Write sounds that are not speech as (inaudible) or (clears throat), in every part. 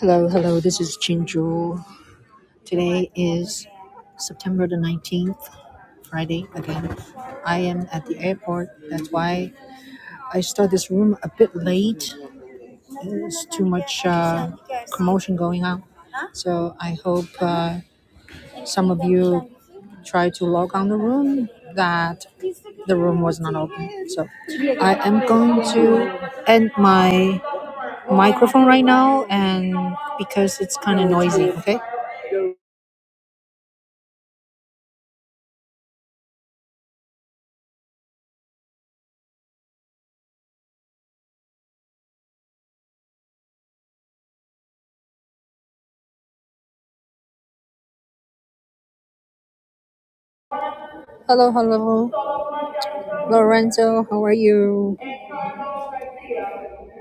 Hello, hello, this is Jinju. Today is September the 19th, Friday again. I am at the airport. That's why I start this room a bit late. There's too much uh, promotion going on. So I hope uh, some of you try to log on the room that the room was not open. So I am going to end my microphone right now and because it's kind of noisy, okay? Hello, hello. Lorenzo, how are you?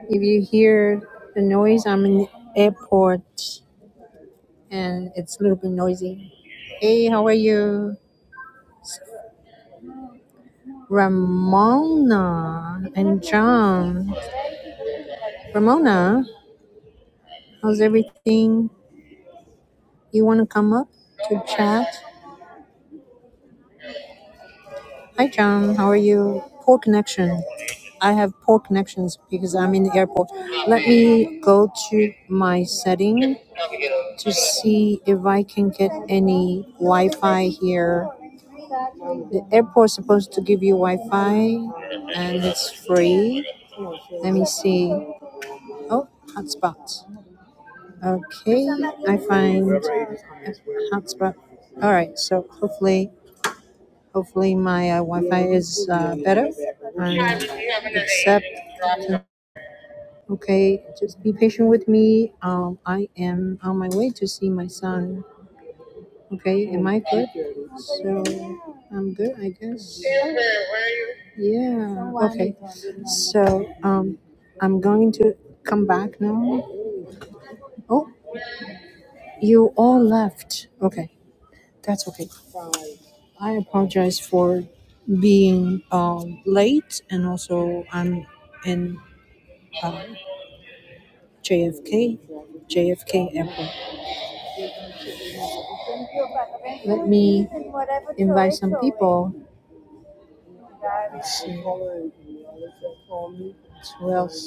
If you hear the noise, I'm in the airport and it's a little bit noisy. Hey, how are you? Ramona and John. Ramona, how's everything? You want to come up to chat? Hi, John. How are you? Poor connection. I have poor connections because I'm in the airport. Let me go to my setting to see if I can get any Wi-Fi here. The airport's supposed to give you Wi-Fi, and it's free. Let me see. Oh, hotspot. Okay, I find a hotspot. All right, so hopefully, hopefully my uh, Wi-Fi is uh, better. Um, except, okay, just be patient with me. Um, I am on my way to see my son Okay, am I good? So I'm good, I guess. Yeah. Okay. So um, I'm going to come back now. Oh, you all left. Okay, that's okay. I apologize for being um, late, and also I'm in uh, JFK, JFK Airport. Oh, Who else?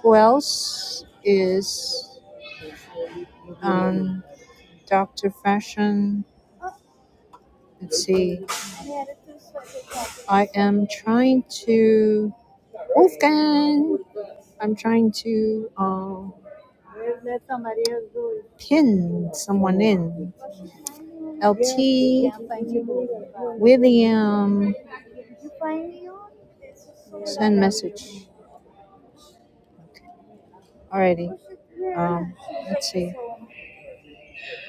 Who else is on Doctor Fashion? Let's see. I am trying to Wolfgang. I'm trying to uh, pin someone in. LT William send message already.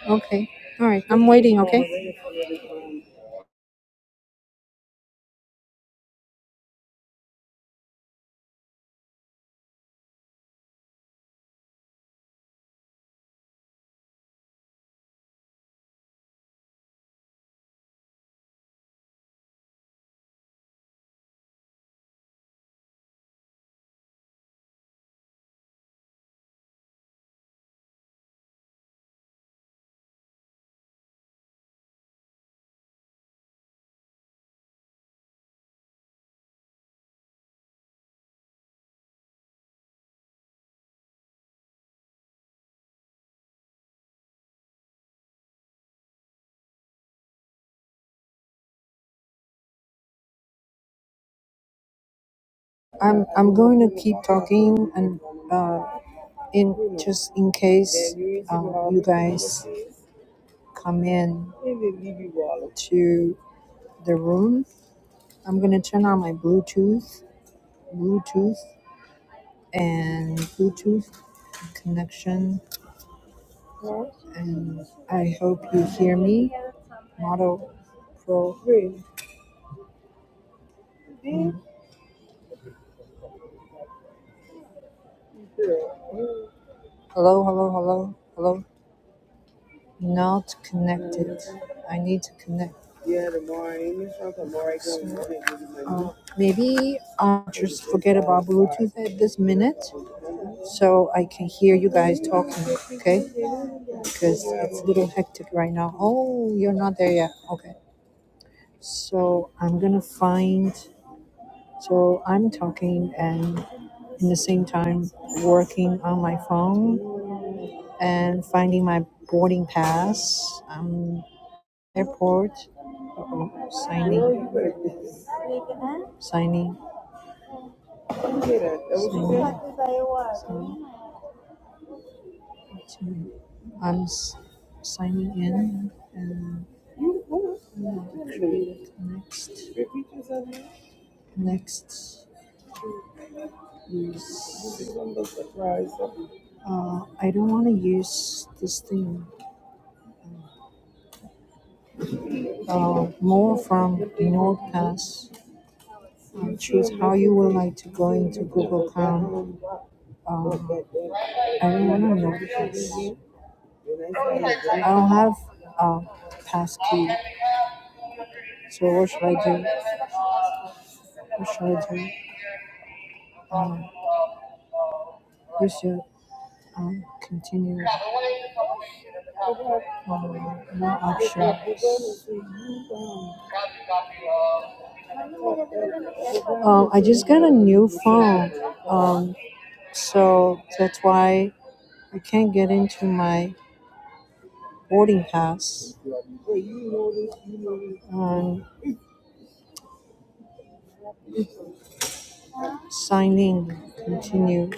Okay. All right. I'm waiting. Okay. I'm I'm going to keep talking and uh, in just in case uh, you guys come in to the room. I'm gonna turn on my Bluetooth. Bluetooth and Bluetooth connection. And I hope you hear me. Model Pro. Hello, hello, hello, hello. Not connected. I need to connect. So, uh, maybe I'll just forget about Bluetooth at this minute so I can hear you guys talking, okay? Because it's a little hectic right now. Oh, you're not there yet. Okay. So I'm gonna find. So I'm talking and in the same time working on my phone and finding my boarding pass um airport Uh-oh, signing signing i'm s- signing in and next next uh, i don't want to use this thing uh, more from NordPass. Uh, choose how you would like to go into Google Chrome. Uh, I don't want to know this. I don't have a pass key. So what should I do? What should I do? Um, we should um, continue. Um, no, I, um, I just got a new phone. Um, so that's why I can't get into my boarding pass. Um, sign in. Continue.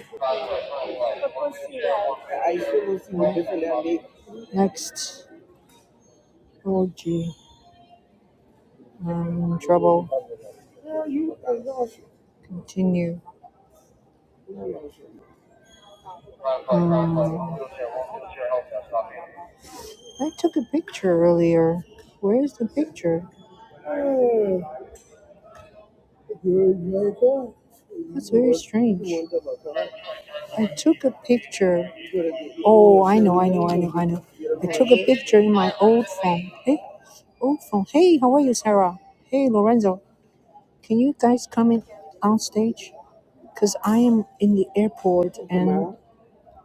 Next. Oh gee. I'm in trouble. Continue. Um, I took a picture earlier. Where's the picture? Train. I took a picture. No, I know, I know, I know. took a picture in my old phone. Hey, old phone. Hey, how are you, Sarah? Hey, Lorenzo. Can you guys come in on stage? Cause I am in the airport and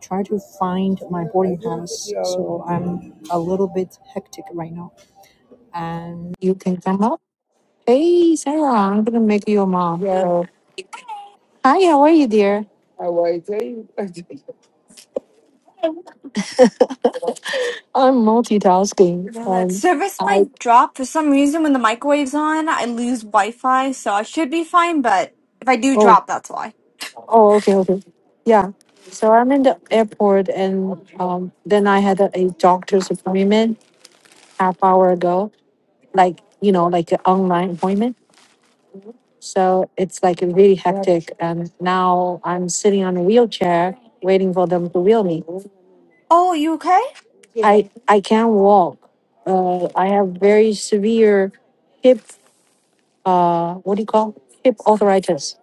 try to find my boarding house. So I'm a little bit hectic right now. And you can come up. Hey, Sarah, I'm gonna make you a mom. Yeah, So, hi, how are you, dear? How are you? (laughs) I'm multitasking. Will that Um, service I might drop for some reason when the microwave's on. I lose Wi-Fi, so I should be fine. But if I do oh drop, that's why. oh okay okay, yeah. So I'm in the airport, and um, then I had a, a doctor's appointment half hour ago. Like you know, like an online appointment. So it's like really hectic, and now I'm sitting on a wheelchair waiting for them to wheel me. Oh, you okay? I I can't walk. Uh, I have very severe hip. Uh, what do you call hip arthritis?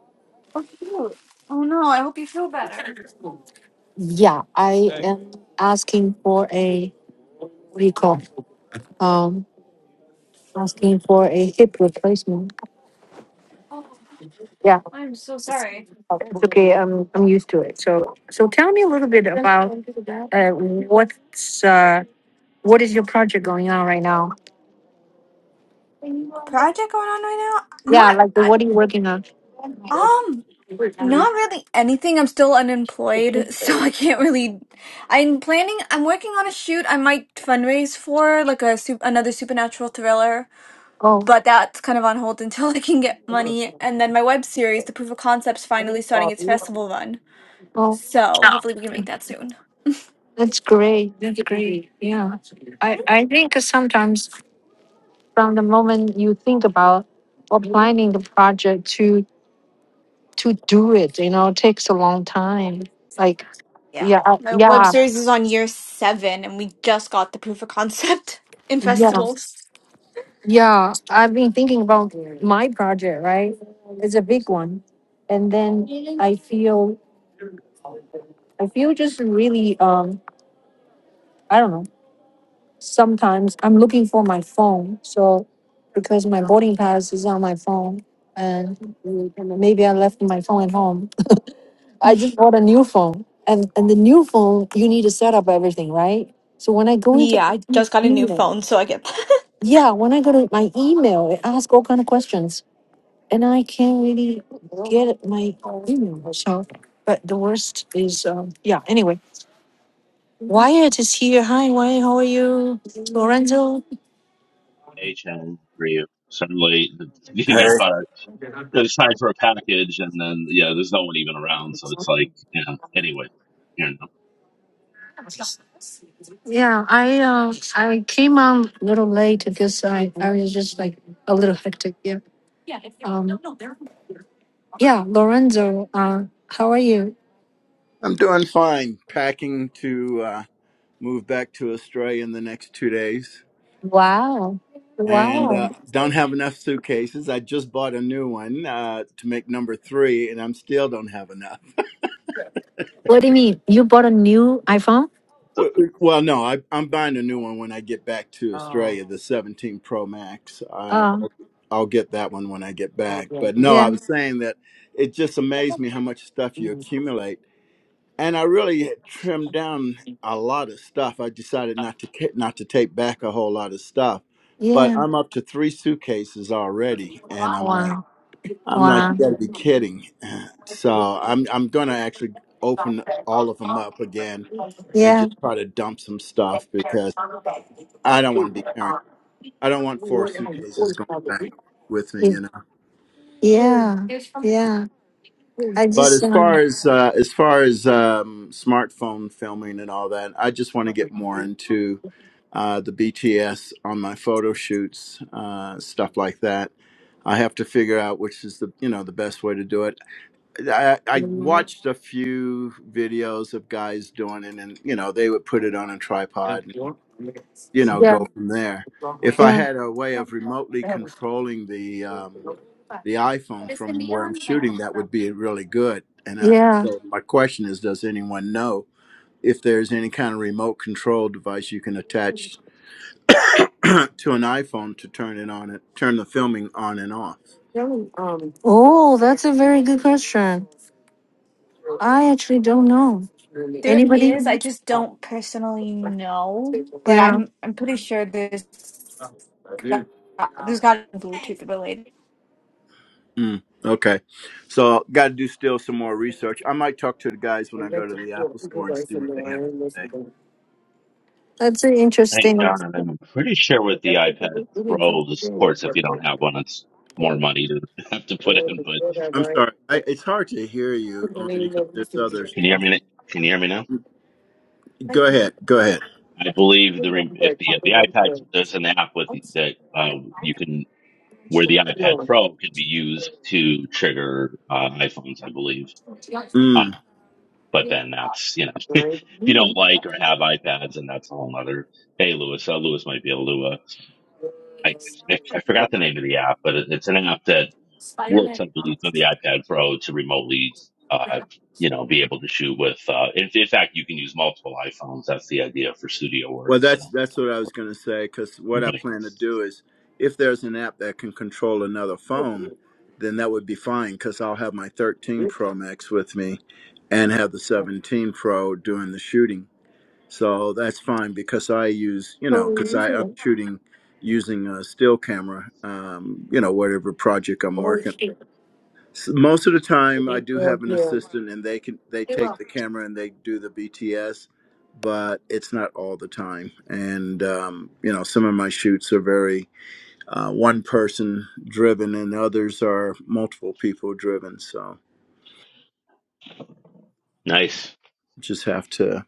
Oh, shoot. Oh no, I hope you feel better. Yeah, I Okay. am asking for a what do you call? Um, asking for a hip replacement. Oh, Yeah, I'm so it's sorry. okay. I'm I'm used to it. So so tell me a little bit about uh, what's uh, what is your project going on right now? Project going on right now? Yeah, Not, like I, what are you working on? um, not really anything. I'm still unemployed, (laughs) so I can't really. I'm planning. I'm working on a shoot I might fundraise for, like a sup- another supernatural thriller. Oh. but that's kind of on hold (laughs) until I can get money. And then my web series, The Proof of Concept's finally starting its festival run. Oh, So hopefully we can make that soon. that's great. That's great. Yeah. I, Thank you. I think sometimes from the moment you think about or planning the project to to do it, you know, takes a long time. Like Yeah. yeah, I- My web yeah, series is on year seven and we just got the proof of concept (laughs) in yeah, festivals. yeah. I've been thinking about my project, right? It's a big one. And then I feel I feel just really um I don't know. Sometimes I'm looking for my phone. So because my boarding pass is on my phone and maybe I left my phone at home. (laughs) I (laughs) just bought a new phone. And and the new phone you need to set up everything, right? So when I go into Yeah, I my just got a new email, phone, so I get that. yeah, when I go to my email, it asks all kind of questions. And I can't really get my email. So but the worst is um yeah, anyway. Wyatt is here. Hi Wyatt, how are you? Lorenzo. A-chain for you. Suddenly, (laughs) you get Hey. caught. It's time for a package, and then yeah, there's no one even around, so it's like yeah. Anyway, you know. Yeah, I uh, I came on a little late because I, I was just like a little hectic. Yeah, yeah. Lorenzo, uh, how are you? I'm doing fine. Packing to uh, move back to Australia in the next two days. Wow. And Wow. uh, don't have enough suitcases. I just bought a new one uh, to make number three, and I'm still don't have enough. What do you mean? You bought a new iPhone? So, W- Well, no, I, I'm buying a new one when I get back to Australia. The 17 Pro Max. Uh, Uh, I'll I'll get that one when I get back. But no, I yeah, was saying that it just amazed me how much stuff you accumulate and I really had trimmed down a lot of stuff. I decided not to ca- not to take back a whole lot of stuff, but yeah, I'm up to three suitcases already, and I'm like, Wow. I'm like, you Wow. got to be kidding. (sighs) So I'm I'm gonna actually open all of them up again and yeah, just try to dump some stuff because I don't want to be carrying. I don't want four suitcases going back with me, you know. yeah, yeah. I But just as uh, far as uh, as far as um, smartphone filming and all that, I just want to get more into uh, the BTS on my photo shoots, uh, stuff like that. I have to figure out which is the you know the best way to do it. I, I watched a few videos of guys doing it, and you know they would put it on a tripod, and, you know, go from there. If I had a way of remotely controlling the um, the iPhone from where I'm shooting, that would be really good. And I, so my question is, does anyone know if there's any kind of remote control device you can attach (clears throat) to an iPhone to turn it on, it turn the filming on and off? oh, that's a very good question. I actually don't know. There Anybody? is, I just don't personally know, but Yeah, I'm I'm pretty sure there's got, there's got to be Bluetooth related. Mm, okay, so got to do still some more research. I might talk to the guys when I go to the Apple Store and see what they have to say. that's hey, interesting. John, I'm pretty sure with the iPad Pro, this of course, if you don't have one, it's more money to (laughs) have to put in. But I'm sorry, I, it's hard to hear you only because there's others. can you hear me? Can you hear me now? Go ahead, go ahead. I believe the re- if the the iPad there's an app with that uh, you can where the iPad Pro can be used to trigger uh, iPhones, I believe Mm. Uh, But then that's, you know, (laughs) if you don't like or have iPads, and that's a whole nother. Hey, Lewis, uh, Lewis might be able to, uh, I, I forgot the name of the app, but it, it's an app that works, I believe, on the iPad Pro to remotely, uh, you know, be able to shoot with, uh, in, in fact, you can use multiple iPhones. That's the idea for studio work. Well, So, that's that's what I was going to say because what I right. plan to do is if there's an app that can control another phone, then that would be fine because I'll have my 13 Pro Max with me and have the 17 Pro doing the shooting. So that's fine because I use, you know, because I am shooting using a still camera, um, you know, whatever project I'm working S most of the time, I do have an assistant, and they can they take the camera and they do the BTS, but it's not all the time. And um, you know, some of my shoots are very uh, one person driven, and others are multiple people driven. So Nice. just have to.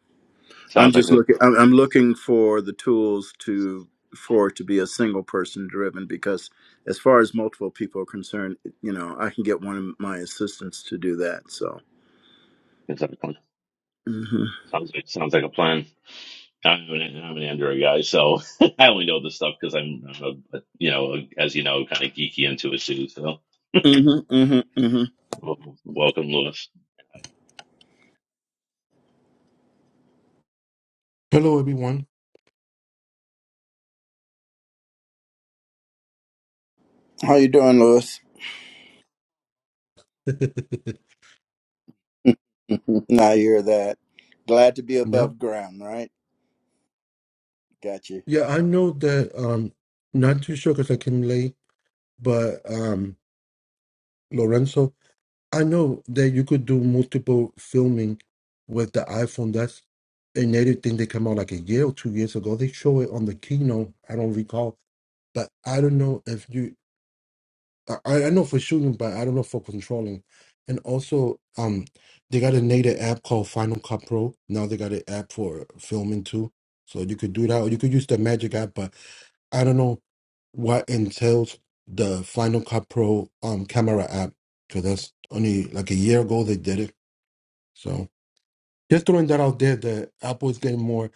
I'm Sounds like just a, looking. I'm I'm looking for the tools to for it to be a single person driven because as far as multiple people are concerned you know i can get one of my assistants to do that so sounds like mhm. Sounds like, sounds like a plan. I'm an, I'm an Android guy, so (laughs) I only know this stuff because I'm, I'm a, you know, as you know, kind of geeky into it too. So, Mm-hmm, mm-hmm, mm-hmm. welcome, Lewis. Hello, everyone. How you doing, Lewis? (laughs) (laughs) now you're that. Glad to be yep. above ground, right? Got you. Yeah, I know that. Um, not too sure because I came late, but um, Lorenzo, I know that you could do multiple filming with the iPhone. That's a native thing that came out like a year or two years ago. They show it on the keynote. I don't recall, but I don't know if you. I, I know for shooting, but I don't know for controlling. And also, um, they got a native app called Final Cut Pro. Now they got an app for filming too. So you could do that, or you could use the Magic app. But I don't know what entails the Final Cut Pro um camera app because that's only like a year ago they did it. So just throwing that out there, that Apple is getting more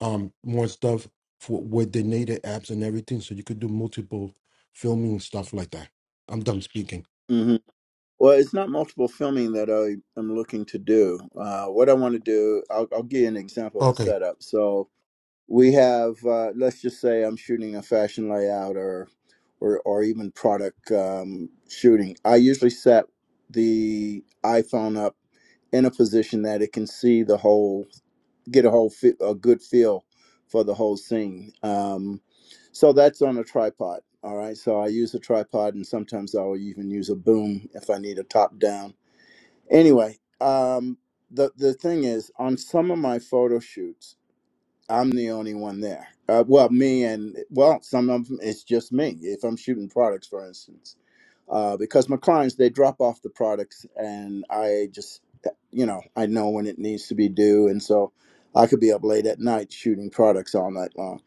um more stuff for with the native apps and everything, so you could do multiple filming and stuff like that. I'm done speaking. hmm Well, it's not multiple filming that I am looking to do. Uh, what I want to do, I'll, I'll give you an example of the Okay. setup. So we have, uh, let's just say, I'm shooting a fashion layout or, or, or even product um, shooting. I usually set the iPhone up in a position that it can see the whole get a whole fit a good feel for the whole scene. Um, so that's on a tripod. All right. So I use a tripod, and sometimes I'll even use a boom if I need a top down. Anyway, um, the the thing is, on some of my photo shoots. I'm the only one there. Uh, well, me and well, some of them it's just me. If I'm shooting products, for instance, uh, because my clients they drop off the products, and I just you know I know when it needs to be due, and so I could be up late at night shooting products all night long.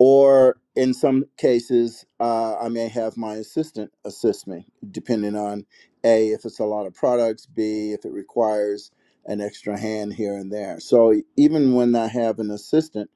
Or in some cases, uh, I may have my assistant assist me, depending on a if it's a lot of products, b if it requires an extra hand here and there. So e, even when I have an assistant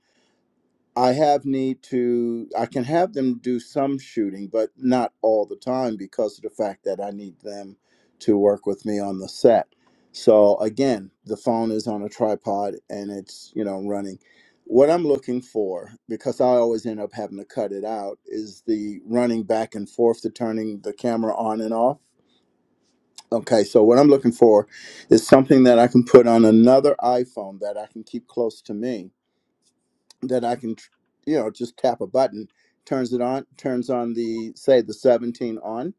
I have need to I can have them do some shooting, but not all the time because of the fact that I need them to work with me on the set. So again, the phone is on a tripod and it's, you know, running. What I'm looking for, because I always end up having to cut it out, is the running back and forth the turning the camera on and off. Okay, so what I'm looking for is something that I can put on another iPhone that I can keep close to me that I can, tr- you know, just tap a button, turns it on, turns on the, say, the 17 on,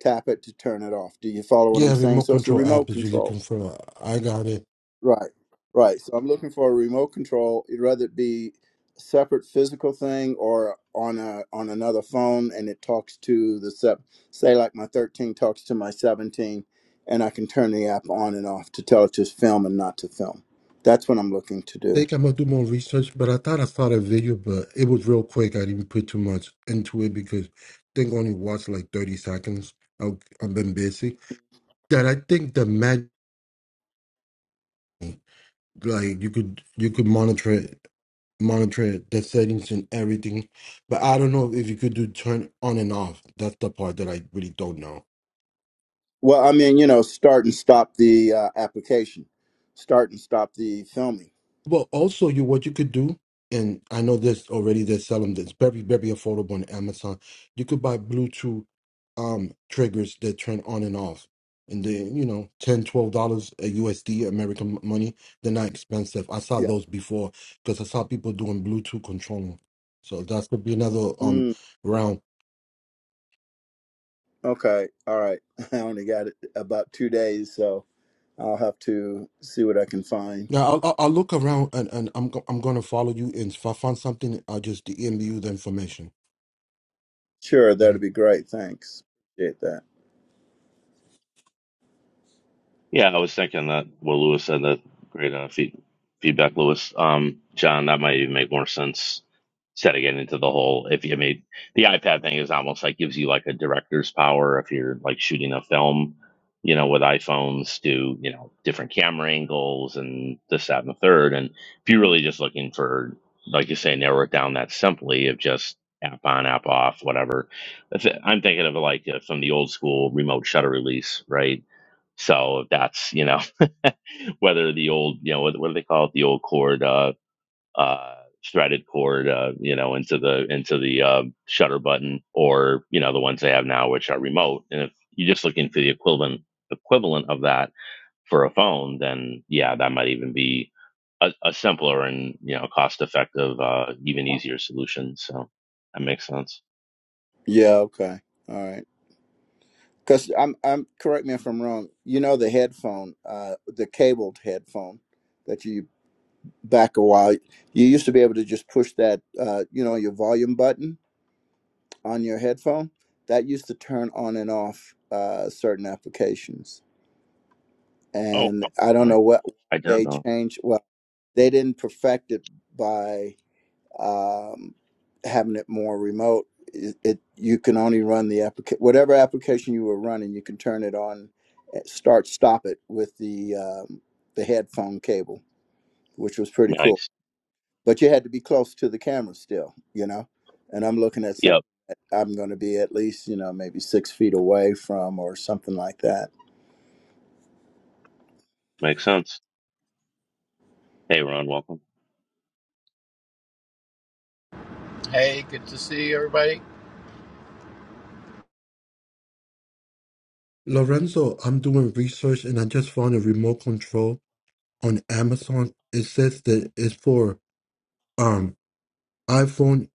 tap it to turn it off. Do you follow what I'm Yeah, saying? remote So it's a control app remote that you're looking control. for. I got it. Right, right. So I'm looking for a remote control, it- whether it be a separate physical thing or on a on another phone, and it talks to the sep, say like my 13 talks to my 17, and I can turn the app on and off to tell it to film and not to film. That's what I'm looking to do. Think I'm gonna do more research, but I thought I saw that video, but it was real quick. I didn't put too much into it because I think I only watched like 30 seconds. I've, I've been busy. That I think the mag like you could you could monitor it, monitor it, the settings and everything, but I don't know if you could do turn on and off. That's the part that I really don't know. Well, I mean, you know, start and stop the uh, application, start and stop the filming. Well, also you what you could do, and I know this already. They're selling this very very affordable on Amazon. You could buy Bluetooth um triggers that turn on and off, and they you know ten, twelve dollars a USD American money. They're not expensive. I saw Yeah. those before because I saw people doing Bluetooth controlling. So that could be another um Mm, round. okay. All right. (laughs) I only got it about two days, so I'll have to see what I can find. Now I'll, I'll I'll look around and, and I'm go- I'm gonna follow you, and if I find something, I'll just DM you the information. Sure, that'd be great. Thanks. Appreciate that. Yeah, I was thinking that what Lewis said that great uh, feed, feedback, Lewis. Um, John, that might even make more sense instead of getting into the whole. If you I mean the iPad thing is almost like gives you like a director's power if you're like shooting a film, you know, with iPhones to you know different camera angles and this that and the third. And if you're really just looking for like you say, narrow it down that simply of just app on, app off, whatever. If- I'm thinking of like uh, from the old school remote shutter release, right? So that's you know (laughs) whether the old you know what, what do they call it the old cord uh, uh, threaded cord uh, you know into the into the uh, shutter button or you know the ones they have now which are remote and if you're just looking for the equivalent equivalent of that for a phone then yeah that might even be a, a simpler and you know cost effective uh, even easier solution so that makes sense. Yeah. Okay. All right. Because I'm, I'm correct me if I'm wrong. You know the headphone, uh, the cabled headphone that you back a while. You used to be able to just push that, uh, you know, your volume button on your headphone that used to turn on and off uh, certain applications Oh, and i don't I, know what I don't they know. changed well they didn't perfect it by um, having it more remote it, it you can only run the application whatever application you were running you can turn it on eh, start stop it with the um, the headphone cable which was pretty cool Nice. but you had to be close to the camera still, you know. And I'm looking at something Yep. that I'm going to be at least, you know, maybe six feet away from or something like that. Makes sense. Hey Ron, welcome. Hey, good to see everybody. Lorenzo, I'm doing research and I just found a remote control on Amazon. It says that it's for um iPhone,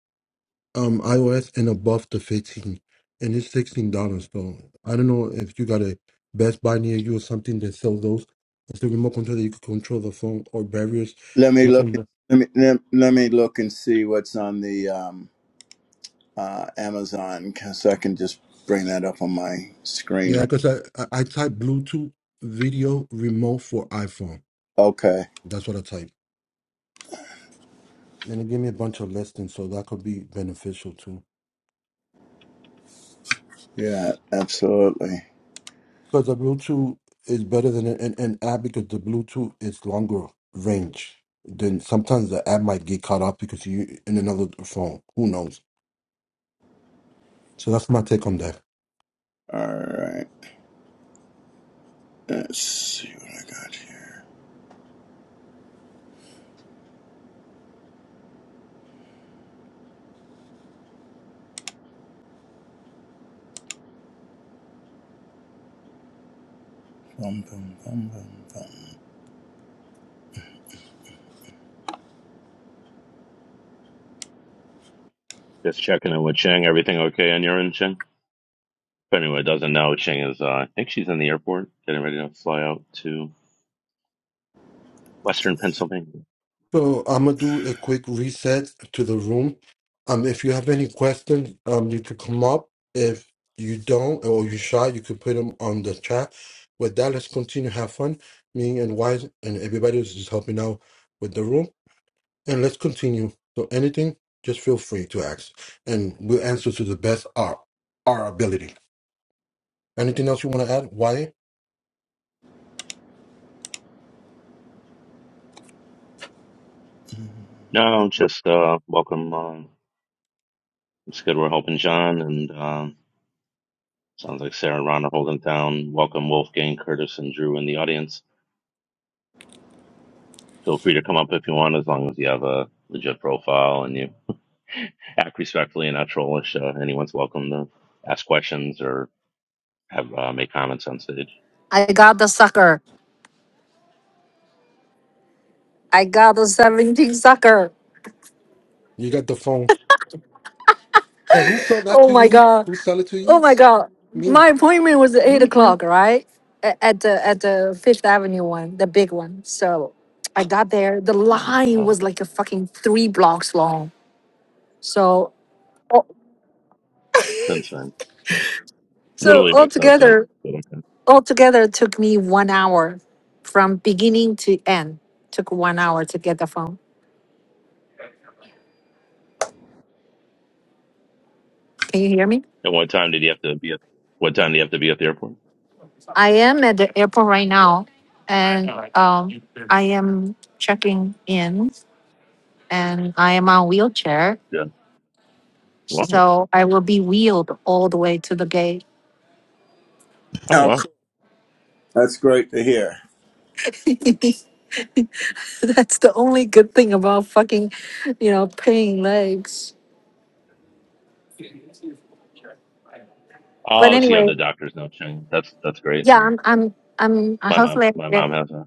um iOS and above the 15, and it's sixteen dollars. So I don't know if you got a Best Buy near you or something that sells those. It's the remote control that you can control the phone or various Let me look. and- different. Let me let, let me look and see what's on the um, uh, Amazon, 'cause I can just bring that up on my screen. Yeah, Right. because I, I I type Bluetooth video remote for iPhone. Okay. That's what I type, and it gave me a bunch of listings, so that could be beneficial too. Yeah. Absolutely. Because the Bluetooth is better than an, an, an app because the Bluetooth is longer range. Then sometimes the app might get caught up because you in another phone. Who knows? So that's my take on that. All right. Let's see what I got here. Bum, bum, bum, bum, bum. Just checking in with Cheng. Everything okay on your end, Cheng? If anyone doesn't know, Cheng is, uh, I think she's in the airport, getting ready to fly out to Western Pennsylvania. So I'm gonna do a quick reset to the room. Um, if you have any questions, um, you could come up. If you don't or you shy, you could put them on the chat. With that, let's continue to have fun. Me and Wise and everybody is just helping out with the room. and let's continue. So anything, just feel free to ask, and we'll answer to the best our our ability. Anything else you want to add? Why No, just uh, welcome. Uh, it's good we're helping John, and um, sounds like Sarah and Ron are holding down. Welcome Wolfgang, Curtis, and Drew in the audience. Feel free to come up if you want, as long as you have a legit profile and you (laughs) act respectfully and not trollish. Uh, anyone's welcome to ask questions or have uh, make comments on stage. I got the sucker. I got the seventeen sucker. you got the phone? And who sold that Oh to my you? god. Who sell it to Oh you? my god, Me. my appointment was at eight Mhm. o'clock, right? A- At the at the Fifth Avenue one, the big one. So I got there. The line Uh, was like a fucking three blocks long. So since then. so Literally makes no sense. altogether, But okay. altogether it took me one hour from beginning to end. Took one hour to get the phone. Can you hear me? At what time did you have to be at? What time do you have to be at the airport? I am at the airport right now, and um, I am checking in, and I am on wheelchair Yeah. Wow. So I will be wheeled all the way to the gate. Oh Oh, wow. cool. That's great to hear. (laughs) That's the only good thing about fucking, you know, paying legs. But Oh, so you have anyway, the doctor's note chain. That's that's great. yeah, I'm, I'm, I'm. uh, My mom, Hopefully, I my get, mom has that.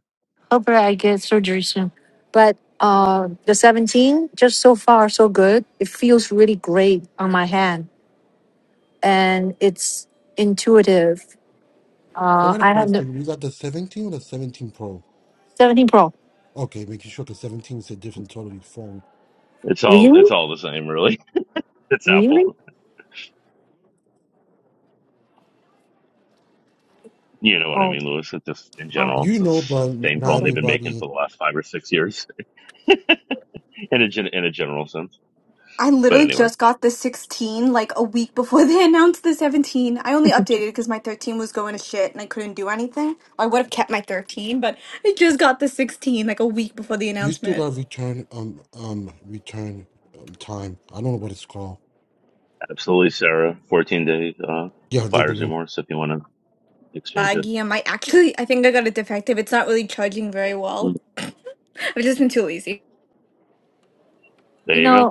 hopefully, I get surgery soon. But uh, the 17, just so far so good. It feels really great on my hand, and it's intuitive. So I Uh, got a I have the question. You got the 17 or the 17 Pro? 17 Pro. Okay, making sure the 17 is a different totally phone. It's all Really? it's all the same, really. (laughs) It's Really? Apple. You know what I Oh, mean, Lewis. It's just in oh, general, it's You the know, but same not phone okay. they've been making everybody. for the last five or six years, (laughs) in a gen, in a general sense. I But literally anyway, just got the 16 like a week before they (laughs) announced the 17. I only updated it because my 13 was going to shit and I couldn't do anything. I would have kept my 13, but I just got the 16 like a week before the You still announcement. got return um um return um, time. I don't know what it's called. absolutely, Sarah. Fourteen day uh, Yeah, there you buyer's go. remorse if you want to exchange it. Laggy, I might actually, I think I got it defective. It's not really charging very well. Mm. (clears throat) (laughs) I've just been too lazy. There You you know, go.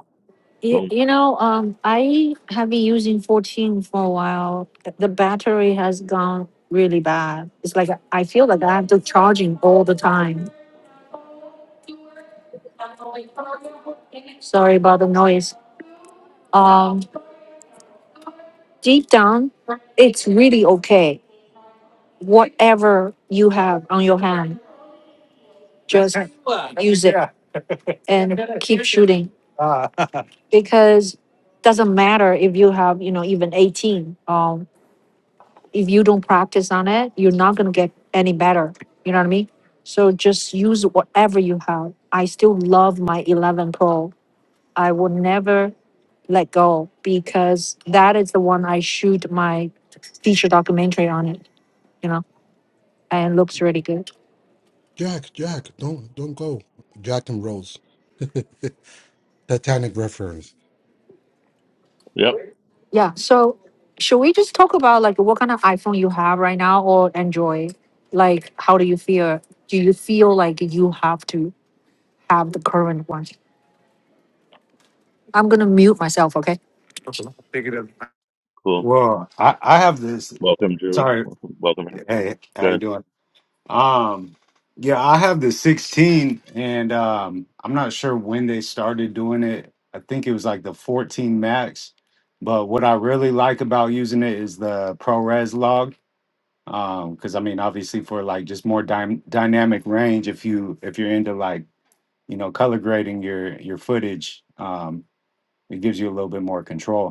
You, Boom. you know, um, I have been using 14 for a while. The the battery has gone really bad. It's like I feel like I have to charging all the time. Sorry about the noise. Um, deep down, it's really okay. Whatever you have on your hand, just use it and keep shooting because doesn't matter if you have you know even 18. um, if you don't practice on it, you're not gonna get any better. You know what I mean? So just use whatever you have. I still love my 11 Pro. I will never let go because that is the one I shoot my feature documentary on it. You know, and it looks really good. Jack, Jack, don't don't go. Jack and Rose. Titanic reference. Yep. Yeah. So should we just talk about like what kind of iPhone you have right now or Android? Like, how do you feel? Do you feel like you have to have the current one? I'm gonna mute myself. Okay. Cool. Well, I, I have this. Welcome, Drew. Sorry, Welcome, welcome. Aaron. hey, Go how you ahead. doing? Um, yeah, I have the 16, and um, I'm not sure when they started doing it. I think it was like the 14 max. But what I really like about using it is the ProRes log, um, because I mean, obviously, for like just more dy dynamic range, if you if you're into like you know color grading your your footage, um, it gives you a little bit more control.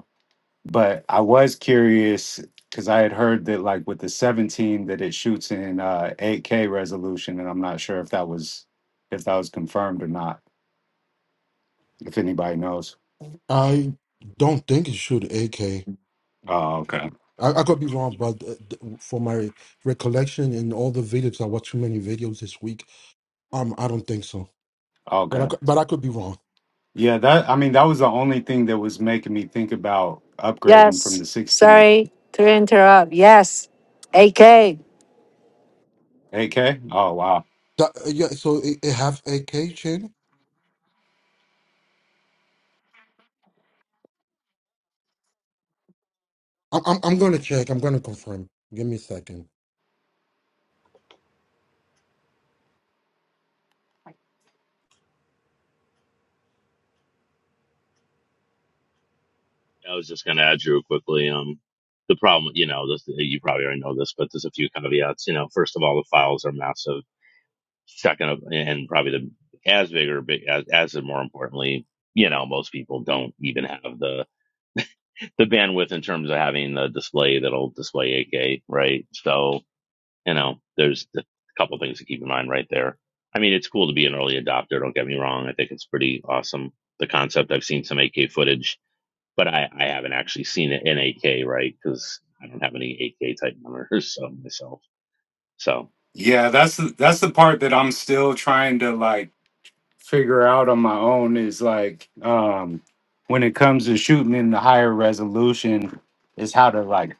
But I was curious because I had heard that like with the 17 that it shoots in uh 8K resolution, and I'm not sure if that was if that was confirmed or not, if anybody knows. I don't think it should AK. Oh, okay. I, I could be wrong, but uh, th- for my recollection in all the videos, I watched too many videos this week. Um, I don't think so, but I Okay. cou- but I could be wrong. Yeah, that I mean that was the only thing that was making me think about upgrading from Yes. the 16 Sorry to interrupt. Yes. AK. 8K. Oh wow. That, uh, yeah, so it, it have AK chain. I'm, I'm I'm gonna check. I'm gonna confirm. Give me a second. I was just going to add, Drew, quickly. Um, the problem, you know, this, you probably already know this, but there's a few caveats. You know, first of all, the files are massive. Second, of, and probably the as bigger, big as as more importantly, you know, most people don't even have the the bandwidth in terms of having the display that'll display 8K, right? So, you know, there's a couple things to keep in mind right there. I mean, it's cool to be an early adopter. Don't get me wrong. I think it's pretty awesome. The concept. I've seen some 8K footage but I, I haven't actually seen it in AK, right? Because I don't have any AK type monitors (laughs) so myself. So, Yeah, that's the, that's the part that I'm still trying to like. figure out on my own is like um when it comes to shooting in the higher resolution is how to like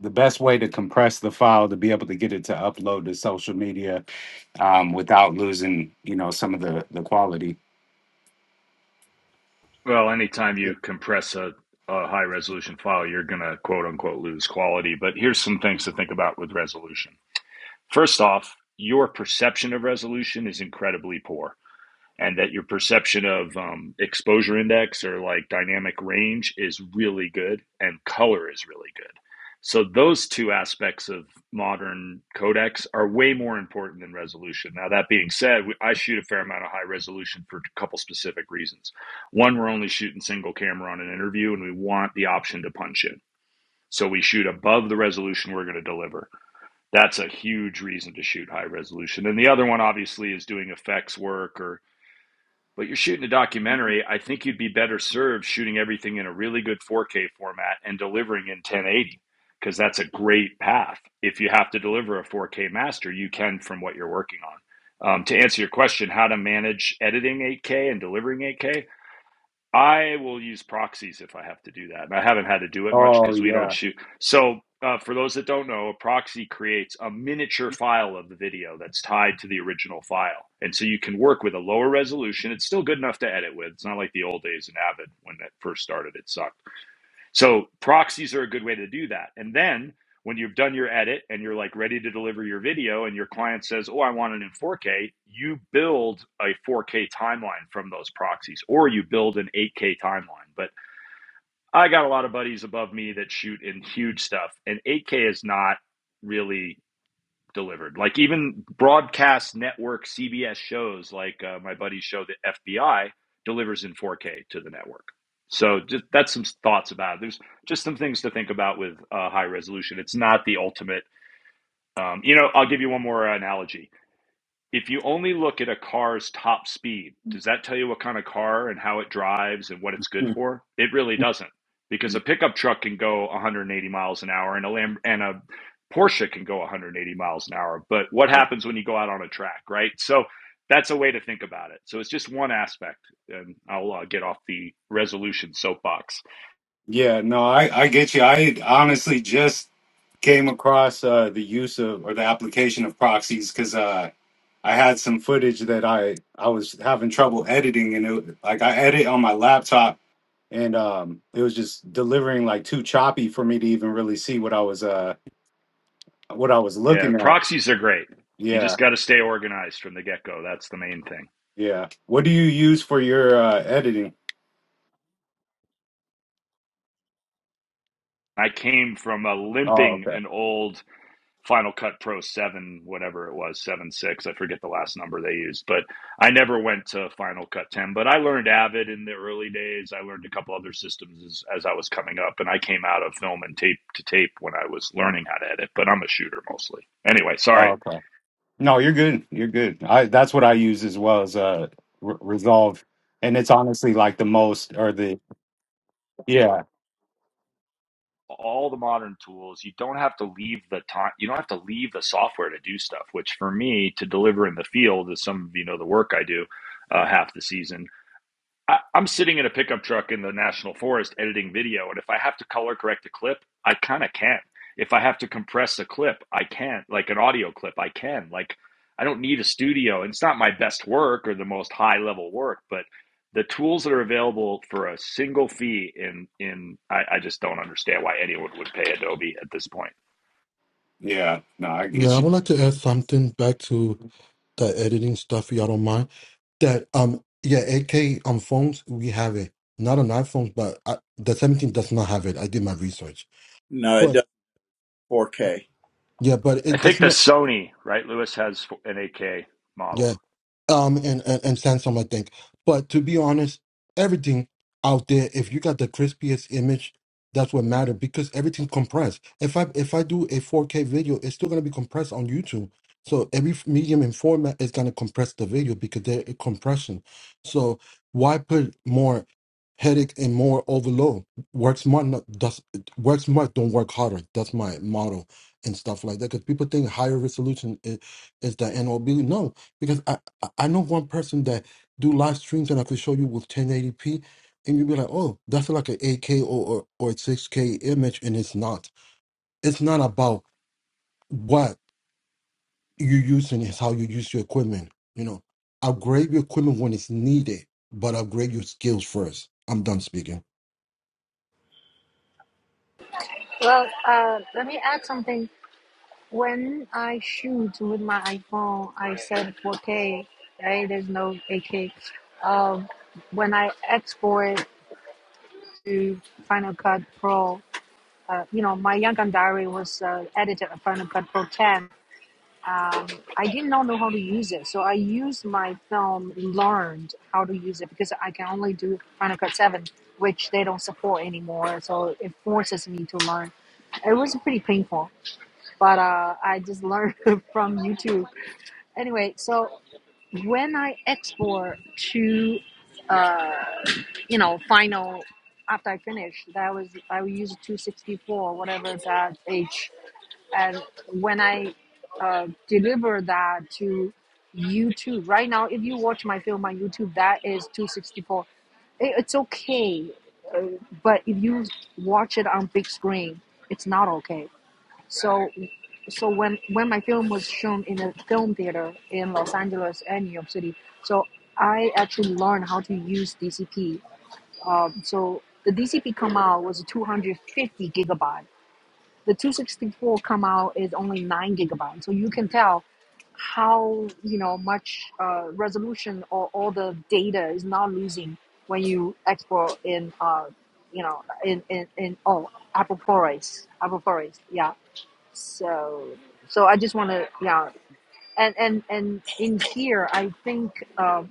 the best way to compress the file to be able to get it to upload to social media um without losing you know some of the the quality Well, anytime Yeah, you compress a, a high resolution file, you're going to quote unquote lose quality. But here's some things to think about with resolution. First off, your perception of resolution is incredibly poor and that your perception of um, exposure index or like dynamic range is really good and color is really good. So those two aspects of modern codecs are way more important than resolution. Now that being said, we, I shoot a fair amount of high resolution for a couple specific reasons. One, we're only shooting single camera on an interview and we want the option to punch in. So we shoot above the resolution we're going to deliver. That's a huge reason to shoot high resolution. And the other one obviously is doing effects work or but you're shooting a documentary, I think you'd be better served shooting everything in a really good 4K format and delivering in 1080 because that's a great path. If you have to deliver a 4K master, you can from what you're working on. Um, to answer your question, how to manage editing 8K and delivering 8K, I will use proxies if I have to do that. And I haven't had to do it much oh because we don't yeah shoot. So, uh, for those that don't know, a proxy creates a miniature file of the video that's tied to the original file. And so you can work with a lower resolution. It's still good enough to edit with. It's not like the old days in Avid when that first started, it sucked so proxies are a good way to do that. And then when you've done your edit and you're like ready to deliver your video and your client says, "Oh, I want it in 4K," you build a 4K timeline from those proxies or you build an 8K timeline. But I got a lot of buddies above me that shoot in huge stuff and 8K is not really delivered. Like even broadcast network CBS shows, like uh, my buddy's show, the FBI, delivers in 4K to the network. So just, that's some thoughts about it. There's just some things to think about with uh, high resolution. It's not the ultimate. Um, you know, I'll give you one more analogy if you only look at a car's top speed, does that tell you what kind of car and how it drives and what it's good Hmm. for? It really doesn't, because a (laughs) pickup truck can go 180 miles an hour and a Lam- and a Porsche can go 180 miles an hour. But what No, happens when you go out on a track, right? So that's a way to think about it. So it's just one aspect, and I'll uh, get off the resolution soapbox. yeah no i i get you i honestly just came across uh the use of or the application of proxies because uh I had some footage that I I was having trouble editing and it like I edit on my laptop and um it was just delivering like too choppy for me to even really see what I was uh what I was Yeah, looking at. proxies are great. You just Yeah, got to stay organized from the get go. That's the main thing. yeah. What do you use for your uh editing? I came from a Oh, limping okay. an old Final Cut Pro 7, whatever it was, 7 6. I forget the last number they used, but I never went to Final Cut 10. But I learned Avid in the early days. I learned a couple other systems as, as I was coming up, and I came out of film and tape to tape when I was learning how to edit, but I'm a shooter mostly. Anyway, sorry. Oh, okay. No, you're good. You're good. I that's what I use as well as uh Re- Resolve and it's honestly like the most or the yeah. All the modern tools, you don't have to leave the time, you don't have to leave the software to do stuff, which for me to deliver in the field, as some of you know the work I do uh, half the season, I, I'm sitting in a pickup truck in the national forest editing video, and if I have to color correct a clip, I kind of can. If I have to compress a clip, I can. Like an audio clip, I can. Like I don't need a studio, and it's not my best work or the most high level work, but the tools that are available for a single fee in in I, I just don't understand why anyone would pay Adobe at this point. Yeah. No, I Yeah, get I you. would like to add something back to the editing stuff. If y'all don't mind that. Um, yeah, AK on phones we have it. Not on iPhones, but I, the 17 does not have it. I did my research no, it But does 4K. yeah, but I it, does think the not Sony, right? Lewis has an AK model. yeah. um and, and and Samsung, I think. But to be honest, everything out there, if you got the crispiest image, that's what matter because everything compressed. If I if I do a 4K video, it's still gonna be compressed on YouTube. So every f- medium and format is gonna compress the video because they're a compression. So why put more headache and more overload? Work smart, not does work smart, don't work harder. That's my motto and stuff like that. Because people think higher resolution is, is the end all be. No, I I know one person that do live streams and I could show you with 1080p and you'd be like, oh, that's like an 8K or, or, or a 6K image and it's not. It's not about what you're using, it's how you use your equipment. You know, upgrade your equipment when it's needed, but upgrade your skills first. I'm done speaking. Well, uh, let me add something. When I shoot with my iPhone, I said 4K, right? There's no 8K. Um, when I export to Final Cut Pro, uh, you know, my Yangon diary was uh, edited on Final Cut Pro 10. um, I did not know how to use it. So I used my film, learned how to use it because I can only do Final Cut 7, which they don't support anymore. So it forces me to learn. It was pretty painful, but uh, I just learned (laughs) from YouTube. Anyway, so when I export to, you know, Final after I finished, that was, I would use 264, whatever that H. And when I uh, deliver that to YouTube right now. If you watch my film on YouTube, that is 264. it's okay, but if you watch it on big screen, it's not okay. So, so when when my film was shown in a film theater in Los Angeles and New York City, so I actually learned how to use DCP. Um, so the DCP out was 250 gigabyte the 264 come out is only nine gigabytes, so you can tell how you know much uh, resolution or all the data is not losing when you export in uh, you know in in, in oh Apple ProRes Apple ProRes yeah so so I just want to yeah and and and in here I think uh,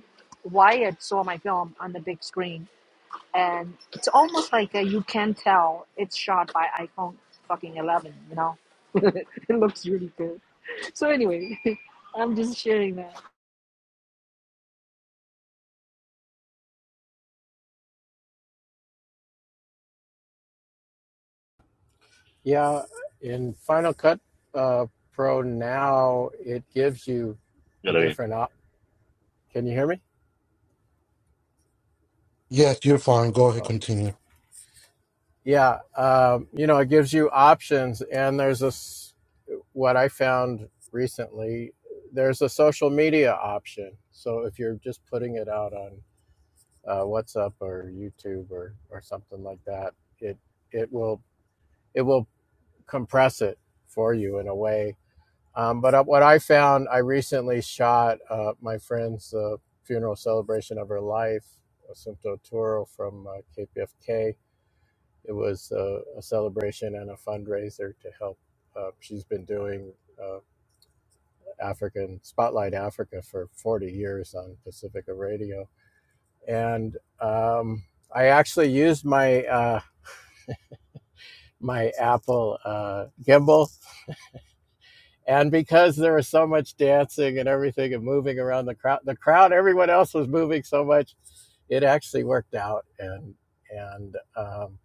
Wyatt saw my film on the big screen and it's almost like uh, you can tell it's shot by iPhone fucking 11. You know, (laughs) it looks really good. So anyway, (laughs) I'm just sharing that. yeah. In Final Cut uh, Pro now, it gives you the good on you. different. Op- Can you hear me? Yes, you're fine. Go ahead, Oh, continue. yeah. Um, you know, it gives you options, and there's this what I found recently. There's a social media option. So if you're just putting it out on uh, WhatsApp or YouTube or or something like that, it it will it will compress it for you in a way Um, but uh, what I found, I recently shot uh, my friend's uh, funeral celebration of her life, Assunto Toro from uh, KPFK. It was uh, a celebration and a fundraiser to help. Uh, she's been doing uh, African Spotlight Africa for 40 years on Pacifica Radio, and um, I actually used my uh, my Apple uh, gimbal And because there was so much dancing and everything and moving around the crowd, the crowd, everyone else was moving so much, it actually worked out. And and um,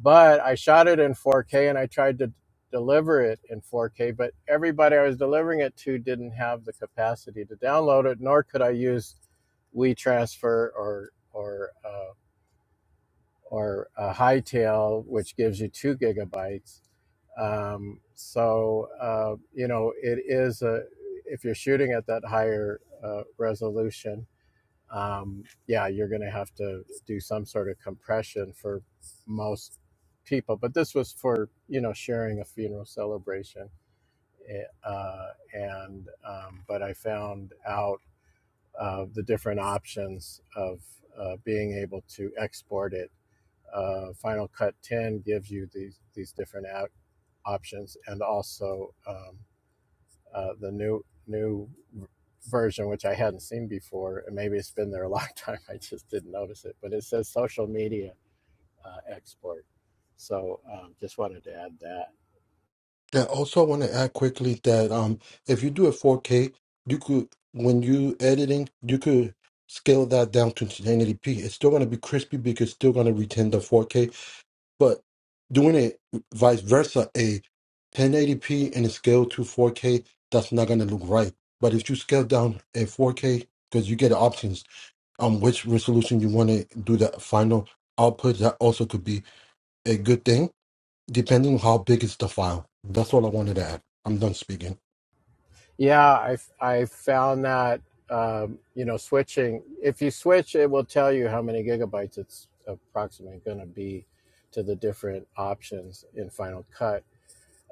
but I shot it in 4K and I tried to deliver it in 4K, but everybody I was delivering it to didn't have the capacity to download it, nor could I use WeTransfer or or uh, or a high tail, which gives you two gigabytes. Um, so uh, you know it is a if you're shooting at that higher uh, resolution, um, yeah, you're going to have to do some sort of compression for most people. But this was for you know sharing a funeral celebration, eh, uh, and um, but I found out uh, the different options of uh, being able to export it uh, Final Cut 10 gives you these these different out options, and also um, uh, the new new version, which I hadn't seen before, and maybe it's been there a (laughs) long time. I just didn't notice it, but it says social media uh, export. So um, just wanted to add that. Yeah, also I want to add quickly that um if you do a 4K, you could when you editing, you could scale that down to 1080p. It's still going to be crispy because it's still going to retain the 4K, but doing it vice versa, a 1080p and a scale to 4K, that's not going to look right. But if you scale down a 4K because you get options on which resolution you want to do the final output, that also could be a good thing depending on how big is the file. That's all I wanted to add. I'm done speaking. Yeah, I I found that um, you know switching. If you switch, it will tell you how many gigabytes it's approximately going to be to the different options in Final Cut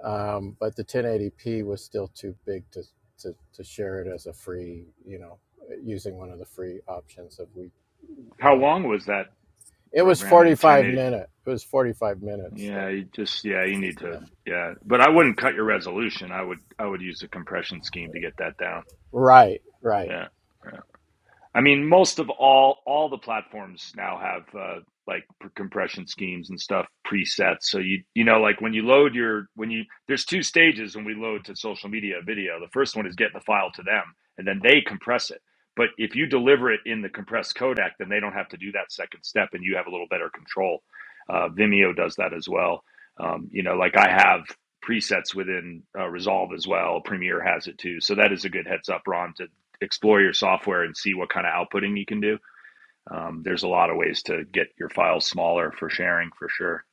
um, but the 1080p was still too big to, to, to share it as a free, you know, using one of the free options of we. How Uh, long was that it was program in 45 1080? minute. It was 45 minutes Yeah, though. you just yeah, you need to Yeah. yeah. But I wouldn't cut your resolution. I would I would use a compression scheme to get that down. Right, right. Yeah. right. I mean, most of all, all the platforms now have uh, like compression schemes and stuff presets. So you you know, like when you load your when you there's two stages when we load to social media video. The first one is getting the file to them, and then they compress it. But if you deliver it in the compressed codec, then they don't have to do that second step, and you have a little better control. Uh, Vimeo does that as well. Um, you know, like I have presets within uh, Resolve as well. Premiere has it too. So that is a good heads up, Ron, to explore your software and see what kind of outputting you can do. Um, there's a lot of ways to get your files smaller for sharing for sure.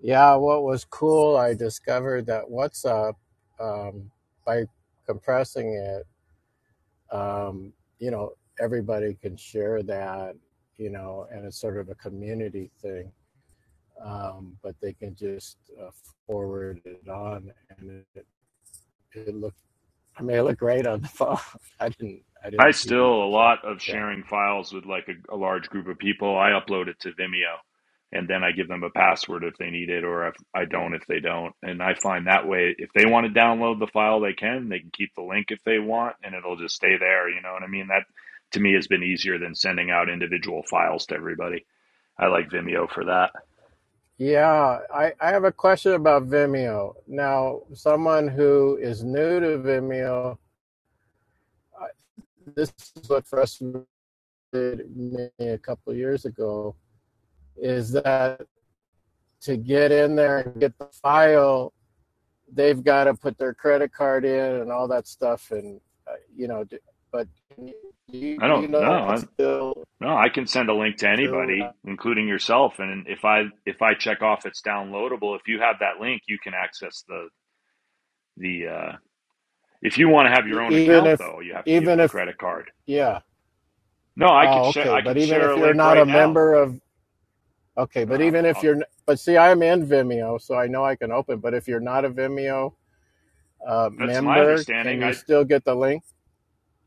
Yeah. What was cool, I discovered that WhatsApp um, by compressing it, um, you know, everybody can share that, you know, and it's sort of a community thing um, but they can just uh, forward it on, and it, it looked. I mean, it looked great on the phone. (laughs) I didn't. I I didn't TV to still a show. lot of Tell. sharing files with like a, a large group of people. I upload it to Vimeo and then I give them a password if they need it or if I don't if they don't. And I find that way if they want to download the file they can, they can keep the link if they want and it'll just stay there, you know what I mean? That to me has been easier than sending out individual files to everybody. I like Vimeo for that. Yeah, I, I have a question about Vimeo. Now, someone who is new to Vimeo, I, this is what frustrated me a couple of years ago, is that to get in there and get the file they've got to put their credit card in and all that stuff and uh, you know d- but do you, I do you don't know that's know. still No, I can send a link to true anybody, including yourself. And if I if I check off it's downloadable, if you have that link, you can access the the. Uh, if you want to have your E- own even account, if though, you have to give even them a if credit card. yeah No, I could oh share. okay I but could even share if a you're link not a right now. member of okay No, but even I'll, if I'll, you're but see i'm in vimeo so i know i can open but if you're not a vimeo uh, that's my member can understanding. you I. still get the link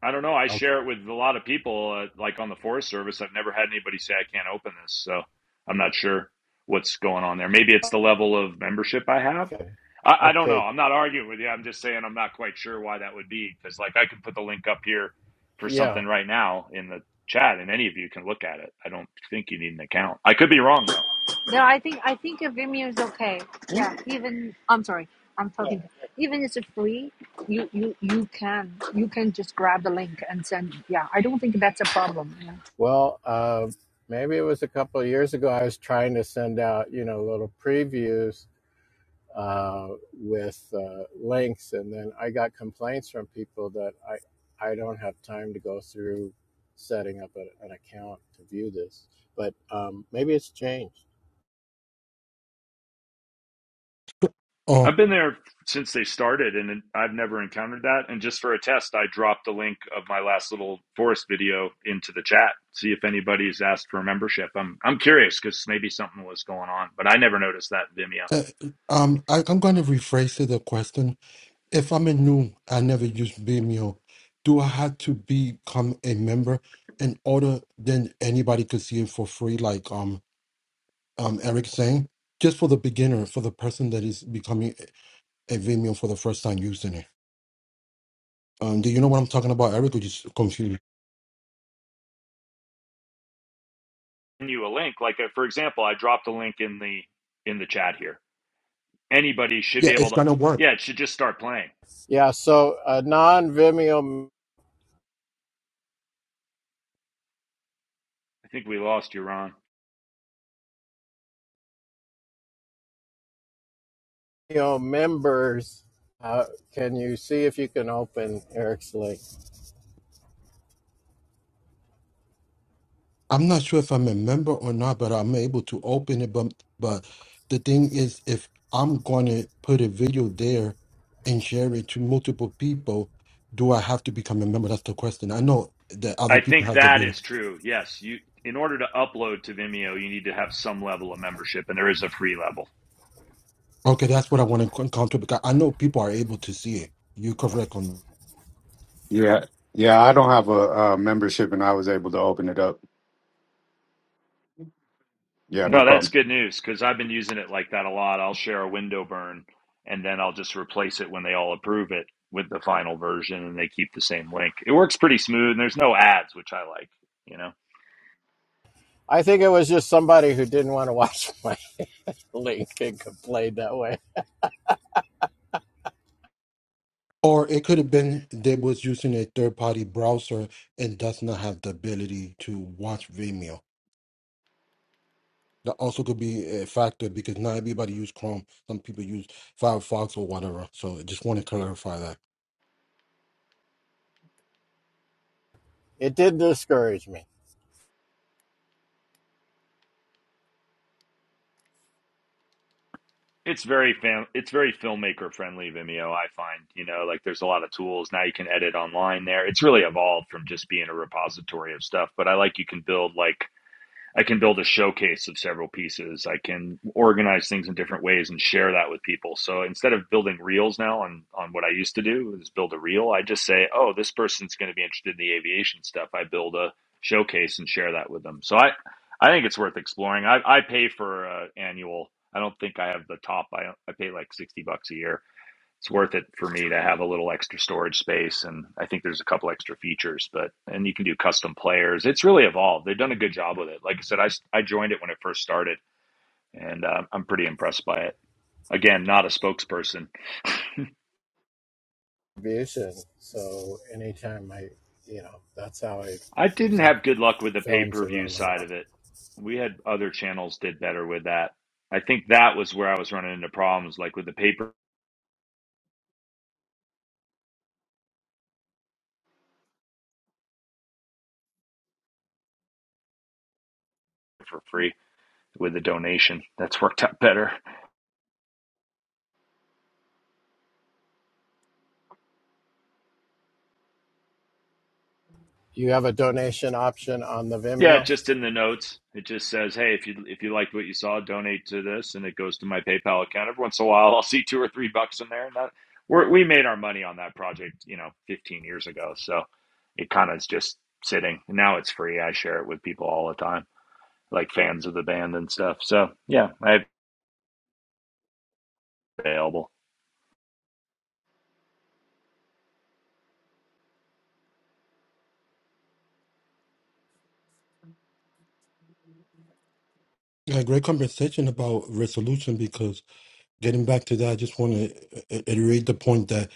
I don't know. I share okay it with a lot of people, uh, like on the Forest Service. I've never had anybody say I can't open this, so I'm not sure what's going on there. Maybe it's the level of membership I have. okay I, I don't know. okay I'm not arguing with you. I'm just saying I'm not quite sure why that would be because, like, I could put the link up here for yeah something right now in the chat, and any of you can look at it. I don't think you need an account. I could be wrong though. No, I think I think a Vimeo is okay. Yeah, even I'm sorry, I'm talking. Yeah. Even if it's free, you you you can you can just grab the link and send. Yeah, I don't think that's a problem. Yeah. Well, uh, maybe it was a couple of years ago. I was trying to send out, you know, little previews uh, with uh, links, and then I got complaints from people that I I don't have time to go through setting up a, an account to view this. But um, maybe it's changed. Oh, I've been there since they started, and I've never encountered that. And just for a test, I dropped the link of my last little forest video into the chat. See if anybody's asked for a membership. I'm I'm curious because maybe something was going on, but I never noticed that Vimeo. uh, um, I, I'm going to rephrase the question. If I'm a new, I never used Vimeo. Do I have to become a member in order then anybody could see it for free? Like um, um, Eric saying, just for the beginner, for the person that is becoming a a Vimeo for the first time using it. Um, do you know what I'm talking about, Eric? Or just confused? Send you a link, like uh, for example, I dropped a link in the in the chat here. Anybody should Yeah, be able it's to. gonna work. Yeah, it should just start playing. Yeah. So uh, non Vimeo I think we lost you, Ron. Vimeo members. Uh, can you see if you can open Eric's link? I'm not sure if I'm a member or not, but I'm able to open it. But but the thing is, if I'm gonna put a video there and share it to multiple people, do I have to become a member? That's the question. I know that other I people think have to that be like, is true. Yes, you. In order to upload to Vimeo, you need to have some level of membership, and there is a free level. okay, that's what I want to con- counter because I know people are able to see it. You're correct on that. Yeah. Yeah, I don't have a uh membership and I was able to open it up. Yeah, no No, that's problem. good news because I've been using it like that a lot. I'll share a window burn and then I'll just replace it when they all approve it with the final version and they keep the same link. It works pretty smooth and there's no ads, which I like, you know. I think it was just somebody who didn't want to watch (laughs) my link and complained that way. Or it could have been they was using a third party browser and does not have the ability to watch Vimeo. That also could be a factor because not everybody use Chrome. Some people use Firefox or whatever. So I just want to clarify that. it did discourage me. It's very fam- it's very filmmaker friendly Vimeo, I find, you know, like there's a lot of tools now you can edit online there. It's really evolved from just being a repository of stuff, but I like you can build like I can build a showcase of several pieces. I can organize things in different ways and share that with people. So instead of building reels now on on what I used to do is build a reel, I just say, "Oh, this person's going to be interested in the aviation stuff." I build a showcase and share that with them. So I I think it's worth exploring. I I pay for uh, annual. I don't think I have the top. I I pay like 60 bucks a year it's worth it for me to have a little extra storage space and i think there's a couple extra features but and you can do custom players it's really evolved they've done a good job with it like i said I I joined it when it first started and um, i'm pretty impressed by it again not a spokesperson Abuse, and so anytime I, you know, that's how I (laughs) i didn't sell have good luck with the films pay-per-view around the side world. of it we had other channels did better with that i think that was where i was running into problems like with the paper for free with the donation that's worked out better You have a donation option on the Yeah, Vimeo. it's just in the notes. It just says, "Hey, if you if you liked what you saw, donate to this," and it goes to my PayPal account. Every once in a while, I'll see two or three bucks in there. And that we're, we made our money on that project, you know, 15 years ago. So it kind of is just sitting. Now it's free. I share it with people all the time, like fans of the band and stuff. So yeah, I have it available. Yeah, great conversation about resolution because getting back to that, I just want to iterate the point that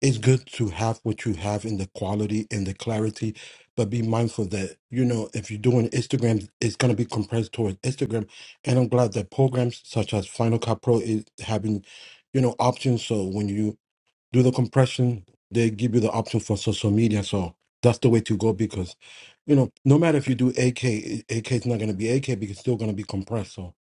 it's good to have what you have in the quality and the clarity, but be mindful that, you know, if you're doing Instagram, it's going to be compressed towards Instagram. And I'm glad that programs such as Final Cut Pro is having, you know, options. So when you do the compression. They give you the option for social media. So that's the way to go because, you know, no matter if you do AK, AK is not going to be AK because it's still going to be compressed. So,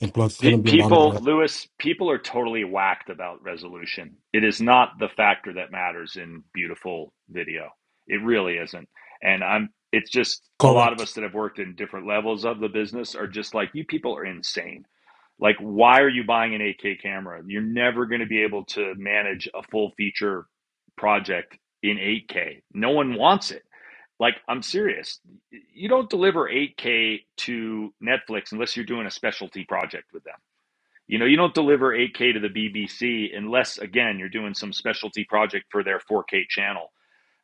and plus, it's going Pe- to be a lot of People, work. Lewis, people are totally whacked about resolution. It is not the factor that matters in beautiful video. It really isn't. And I'm, it's just a lot of Correct. us that have worked in different levels of the business are just like, you people are insane. Like, why are you buying an 8K camera? You're never going to be able to manage a full feature project in 8K. No one wants it. Like, I'm serious. You don't deliver 8K to Netflix unless you're doing a specialty project with them you know, you don't deliver 8K to the BBC unless, again, you're doing some specialty project for their 4K channel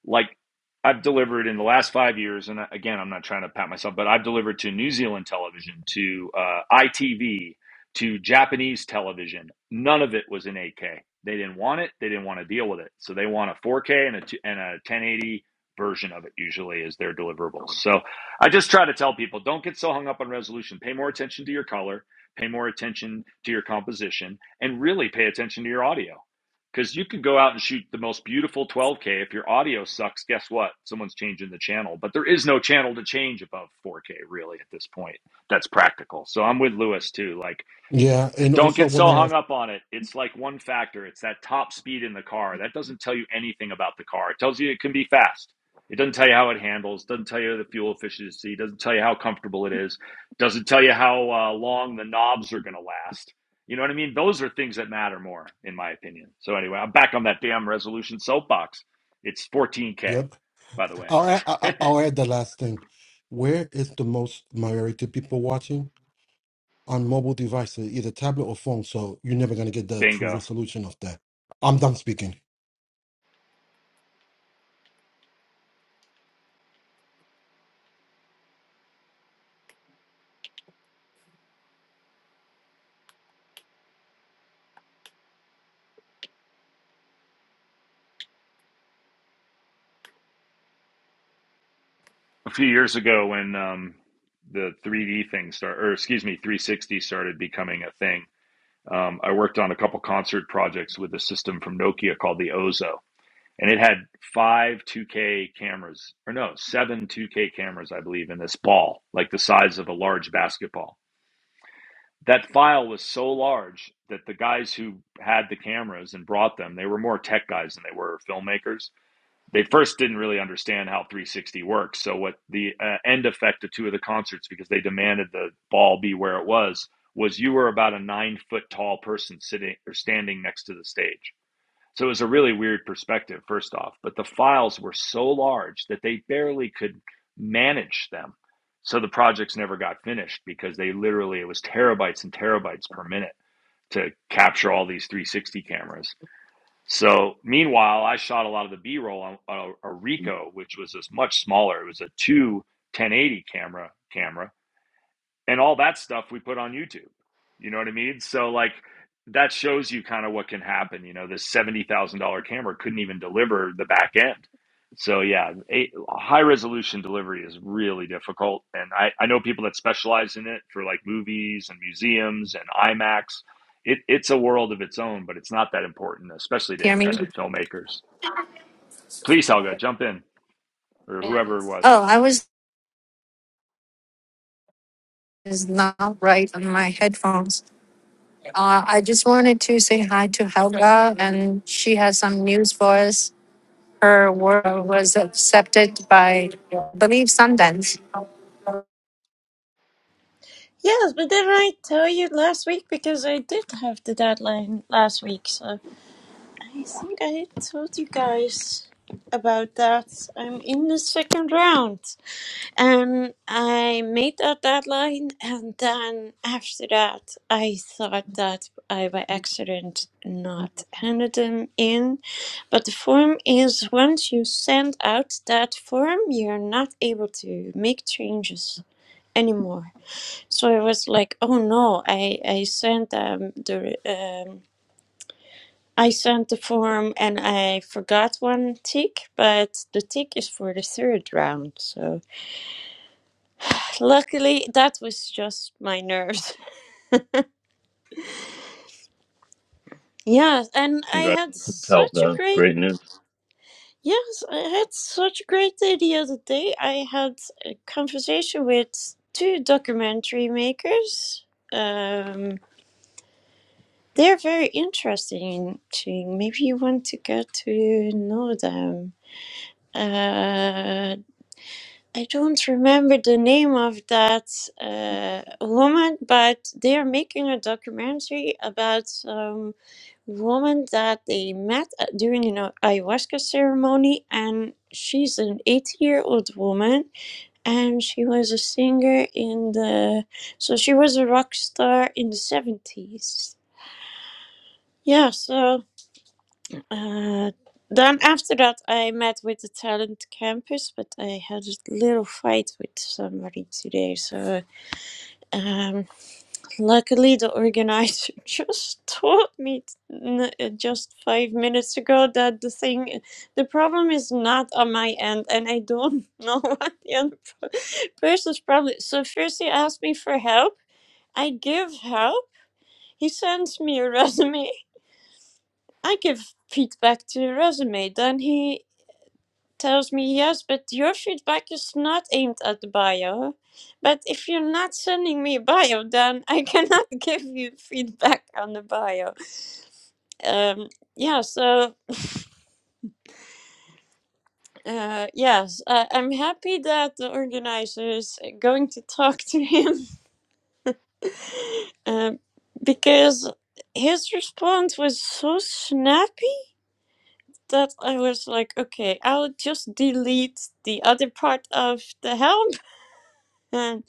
like I've delivered in the last five years, and again, I'm not trying to pat myself, but I've delivered to New Zealand television, to uh, ITV, to Japanese television. None of it was in 8K. They didn't want it. They didn't want to deal with it. So they want a 4K and a, t- and a 1080 version of it, usually, is their deliverables. So I just try to tell people don't get so hung up on resolution. Pay more attention to your color, pay more attention to your composition, and really pay attention to your audio. Because you can go out and shoot the most beautiful 12K. If your audio sucks, guess what? Someone's changing the channel. But there is no channel to change above 4K, really, at this point. That's practical. So I'm with Lewis, too. Like, Yeah. And don't also, get when so I, hung up on it. It's like one factor. It's that top speed in the car. That doesn't tell you anything about the car. It tells you it can be fast. It doesn't tell you how it handles. Doesn't tell you the fuel efficiency. Doesn't tell you how comfortable it is. Doesn't tell you how uh, long the knobs are going to last. You know what I mean? Those are things that matter more, in my opinion. So anyway, I'm back on that damn resolution soapbox. It's 14k, yep, by the way. I'll add, I- I- I'll add the last thing. Where is the most majority people watching? On mobile devices, either tablet or phone. So you're never going to get (laughs) the true Bingo. resolution of that. I'm done speaking. a few years ago when um, the 3D thing started, or excuse me, 360 started becoming a thing. Um, I worked on a couple concert projects with a system from Nokia called the Ozo, and it had five 2K cameras, or no, seven 2K cameras, I believe, in this ball, like the size of a large basketball. That file was so large that the guys who had the cameras and brought them, they were more tech guys than they were filmmakers they first didn't really understand how 360 works. So what the uh, end effect of two of the concerts, because they demanded the ball be where it was, was you were about a nine foot tall person sitting or standing next to the stage. So it was a really weird perspective, first off. But the files were so large that they barely could manage them. So the projects never got finished because they literally it was terabytes and terabytes per minute to capture all these 360 cameras so meanwhile, I shot a lot of the B roll on, a, a Ricoh, which was this much smaller. It was a two 1080 camera camera and all that stuff we put on YouTube. You know what I mean? So like that shows you kind of what can happen. You know, this seventy thousand dollar camera couldn't even deliver the back end. So yeah, a, high resolution delivery is really difficult, and I, I know people that specialize in it for like movies and museums and IMAX. It, it's a world of its own, but it's not that important, especially to Hear me? independent filmmakers. Please, Helga, jump in or whoever it was. Oh, I was is not right on my headphones. Uh, I just wanted to say hi to Helga, and she has some news for us. Her work was accepted by, I believe, Sundance. Yes, but didn't I tell you last week? Because I did have the deadline last week, so I think I told you guys about that. I'm in the second round. And I made that deadline, and then after that, I thought that I by accident not handed them in. But the form is once you send out that form, you're not able to make changes anymore. So I was like, oh no, I I sent um the um I sent the form and I forgot one tick, but the tick is for the third round. So luckily that was just my nerves. (laughs) yes, and I had Congratulations, help, such a man. great Great news. yes, I had such a great day the other day. I had a conversation with two documentary makers. Um They're very interesting. To maybe you want to get to know them. Uh, I don't remember the name of that uh, woman, but they are making a documentary about some woman that they met at- during an a- ayahuasca ceremony, and she's an eighty-year-old woman, and she was a singer in the, so she was a rock star in the seventies. Yeah, so. Uh, then after that, I met with the talent campus, but I had a little fight with somebody today. So um, luckily, the organizer (laughs) just told me n- uh, just five minutes ago that the thing, the problem is not on my end, and I don't (laughs) know what the other pro- person's problem. is. So first, he asked me for help. I give help. He sends me a (laughs) resume. I give feedback to the resume. Then he tells me, yes, but your feedback is not aimed at the bio. But if you're not sending me a bio, then I cannot (laughs) give you feedback on the bio. Um, yeah, so uh, yes, I I'm happy that the organizer is going to talk to him (laughs) uh, because his response was so snappy that I was like, okay, I'll just delete the other part of the help (laughs) And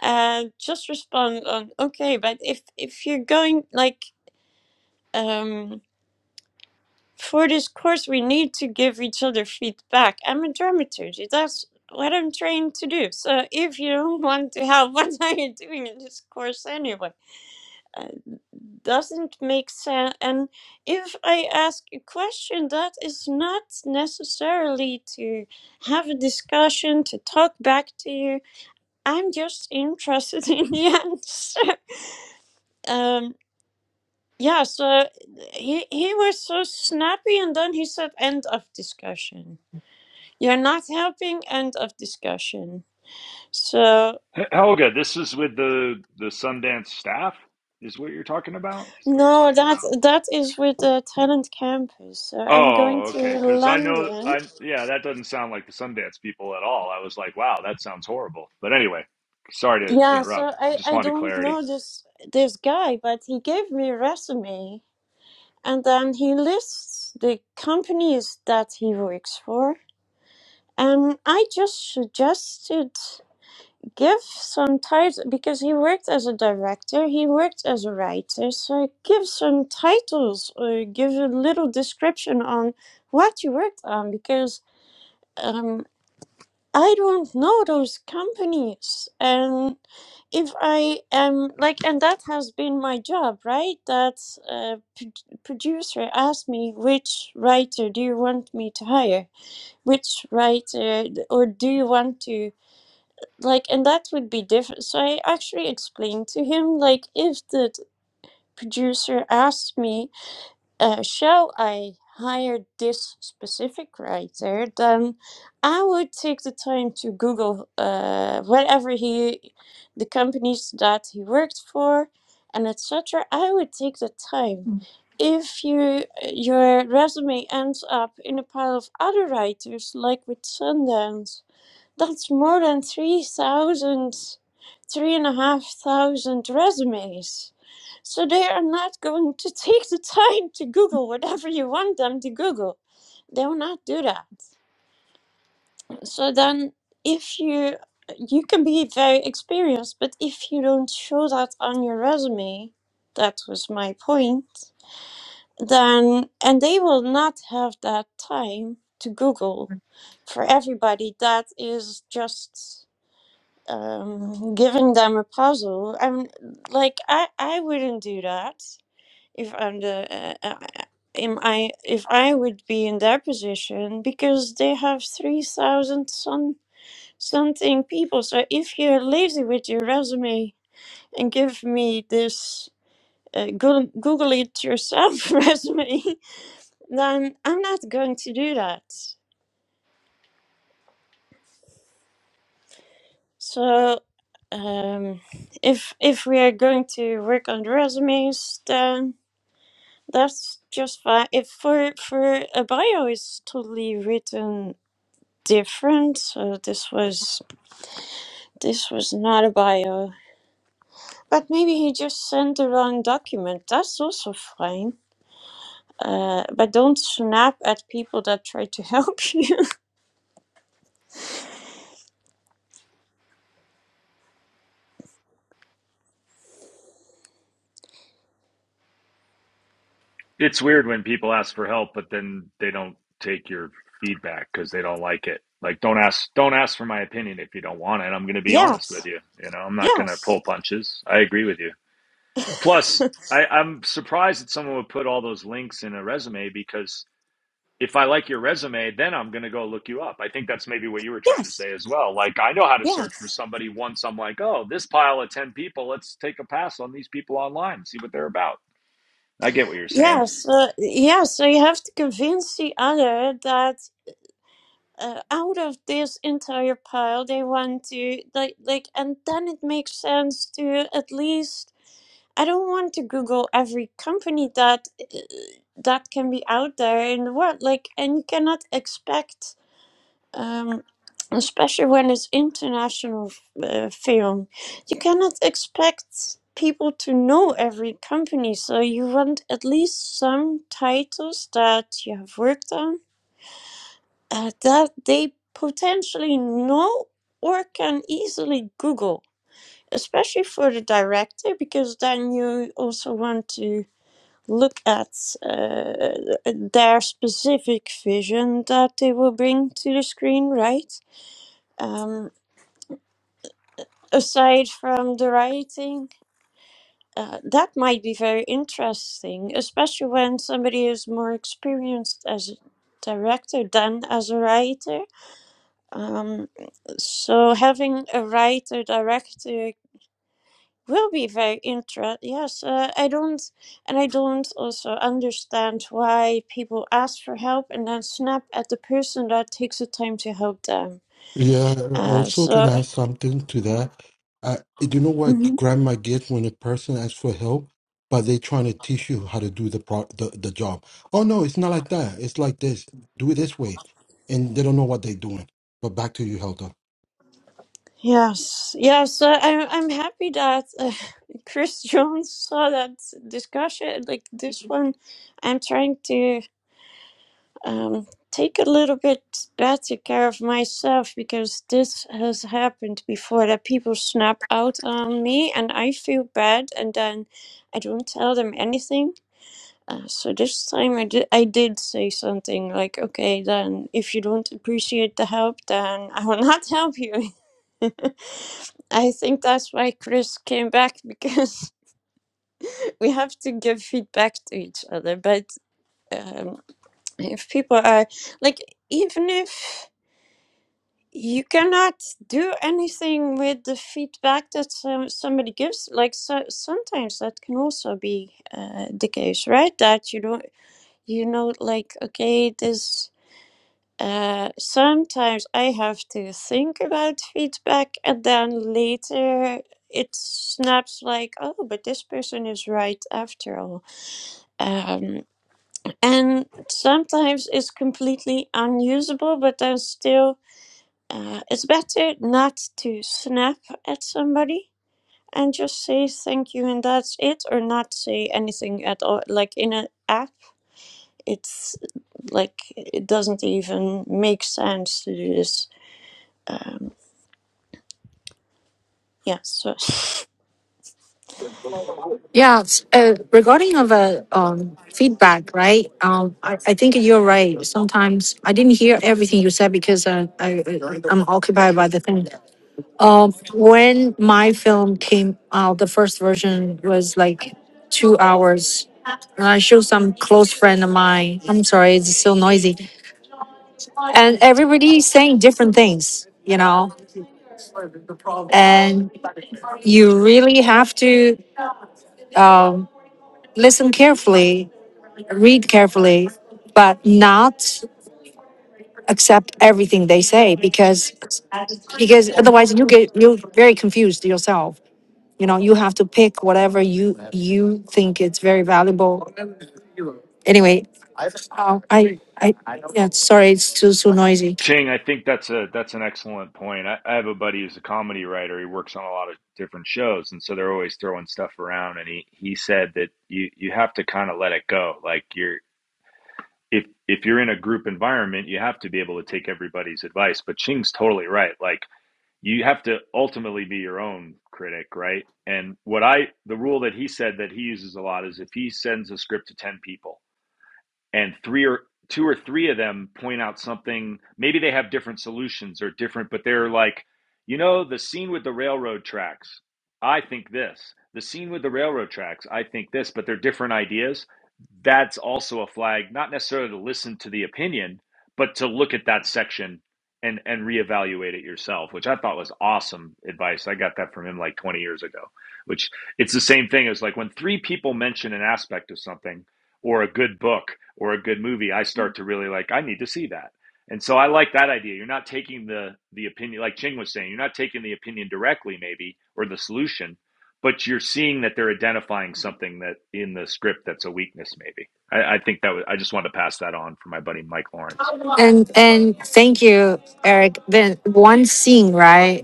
And just respond on okay, but if if you're going like um for this course, we need to give each other feedback. I'm a dramaturge. That's what I'm trained to do. So if you don't (laughs) want to help, (laughs) what are you doing in this course anyway? Uh, doesn't make sense. And if I ask a question, that is not necessarily to have a discussion to talk back to you. I'm just interested (laughs) in the answer. Um. Yeah, so he he was so snappy and then he said end of discussion. You're not helping, end of discussion. So H- Helga, this is with the the Sundance staff, is what you're talking about. no, that that is with the talent campus. So I'm going Oh, to okay. Because I know, London. I yeah, that doesn't sound like the Sundance people at all. I was like, wow, that sounds horrible. But anyway, sorry to Yeah, interrupt. so I I just I wanted don't clarity. know this this guy, but he gave me a resume and then he lists the companies that he works for. And I just suggested give some title because he worked as a director, he worked as a writer, so give some titles or give a little description on what you worked on because um, I don't know those companies. And if I am like, and that has been my job, right? That uh, pro- producer asked me, which writer do you want me to hire? Which writer, or do you want to? like and that would be different so i actually explained to him like if the t- producer asked me uh, shall i hire this specific writer then i would take the time to google uh, whatever he the companies that he worked for and etc i would take the time if you your resume ends up in a pile of other writers like with sundance that's more than three thousand, three and a half thousand resumes. So they are not going to take the time to Google whatever you want them to Google. They will not do that. So then, if you you can be very experienced, but if you don't show that on your resume, that was my point. Then and they will not have that time to Google for everybody that is just um, giving them a puzzle. I'm like I I wouldn't do that if I'm the uh, uh, am I if I would be in their position because they have three thousand some something people. So if you're lazy with your resume and give me this. Uh, Google, Google it yourself (laughs) resume, then I'm not going to do that. So, um, if if we are going to work on the resumes, then That's just fine. If for for a bio is totally written different. So this was this was not a bio. But maybe he just sent the wrong document. That's also fine. Uh, but don't snap at people that try to help (laughs) you. It's weird when people ask for help, but then they don't take your feedback because they don't like it. Like, don't ask, don't ask for my opinion if you don't want it. I'm going to be honest with yes. you. You know, I'm not going to Yes. pull punches. I agree with you. (laughs) Plus, I, I'm surprised that someone would put all those links in a resume because if I like your resume, then I'm going to go look you up. I think that's maybe what you were trying to yes. say as well. Like, I know how to search for Yes. somebody once I'm like, oh, this pile of 10 people, let's take a pass on these people online, see what they're about. I get what you're saying. Yes. Uh, yeah. So you have to convince the other that. uh, out of this entire pile they want to like like and then it makes sense to at least i don't want to google every company that uh, that can be out there in the world like and you cannot expect um especially when it's international uh, film you cannot expect people to know every company so you want at least some titles that you have worked on uh, that they potentially know or can easily Google, especially for the director, because then you also want to look at uh, their specific vision that they will bring to the screen, right? Um, aside from the writing. Uh, that might be very interesting, especially when somebody is more experienced as a director than as a writer Um, so having a writer director will be very interesting. Yes, uh, I don't, and I don't also understand why people ask for help and then snap at the person that takes the time to help them. Yeah, Uh, also can so add something to that. I, do you know what Mhm. grandma gets when a person asks for help, but they trying to teach you how to do the, pro, the the job? Oh no, it's not like that. It's like this. Do it this way, and they don't know what they're doing. But back to you, Helga. yes, yes, uh, I'm I'm happy that uh, (laughs) Chris Jones saw that discussion like this one. I'm trying to. um, take a little bit better care of myself because this has happened before that people snap out on me and I feel bad and then I don't tell them anything. Uh, so this time I did, I did say something like, okay, then if you don't appreciate the help, then I will (laughs) not help you. (laughs) I think that's why Chris came back because (laughs) we have to give feedback to each other. But um, if people are like, even if you cannot do anything with the feedback that some, somebody gives like so, sometimes that can also be uh, the case right that you don't you know like okay this uh, sometimes i have to think about feedback and then later it snaps like oh but this person is right after all um, and sometimes it's completely unusable but then still uh, it's better not to snap at somebody and just say thank you and that's it, or not say anything at all. Like in an app, it's like it doesn't even make sense to do this. Um, yeah, so (laughs) Yeah, s- uh, regarding of a um, feedback, right? Um, I, I think you're right. Sometimes I didn't hear everything you said because uh, I I- I'm occupied by the thing. Um, when my film came out, the first version was like two hours. And I showed some close friend of mine. I'm sorry, it's so noisy. And everybody saying different things, you know. And you really have to um, listen carefully, read carefully, but not accept everything they say because because otherwise you get you're very confused yourself you know you have to pick whatever you you think it's very valuable anyway uh, i i yeah sorry it's too too noisy Ching, I think that's a that's an excellent point. I, I have a buddy who's a comedy writer. He works on a lot of different shows, and so they're always throwing stuff around. And he he said that you you have to kind of let it go. Like you're if if you're in a group environment, you have to be able to take everybody's advice. But Ching's totally right. Like you have to ultimately be your own critic, right? And what I, the rule that he said that he uses a lot is if he sends a script to 10 people and three or two or three of them point out something maybe they have different solutions or different but they're like you know the scene with the railroad tracks i think this the scene with the railroad tracks i think this but they're different ideas that's also a flag not necessarily to listen to the opinion but to look at that section and and reevaluate it yourself which i thought was awesome advice i got that from him like 20 years ago which it's the same thing as like when three people mention an aspect of something or a good book or a good movie, I start to really like, I need to see that. And so I like that idea. You're not taking the the opinion like Ching was saying, you're not taking the opinion directly maybe or the solution, but you're seeing that they're identifying something that in the script that's a weakness maybe. I, I think that was I just wanted to pass that on for my buddy Mike Lawrence. and and thank you eric then one scene, right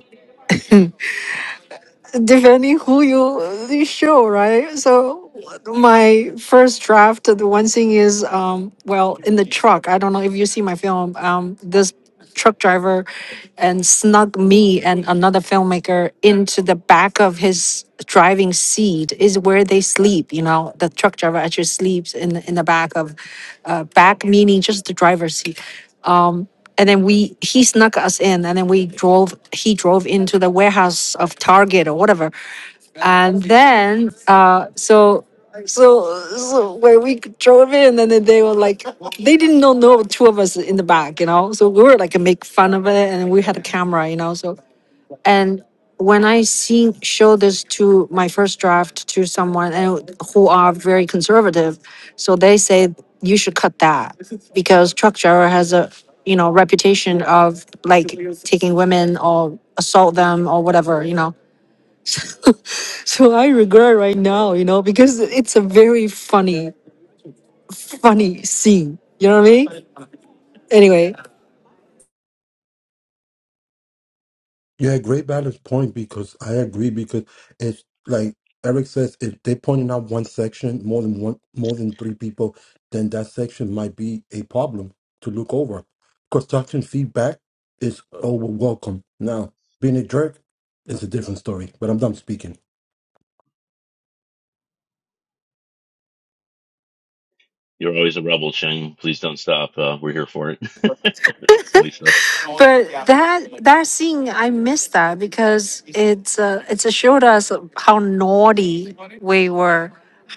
depending who you you show, right? So my first draft, the one thing is, um, well, in the truck. I don't know if you see my film. Um, this truck driver and snuck me and another filmmaker into the back of his driving seat is where they sleep you know the truck driver actually sleeps in the, in the back of uh, back meaning just the driver's seat Um, and then we, he snuck us in and then we drove, he drove into the warehouse of Target or whatever. And then, uh, so, so, so when we drove in and then they were like, they didn't know, know two of us in the back, you know? So we were like, make fun of it and we had a camera, you know? So and when I see show this to my first draft to someone and who are very conservative, so they say you should cut that because truck driver has a you know reputation of like taking women or assault them or whatever you know. (laughs) So I regret right now you know because it's a very funny funny scene. You know what I mean? Anyway, Yeah, great balance point because I agree because it's like Eric says, if they're pointing out one section more than one more than three people, then that section might be a problem to look over. Construction feedback is over welcome. Now, being a jerk is a different story, but I'm done speaking. You're always a rebel, Shane. Please don't stop. Uh, we're here for it. (laughs) It's funny stuff. But that that scene, I miss that because it's uh, it's showed us how naughty we were,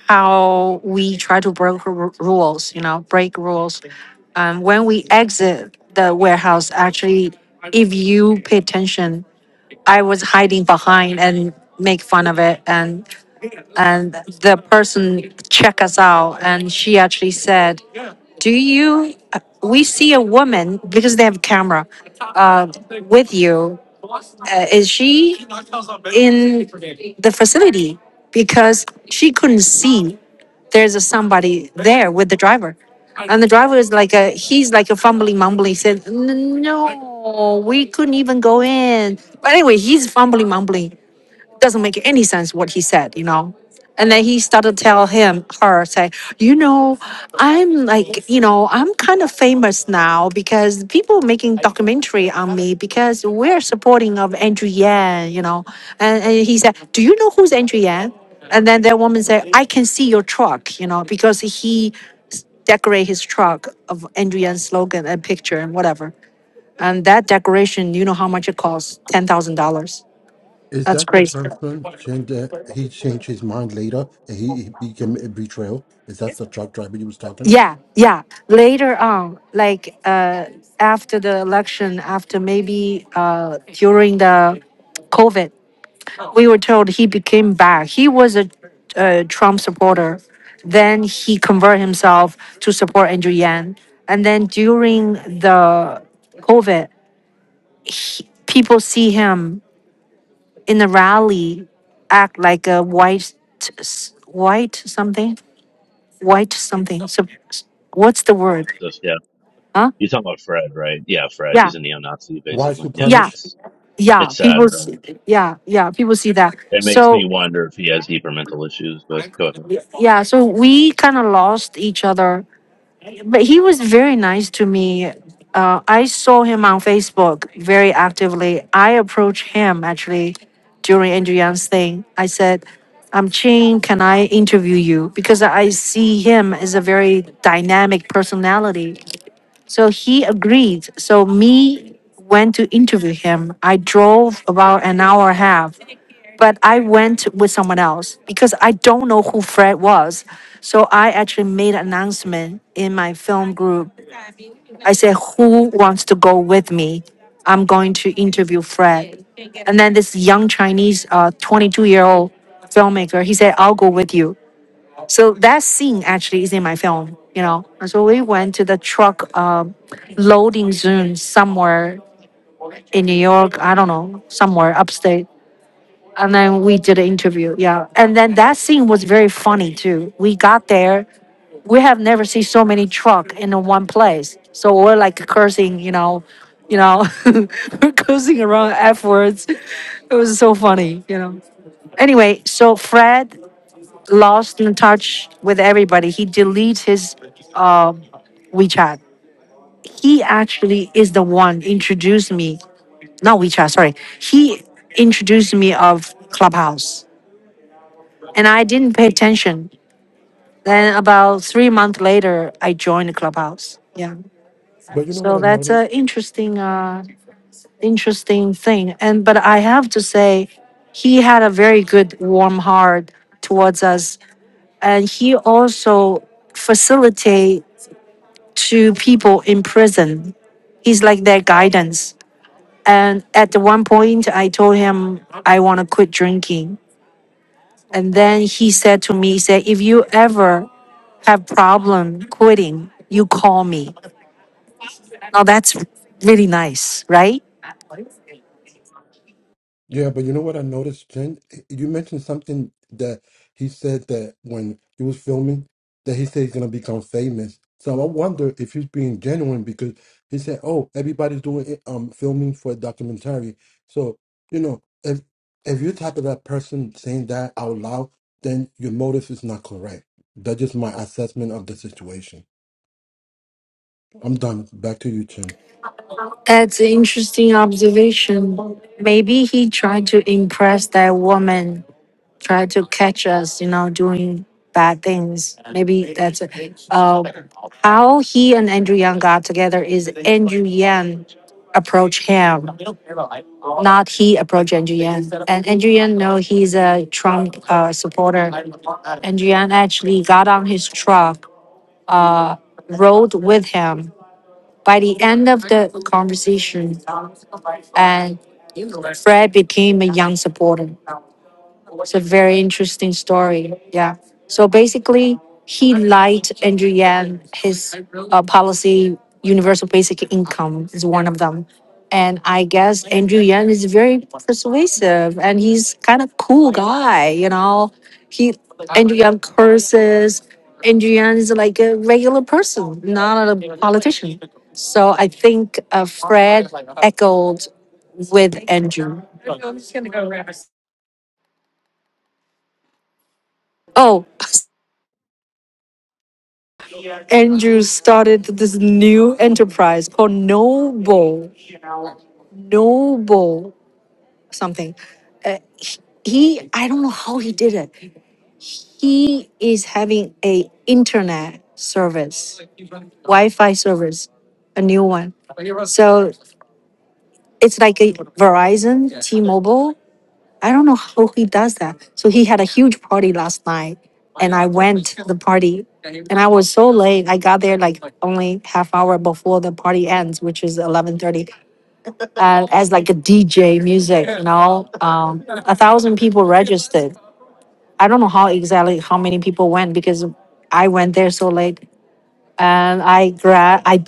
how we try to break ru- rules, you know, break rules. Um, when we exit the warehouse, actually, if you pay attention, I was hiding behind and make fun of it, and and the person check us out, and she actually said. Do you, uh, we see a woman because they have camera uh, with you. Uh, is she in the facility? Because she couldn't see there's a somebody there with the driver. And the driver is like a, he's like a fumbling, mumbling. He said, "N- no, we couldn't even go in. But anyway, he's fumbling, mumbling doesn't make any sense what he said, you know. And then he started to tell him her say, you know, I'm like, you know, I'm kind of famous now because people are making documentary on me because we're supporting of Andrew Yang, you know. And, and he said, do you know who's Andrew Yang? And then that woman said, I can see your truck, you know, because he decorate his truck of Andrew Yan's slogan and picture and whatever. And that decoration, you know how much it costs? Ten thousand dollars. Is That's that the crazy. person change that he changed his mind later and he, he became a betrayal? Is that the truck driver you was talking? Yeah, yeah. Later on, like uh, after the election, after maybe uh, during the COVID, we were told he became back. He was a, a Trump supporter. Then he converted himself to support Andrew Yang. And then during the COVID, he, people see him in the rally act like a white, s- white something, white something. So, what's the word? Supremacist. Yeah. Huh? You're talking about Fred, right? Yeah, Fred. Yeah. He's a neo Nazi, Why basically. Yeah. yeah supremacist? It's yeah it's sad, people really. see, yeah yeah people see that It makes me so wonder if he has deeper mental issues, but go ahead. yeah so we kind of lost each other but he was very nice to me uh, i saw him on facebook very actively i approached him actually during andrew Yang's thing i said i'm chin can i interview you because i see him as a very dynamic personality So he agreed. So me went to interview him. I drove about an hour and a half, but I went with someone else because I don't know who Fred was. So I actually made an announcement in my film group. I said, "Who wants to go with me? I'm going to interview Fred." And then this young Chinese, uh, 22 year old filmmaker, he said, "I'll go with you." So that scene actually is in my film, you know. And So we went to the truck um, loading zone somewhere in New York, I don't know, somewhere upstate. And then we did an interview, yeah. And then that scene was very funny too. We got there, we have never seen so many truck in one place. So we're like cursing, you know, you know, (laughs) we're cursing around afterwards. It was so funny, you know. Anyway, so Fred lost in touch with everybody. He deletes his uh, WeChat. He actually is the one introduced me, not WeChat, sorry. He introduced me of Clubhouse, and I didn't pay attention. Then about three months later, I joined Clubhouse. Yeah, But you know what so I've that's noticed? a interesting, uh, interesting thing. And but I have to say, he had a very good, warm heart towards us, and he also facilitate to people in prison. He's like their guidance. And at one point, I told him I want to quit drinking. And then he said to me, he said, if you ever have problem quitting, you call me. Now that's really nice, right? Yeah, but you know what I noticed, Jen? Eh, You mentioned something that he said that when he was filming, that he said he's gonna become famous. So I wonder if he's being genuine because he said, "Oh, everybody's doing it, um filming for a documentary." So you know, if if you're type of that person saying that out loud, then your motive is not correct. That's just my assessment of the situation. I'm done. Back to you, Jen. That's an interesting observation. Maybe he tried to impress that woman, tried to catch us, you know, doing bad things. Maybe that's it. Uh, How he and Andrew Yang got together is Andrew Yang approached him, not he approached Andrew Yang. And Andrew Yang know he's a Trump uh, supporter. Andrew Yang actually got on his truck, uh, rode with him. By the end of the conversation, and Fred became a Yang supporter. It's a very interesting story. Yeah. So basically, he lied to Andrew Yang. His uh, policy, universal basic income, is one of them. And I guess Andrew Yang is very persuasive, and he's kind of cool guy. You know, he Andrew Yang curses. Andrew Yang is like a regular person, not a politician. So I think uh, Fred echoed with Andrew. Oh, (laughs) Andrew started this new enterprise called Noble, Noble something. Uh, he, he- I don't know how he did it. He is having a internet service, Wi-Fi service, a new one. So it's like a Verizon, T-Mobile. I don't know how he does that. So he had a huge party last night and I went to the party and I was so late. I got there like only half hour before the party ends, which is eleven thirty. Uh, as like a DJ music, you know, um, a thousand people registered. I don't know how exactly how many people went because I went there so late, and I gra- I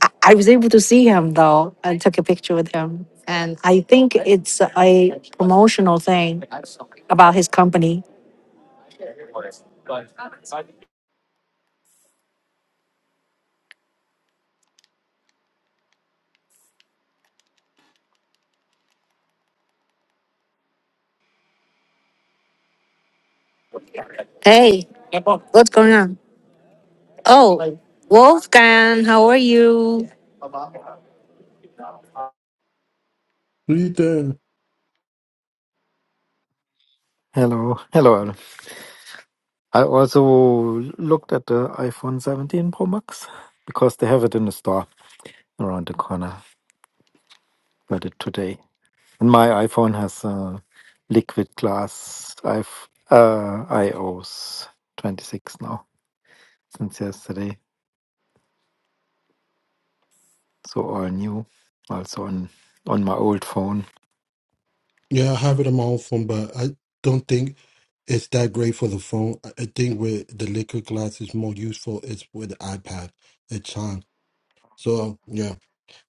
I I was able to see him though and took a picture with him. And I think it's a promotional thing about his company. Hey, what's going on? Oh, Wolfgang, how are you? Ethan. Hello, hello. Aaron. I also looked at the iPhone 17 Pro Max because they have it in the store around the corner. Got it today, and my iPhone has uh, liquid glass. I've uh, iOS 26 now since yesterday, so all new. Also on on my old phone. Yeah, I have it on my own phone, but I don't think. It's that great for the phone. I I think with the liquid glass is more useful is with the iPad at time. So um, yeah,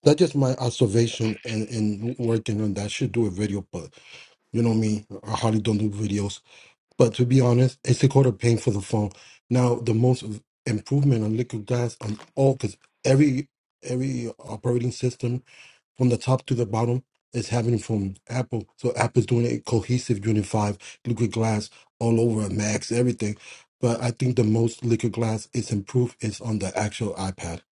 that's just my observation and, and working on that. I should do a video, but you know me, I hardly don't do videos. But to be honest, it's a quarter pain for the phone. Now the most of improvement on liquid glass on all because every every operating system from the top to the bottom it's happening from Apple. So Apple's doing a cohesive unified liquid glass all over Macs, everything. But I think the most liquid glass is improved is on the actual iPad.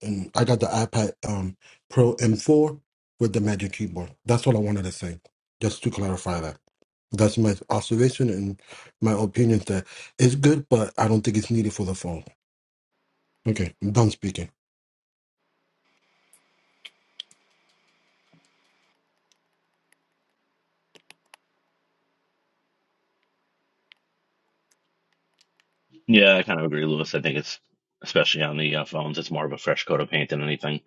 And I got the iPad um, Pro M4 with the Magic Keyboard. That's all I wanted to say, just to clarify that. That's my observation and my opinion that it's good, but I don't think it's needed for the phone. Okay, I'm done speaking. Yeah, I kind of agree, Lewis. I think it's especially on the uh, phones, it's more of a fresh coat of paint than anything.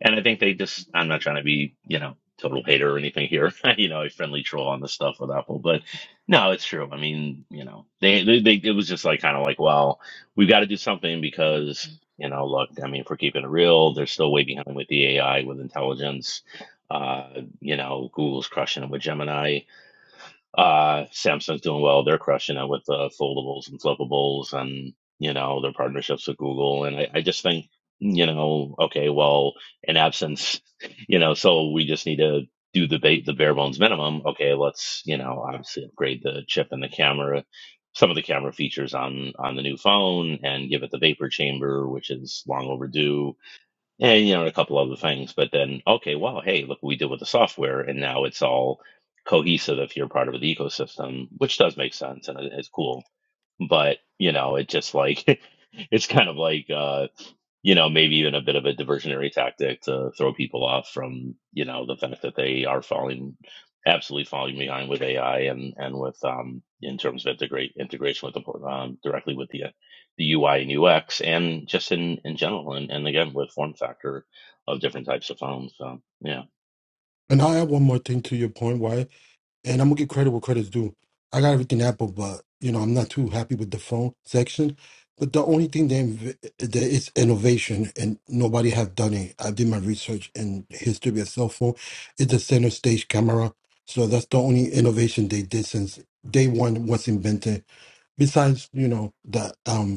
And I think they just, I'm not trying to be, you know, total hater or anything here, (laughs) you know, a friendly troll on this stuff with Apple, but no, it's true. I mean, you know, they, they, they it was just like kind of like, well, we've got to do something because, you know, look, I mean, if we're keeping it real, they're still way behind with the AI, with intelligence. Uh, you know, Google's crushing it with Gemini uh, Samsung's doing well. They're crushing it with uh, foldables and flippables and, you know, their partnerships with Google. And I, I just think, you know, okay, well, in absence, (laughs) you know, so we just need to do the, ba- the bare bones minimum. Okay, let's, you know, obviously upgrade the chip and the camera, some of the camera features on, on the new phone and give it the vapor chamber, which is long overdue and you know, and a couple other things. But then, okay, well, hey, look what we did with the software, and now it's all cohesive if you're part of the ecosystem, which does make sense and it- it's cool. But you know, it just like (laughs) it's kind of like uh, you know, maybe even a bit of a diversionary tactic to throw people off from, you know, the fact that they are falling absolutely falling behind with AI and and with um in terms of integrate integration with the um, directly with the uh, the UI and UX and just in in general and and again with form factor of different types of phones. So yeah, And I have one more thing to your point. Why? and I'm gonna give credit where credit's due. I got everything Apple, but you know I'm not too happy with the phone section. But the only thing they inv- that is innovation, and nobody have done it. I did my research in history of cell phone. It's the center stage camera, so that's the only innovation they did since day one was invented. Besides, you know that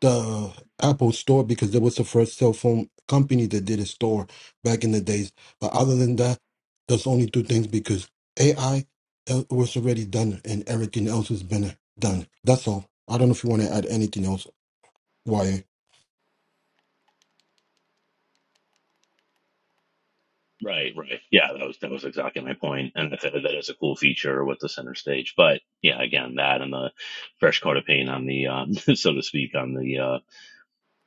the Apple store because that was the first cell phone company that did a store back in the days. But other than that, those only two things because AI uh, was already done and everything else has been uh, done. That's all. I don't know if you want to add anything else, YA. right, right, yeah, that was that was exactly my point, and that that is a cool feature with the center stage. But yeah, again, that and the fresh coat of paint on the um, (laughs) so to speak on the uh,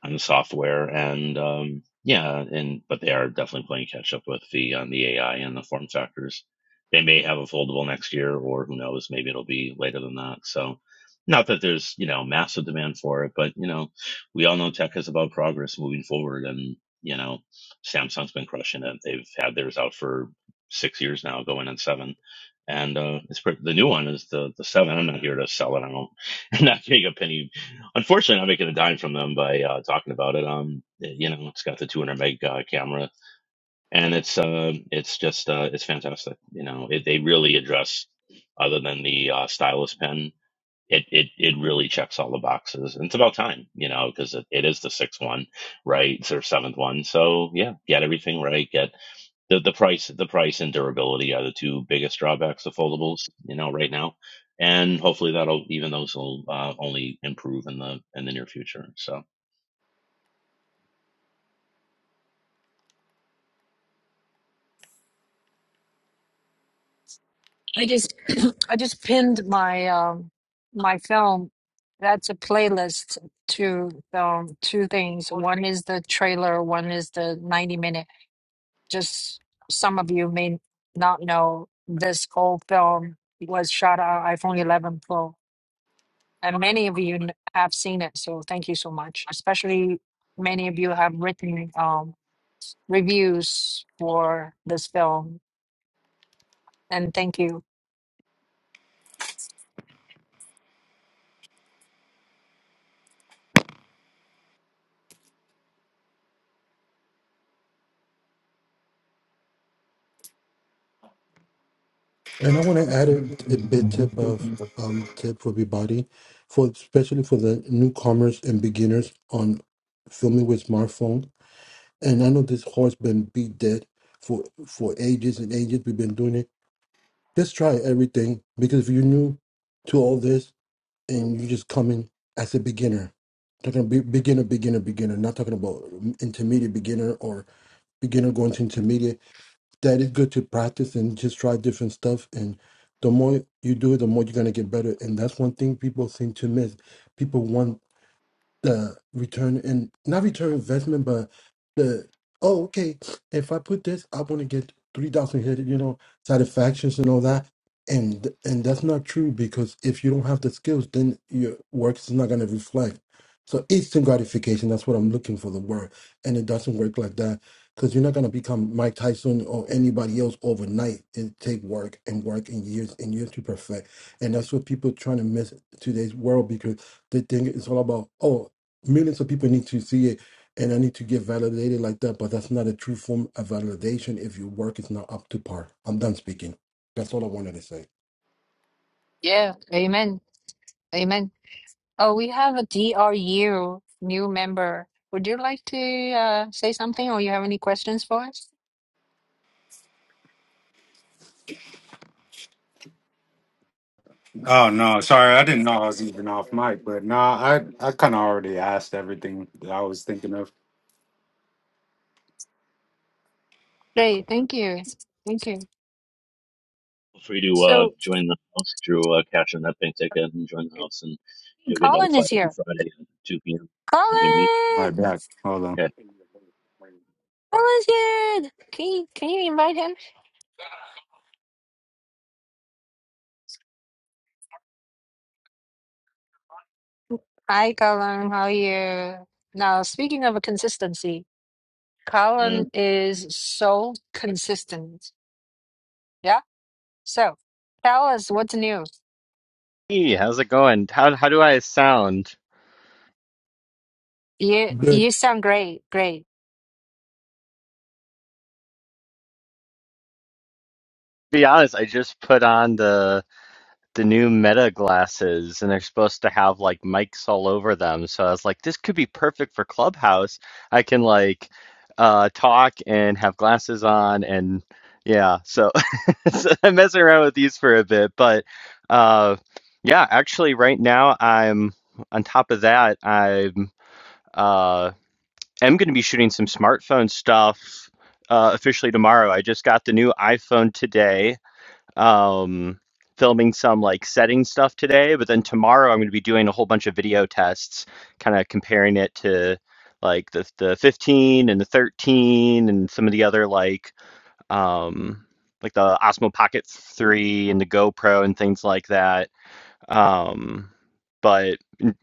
on the software and um yeah and but they are definitely playing catch up with the on the ai and the form factors they may have a foldable next year or who knows maybe it'll be later than that so not that there's you know massive demand for it but you know we all know tech is about progress moving forward and you know samsung's been crushing it they've had theirs out for six years now going on seven and uh, it's pretty, the new one is the the seven. I'm not here to sell it. I don't. (laughs) I'm not getting a penny. Unfortunately, I'm not making a dime from them by uh, talking about it. Um, you know, it's got the 200 meg uh, camera, and it's uh, it's just uh, it's fantastic. You know, it, they really address other than the uh, stylus pen. It, it it really checks all the boxes, and it's about time, you know, because it, it is the sixth one, right, or seventh one. So yeah, get everything right. Get the the price the price and durability are the two biggest drawbacks of foldables you know right now and hopefully that'll even those will uh, only improve in the in the near future so I just (clears throat) I just pinned my um my film. That's a playlist to um two things. One is the trailer, one is the 90 minute. Just some of you may not know this whole film was shot on iPhone 11 Pro, and many of you kn- have seen it. So thank you so much. Especially many of you have written um reviews for this film And thank you. And I want to add a, a bit tip of um tip for everybody, for especially for the newcomers and beginners on filming with smartphone. And I know this horse been beat dead for for ages and ages. We've been doing it Just try everything because if you're new to all this and you just come in as a beginner, talking be, beginner, beginner, beginner, not talking about intermediate beginner or beginner going to intermediate, that is good to practice and just try different stuff. And the more you do it, the more you're going to get better. And that's one thing people seem to miss. People want the return and not return investment, but the oh okay, if I put this, I want to get three thousand hit, you know, satisfactions and all that, and and that's not true because if you don't have the skills, then your work is not gonna reflect. So instant gratification, that's what I'm looking for the word, and it doesn't work like that because you're not gonna become Mike Tyson or anybody else overnight. It take work and work and years and years to perfect, and that's what people trying to miss today's world because they think it's all about oh millions of people need to see it and i need to get validated like that but that's not a true form of validation if your work is not up to par i'm done speaking that's all i wanted to say Yeah, amen. Amen. Oh, we have a D R U new member. Would you like to uh, say something or you have any questions for us? Oh no, sorry, I didn't know I was even off mic, but no, I I kind of already asked everything that I was thinking of. Great, thank you. Thank you. feel free to uh, So join the house through uh, cash and that bank ticket and join the house and you'll get Colin notified is every here. friday at 2 p.m when we meet All Colin! right, back. Hold on. okay Colin's here! Can you, can you invite him? Hi, Colin. How are you? Now, speaking of consistency, uh, Colin is so consistent. Yeah? So tell us what's new. Hey, how's it going? How how do I sound? You, good you sound great. Great. be honest, I just put on the the new Meta glasses and they're supposed to have like mics all over them. So I was like, this could be perfect for Clubhouse. I can like uh talk and have glasses on and yeah, so, (laughs) so I'm messing around with these for a bit, but uh yeah, actually right now I'm on top of that, I'm uh am going to be shooting some smartphone stuff uh, officially tomorrow. I just got the new iPhone today. Um, filming some like setting stuff today, but then tomorrow I'm going to be doing a whole bunch of video tests, kind of comparing it to like the the 15 and the 13 and some of the other like um like the Osmo Pocket 3 and the GoPro and things like that um, but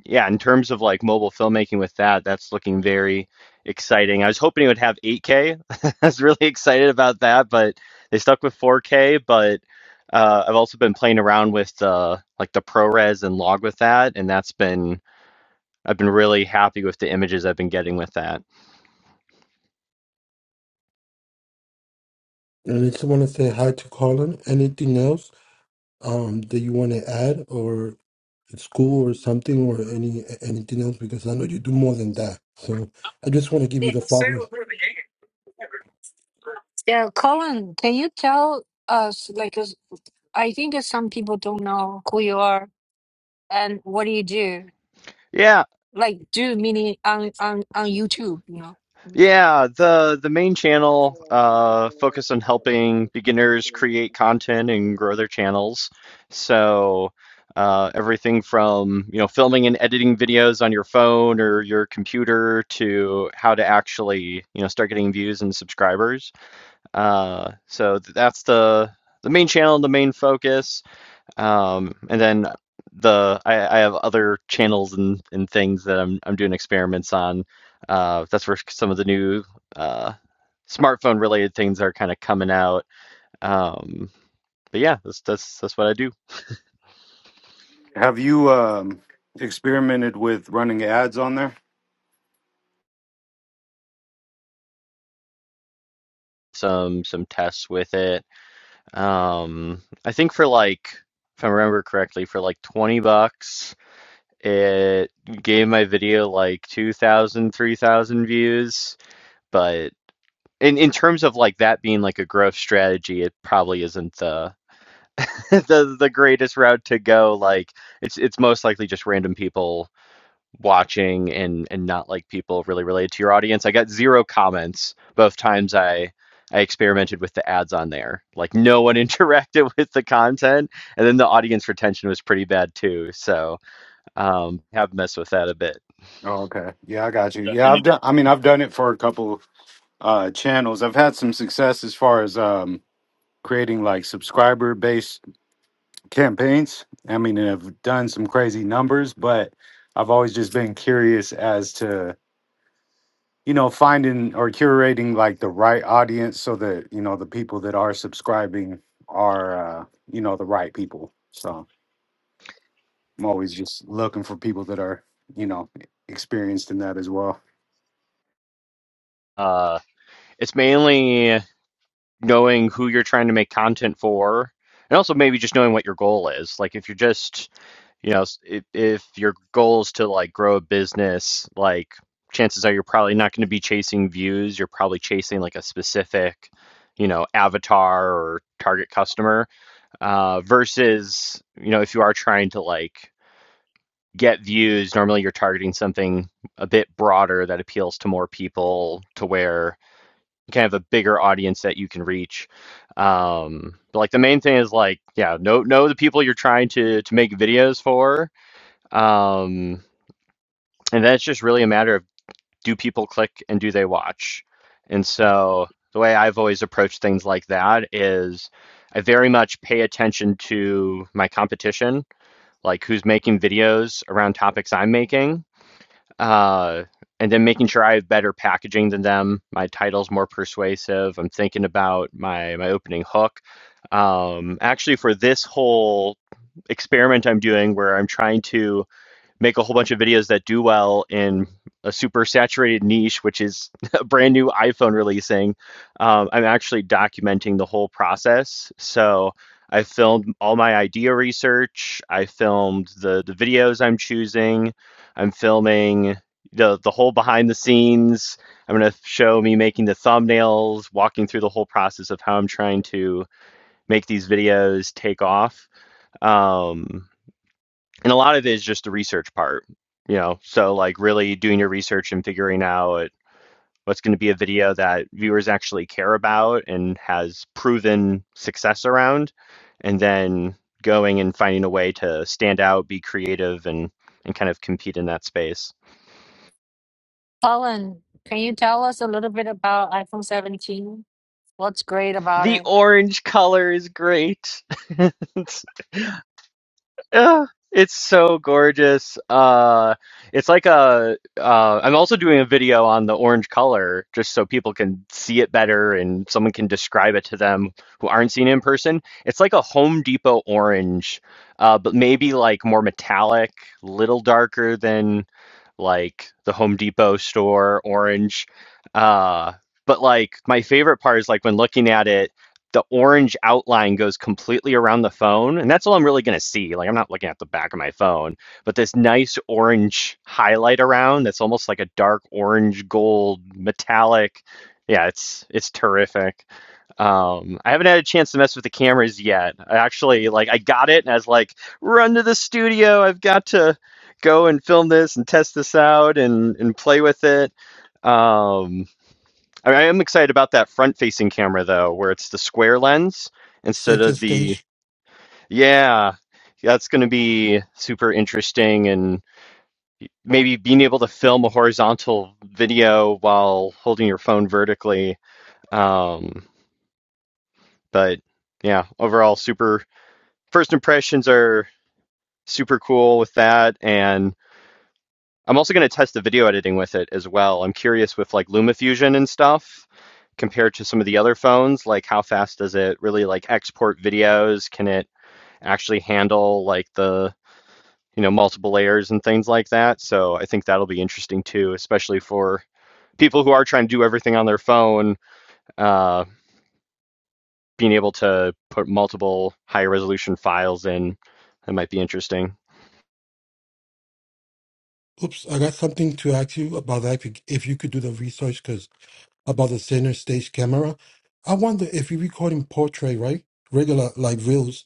yeah, in terms of like mobile filmmaking with that, that's looking very exciting. I was hoping it would have 8K. (laughs) I was really excited about that, but they stuck with 4K. But uh, I've also been playing around with uh, like the ProRes and log with that, and that's been I've been really happy with the images I've been getting with that. and i just want to say hi to colin anything else um that you want to add or school or something or any anything else because i know you do more than that so i just want to give you the flower Yeah, Colin, can you tell us, like, 'cause I think that some people don't know who you are and what do you do? Yeah, Like, do meaning on on on YouTube, you know? Yeah, the the main channel uh focused on helping beginners create content and grow their channels. So uh, everything from you know filming and editing videos on your phone or your computer to how to actually you know start getting views and subscribers. Uh, so th- that's the the main channel, the main focus. Um, and then the I, I have other channels and, and things that I'm I'm doing experiments on. Uh, that's where some of the new uh, smartphone related things are kind of coming out. Um, but yeah, that's that's that's what I do. Have you um experimented with running ads on there? Some some tests with it. Um, I think for like if I remember correctly, for like 20 bucks, it gave my video like 2,000, 3,000 views, but in in terms of like that being like a growth strategy, it probably isn't the (laughs) the the greatest route to go. Like it's it's most likely just random people watching and and not like people really related to your audience. I got zero comments both times I I experimented with the ads on there. Like no one (laughs) interacted with the content, and then the audience retention was pretty bad too. So um, have messed with that a bit. Oh, okay. Yeah, I got you. nothing Yeah, new I've done. I mean, I've done it for a couple uh channels. I've had some success as far as um creating like subscriber based campaigns. I mean, I've done some crazy numbers, but I've always just been curious as to you know finding or curating like the right audience so that you know the people that are subscribing are uh you know the right people so i'm always just looking for people that are you know experienced in that as well Uh, it's mainly. knowing who you're trying to make content for and also maybe just knowing what your goal is like if you're just you know if, if your goal is to like grow a business like chances are you're probably not going to be chasing views you're probably chasing like a specific you know avatar or target customer uh, versus you know if you are trying to like get views normally you're targeting something a bit broader that appeals to more people to where kind of a bigger audience that you can reach. Um, but like the main thing is like, yeah, know know the people you're trying to to make videos for. Um, and then it's just really a matter of do people click and do they watch? And so the way I've always approached things like that is I very much pay attention to my competition, like who's making videos around topics I'm making uh, and then making sure I have better packaging than them. My title's more persuasive. I'm thinking about my my opening hook. Um, actually, for this whole experiment I'm doing, where I'm trying to make a whole bunch of videos that do well in a super saturated niche, which is (laughs) a brand new iPhone releasing. Um, I'm actually documenting the whole process. So I filmed all my idea research. I filmed the the videos I'm choosing. I'm filming the the whole behind the scenes. I'm going to show me making the thumbnails, walking through the whole process of how I'm trying to make these videos take off. Um, and a lot of it is just the research part you know so like really doing your research and figuring out what's going to be a video that viewers actually care about and has proven success around and then going and finding a way to stand out be creative and and kind of compete in that space Colin, can you tell us a little bit about iPhone 17? What's great about the it? orange color is great (laughs) It's Ugh, it's so gorgeous. Uh, it's like a. Uh, I'm also doing a video on the orange color, just so people can see it better and someone can describe it to them who aren't seeing it in person. It's like a Home Depot orange, uh, but maybe like more metallic, little darker than like the Home Depot store orange. Uh, but like my favorite part is like when looking at it, the orange outline goes completely around the phone, and that's all I'm really gonna see. Like I'm not looking at the back of my phone, but this nice orange highlight around that's almost like a dark orange gold metallic. Yeah, it's it's terrific. Um, I haven't had a chance to mess with the cameras yet. I actually like I got it and I was like, run to the studio. I've got to go and film this and test this out and and play with it. Um, I, mean, I am excited about that front-facing camera though, where it's the square lens instead center of the stage yeah. That's going to be super interesting and maybe being able to film a horizontal video while holding your phone vertically. Um, but yeah, overall super first impressions are super cool with that and. I'm also going to test the video editing with it as well. I'm curious with like LumaFusion and stuff compared to some of the other phones, like how fast does it really like export videos? Can it actually handle like the, you know, multiple layers and things like that? So I think that'll be interesting too, especially for people who are trying to do everything on their phone, uh, being able to put multiple high resolution files in, that might be interesting. oops i got something to ask you about that if you, if you could do the research about the center stage camera. I wonder if you're recording portrait, right? Regular like reels,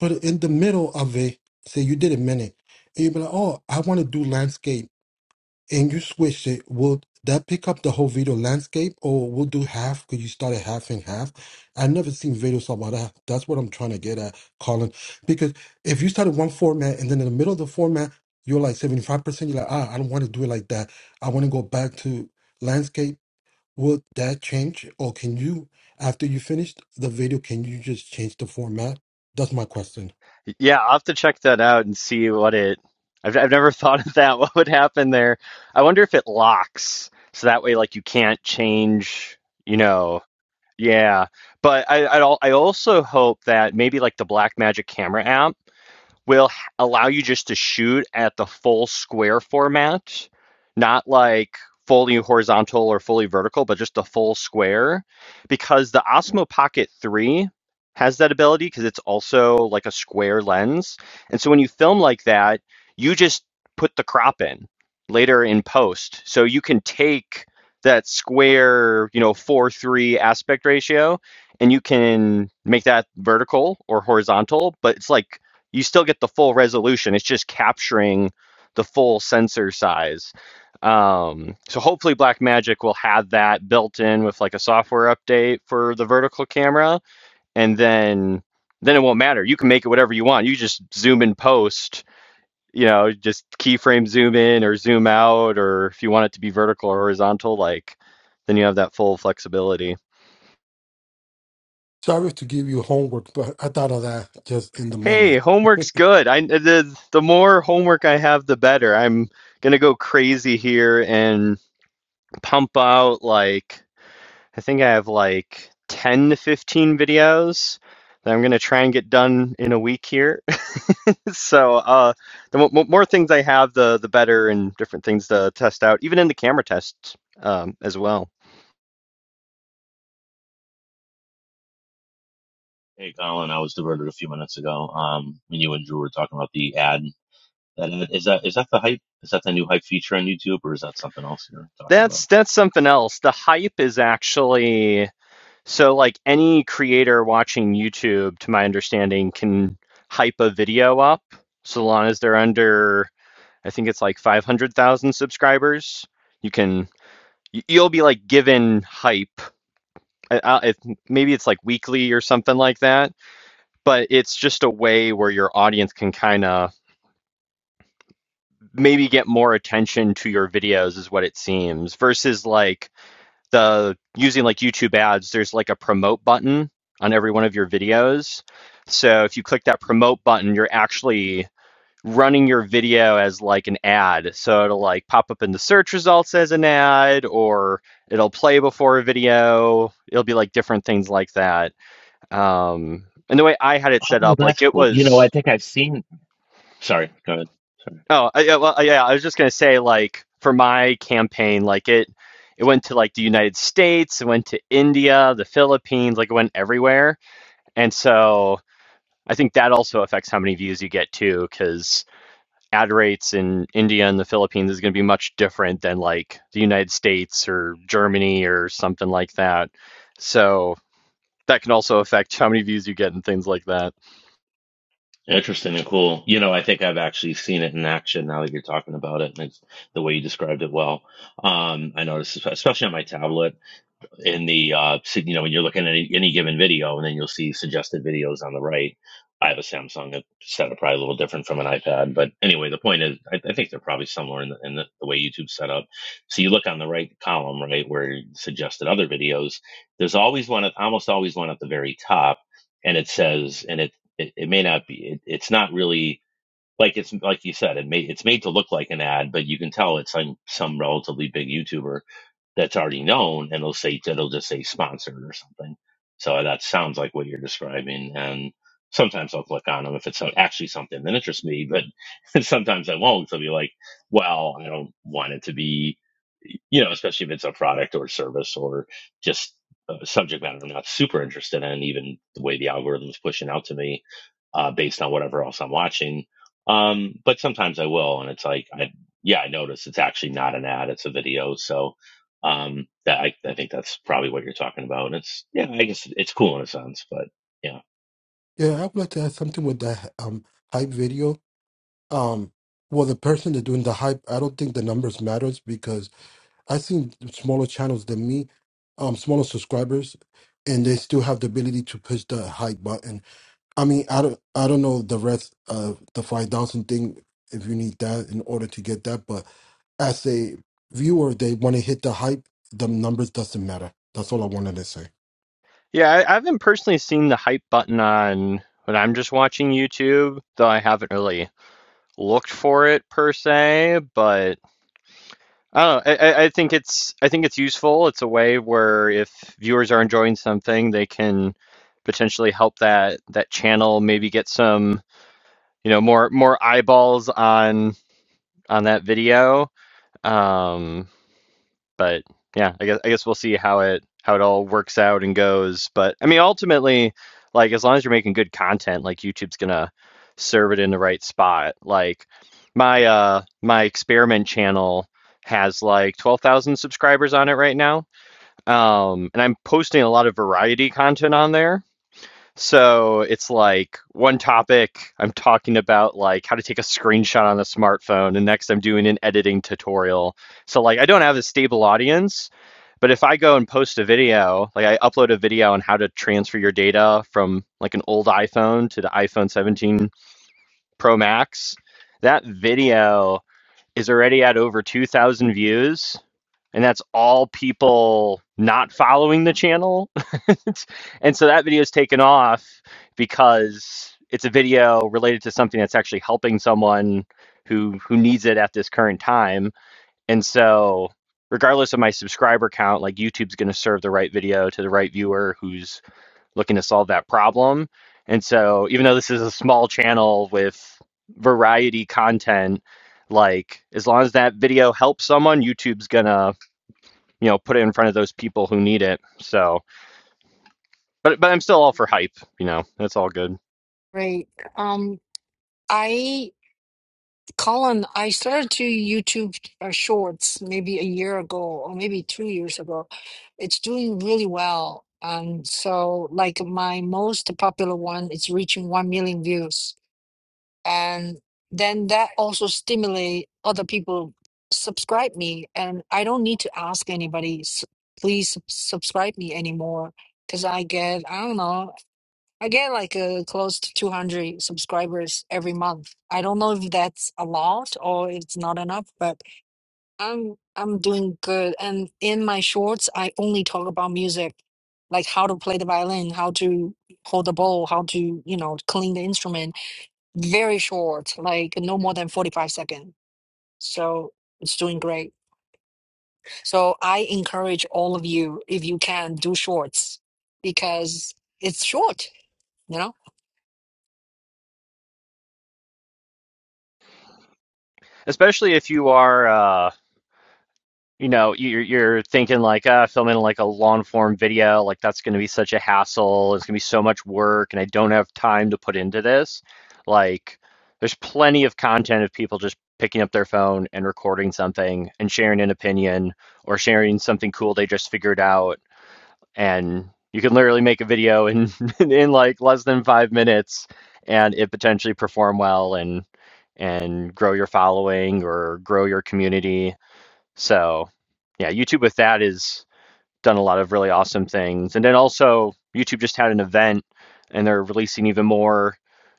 but in the middle of it, say you did a minute, and you be like, oh, I want to do landscape, and you switch it. Will that pick up the whole video landscape, or we will do half? Could you start at half and half? I've never seen videos about that. That's what I'm trying to get at, Colin. Because if you started one format and then in the middle of the format, you're like 75%, you're like, ah, I don't want to do it like that. I want to go back to landscape Will that change, or can you, after you finish the video, can you just change the format? That's my question. Yeah, I'll have to check that out and see what it. I've I've never (laughs) thought of that. (laughs) What would happen there? I wonder if it locks, so that way, like, you can't change. You know, yeah. But I I, al- I also hope that maybe like the Black Magic Camera app will allow you just to shoot at the full square format, not like fully horizontal or fully vertical, but just the full square, because the Osmo Pocket 3 has that ability because it's also like a square lens. And so when you film like that, you just put the crop in later in post. So you can take that square, you know, 4 3 aspect ratio and you can make that vertical or horizontal, but it's like you still get the full resolution. It's just capturing the full sensor size. Um, so hopefully Blackmagic will have that built in with like a software update for the vertical camera, and then then it won't matter. You can make it whatever you want. You just zoom in post, you know, just keyframe zoom in or zoom out, or if you want it to be vertical or horizontal, like then you have that full flexibility. Sorry to give you homework, but I thought of that just in the Hey, moment. homework's good. I the the more homework I have, the better. I'm gonna go crazy here and pump out like I think I have like 10 to 15 videos that I'm gonna try and get done in a week here. (laughs) So, uh, the mo mo- more things I have, the the better, and different things to test out, even in the camera tests um, as well. hey colin i was diverted a few minutes ago um when you and drew were talking about the ad that ad, is that is that the hype is that the new hype feature on youtube or is that something else you're talking about That's that's something else. The hype is actually. So, like any creator watching YouTube, to my understanding, can hype a video up so long as they're under, I think it's like 500,000 subscribers. You can, you'll be like given hype. It, maybe it's like weekly or something like that, but it's just a way where your audience can kind of maybe get more attention to your videos, is what it seems, versus like the using like YouTube ads, there's like a promote button on every one of your videos. So if you click that promote button, you're actually running your video as like an ad. So it'll like pop up in the search results as an ad or it'll play before a video. It'll be like different things like that. Um and the way I had it set Oh, up, like that's it cool. You know, was I think I've seen. Sorry, go ahead. Sorry. Oh, I, yeah, well, uh, yeah, I was just gonna say, like, for my campaign, like it, it went to like the United States, it went to India, the Philippines, like it went everywhere, and so I think that also affects how many views you get too, because ad rates in India and the Philippines is gonna be much different than like the United States or Germany or something like that. So that can also affect how many views you get and things like that. Interesting and cool. You know, I think I've actually seen it in action now that you're talking about it, and it's the way you described it well. Um, I noticed, espe- especially on my tablet. in the uh so, you know when you're looking at any, any given video and then you'll see suggested videos on the right i have a samsung setup probably a little different from an ipad but anyway the point is i, I think they're probably similar in, the, in the, the way youtube's set up so you look on the right column right where suggested other videos there's always one at almost always one at the very top and it says and it it, it may not be it, it's not really like it's like you said it may it's made to look like an ad but you can tell it's on some relatively big youtuber that's already known, and it'll say it'll just say sponsored or something. So that sounds like what you're describing. And sometimes I'll click on them if it's actually something that interests me, but (laughs) sometimes I won't. So I'll be like, well, I don't want it to be, you know, especially if it's a product or service or just a subject matter I'm not super interested in, even the way the algorithm is pushing out to me uh, based on whatever else I'm watching. Um, but sometimes I will, and it's like, I, yeah, I notice it's actually not an ad; it's a video. So um, that I, I think that's probably what you're talking about. And it's yeah, I guess it's cool in a sense, but yeah. Yeah, I would like to add something with that um hype video. Um, well, the person that doing the hype, I don't think the numbers matters because I seen smaller channels than me, um, smaller subscribers, and they still have the ability to push the hype button I mean, I don't, I don't know the rest of the five thousand thing if you need that in order to get that, but as a viewer, they want to hit the hype. The numbers doesn't matter. That's all I wanted to say. Yeah, I, I haven't personally seen the hype button on when I'm just watching YouTube, though I haven't really looked for it per se. But I don't know. I, I I think it's I think it's useful. It's a way where if viewers are enjoying something, they can potentially help that that channel maybe get some you know more more eyeballs on on that video. Um, but yeah, I guess I guess we'll see how it how it all works out and goes. But I mean, ultimately, like as long as you're making good content, like YouTube's gonna serve it in the right spot. Like my uh my experiment channel has like 12,000 subscribers on it right now. Um and I'm posting a lot of variety content on there so it's like one topic I'm talking about like how to take a screenshot on a smartphone and next I'm doing an editing tutorial. So like I don't have a stable audience, but if I go and post a video, like I upload a video on how to transfer your data from like an old iPhone to the iPhone 17 Pro Max, that video is already at over 2000 views and that's all people not following the channel. (laughs) and so that video is taken off because it's a video related to something that's actually helping someone who who needs it at this current time. And so regardless of my subscriber count, like YouTube's going to serve the right video to the right viewer who's looking to solve that problem. And so even though this is a small channel with variety content, like as long as that video helps someone, YouTube's going to you know, put it in front of those people who need it. So, but but I'm still all for hype. You know, that's all good. Great. Um, I. Colin, I started to YouTube uh, Shorts maybe a year ago or maybe two years ago. It's doing really well. And so, like, my most popular one is reaching 1 million views. And then that also stimulate other people subscribe me. And I don't need to ask anybody, "S- please sub- subscribe me anymore. Because I get, I don't know, I get like uh, close to 200 subscribers every month. I don't know if that's a lot or it's not enough, but I'm I'm doing good. And in my shorts, I only talk about music, like how to play the violin, how to hold the bow, how to, you know, clean the instrument. Very short, like no more than 45 seconds. So it's doing great. So I encourage all of you, if you can, do shorts because it's short. you know. Especially if you are, uh, you know, you're, you're thinking like, ah, filming like a long form video, like that's going to be such a hassle. It's going to be so much work, and I don't have time to put into this. Like, there's plenty of content of people just picking up their phone and recording something and sharing an opinion or sharing something cool they just figured out and you can literally make a video in (laughs) in like less than five minutes and it potentially perform well and and grow your following or grow your community so yeah youtube with that is done a lot of really awesome things and then also youtube just had an event and they're releasing even more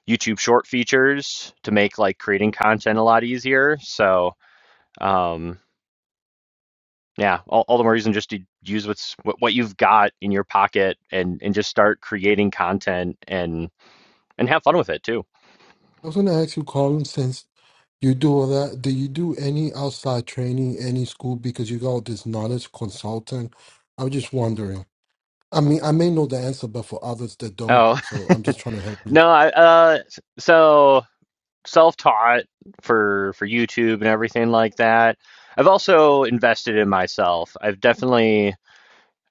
youtube short features to make like creating content a lot easier so um, yeah, all, all the more reason just to use what's what, what you've got in your pocket and and just start creating content and and have fun with it too. I was going to ask you, Colin, since you do all that, do you do any outside training, any school? Because you got all this knowledge consultant. I was just wondering. I mean, I may know the answer, but for others that don't, Oh so I'm just trying to help (laughs) you. no, I, uh, so self-taught for for YouTube and everything like that. I've also invested in myself. I've definitely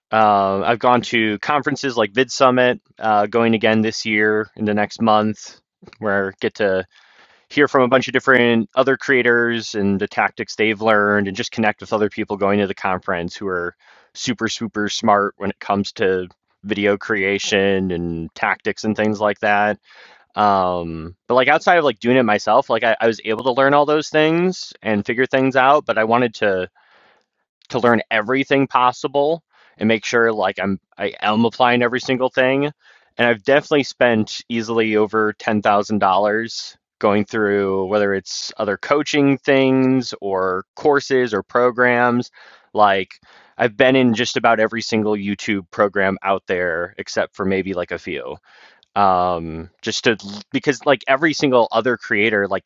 um, I've gone to conferences like VidSummit, uh, going again this year in the next month, where I get to hear from a bunch of different other creators and the tactics they've learned and just connect with other people going to the conference who are super super smart when it comes to video creation and tactics and things like that um but like outside of like doing it myself like I, I was able to learn all those things and figure things out but i wanted to to learn everything possible and make sure like I'm I am applying every single thing. And I've definitely spent easily over ten thousand dollars going through whether it's other coaching things or courses or programs. Like I've been in just about every single YouTube program out there except for maybe like a few. Um, just to because like every single other creator like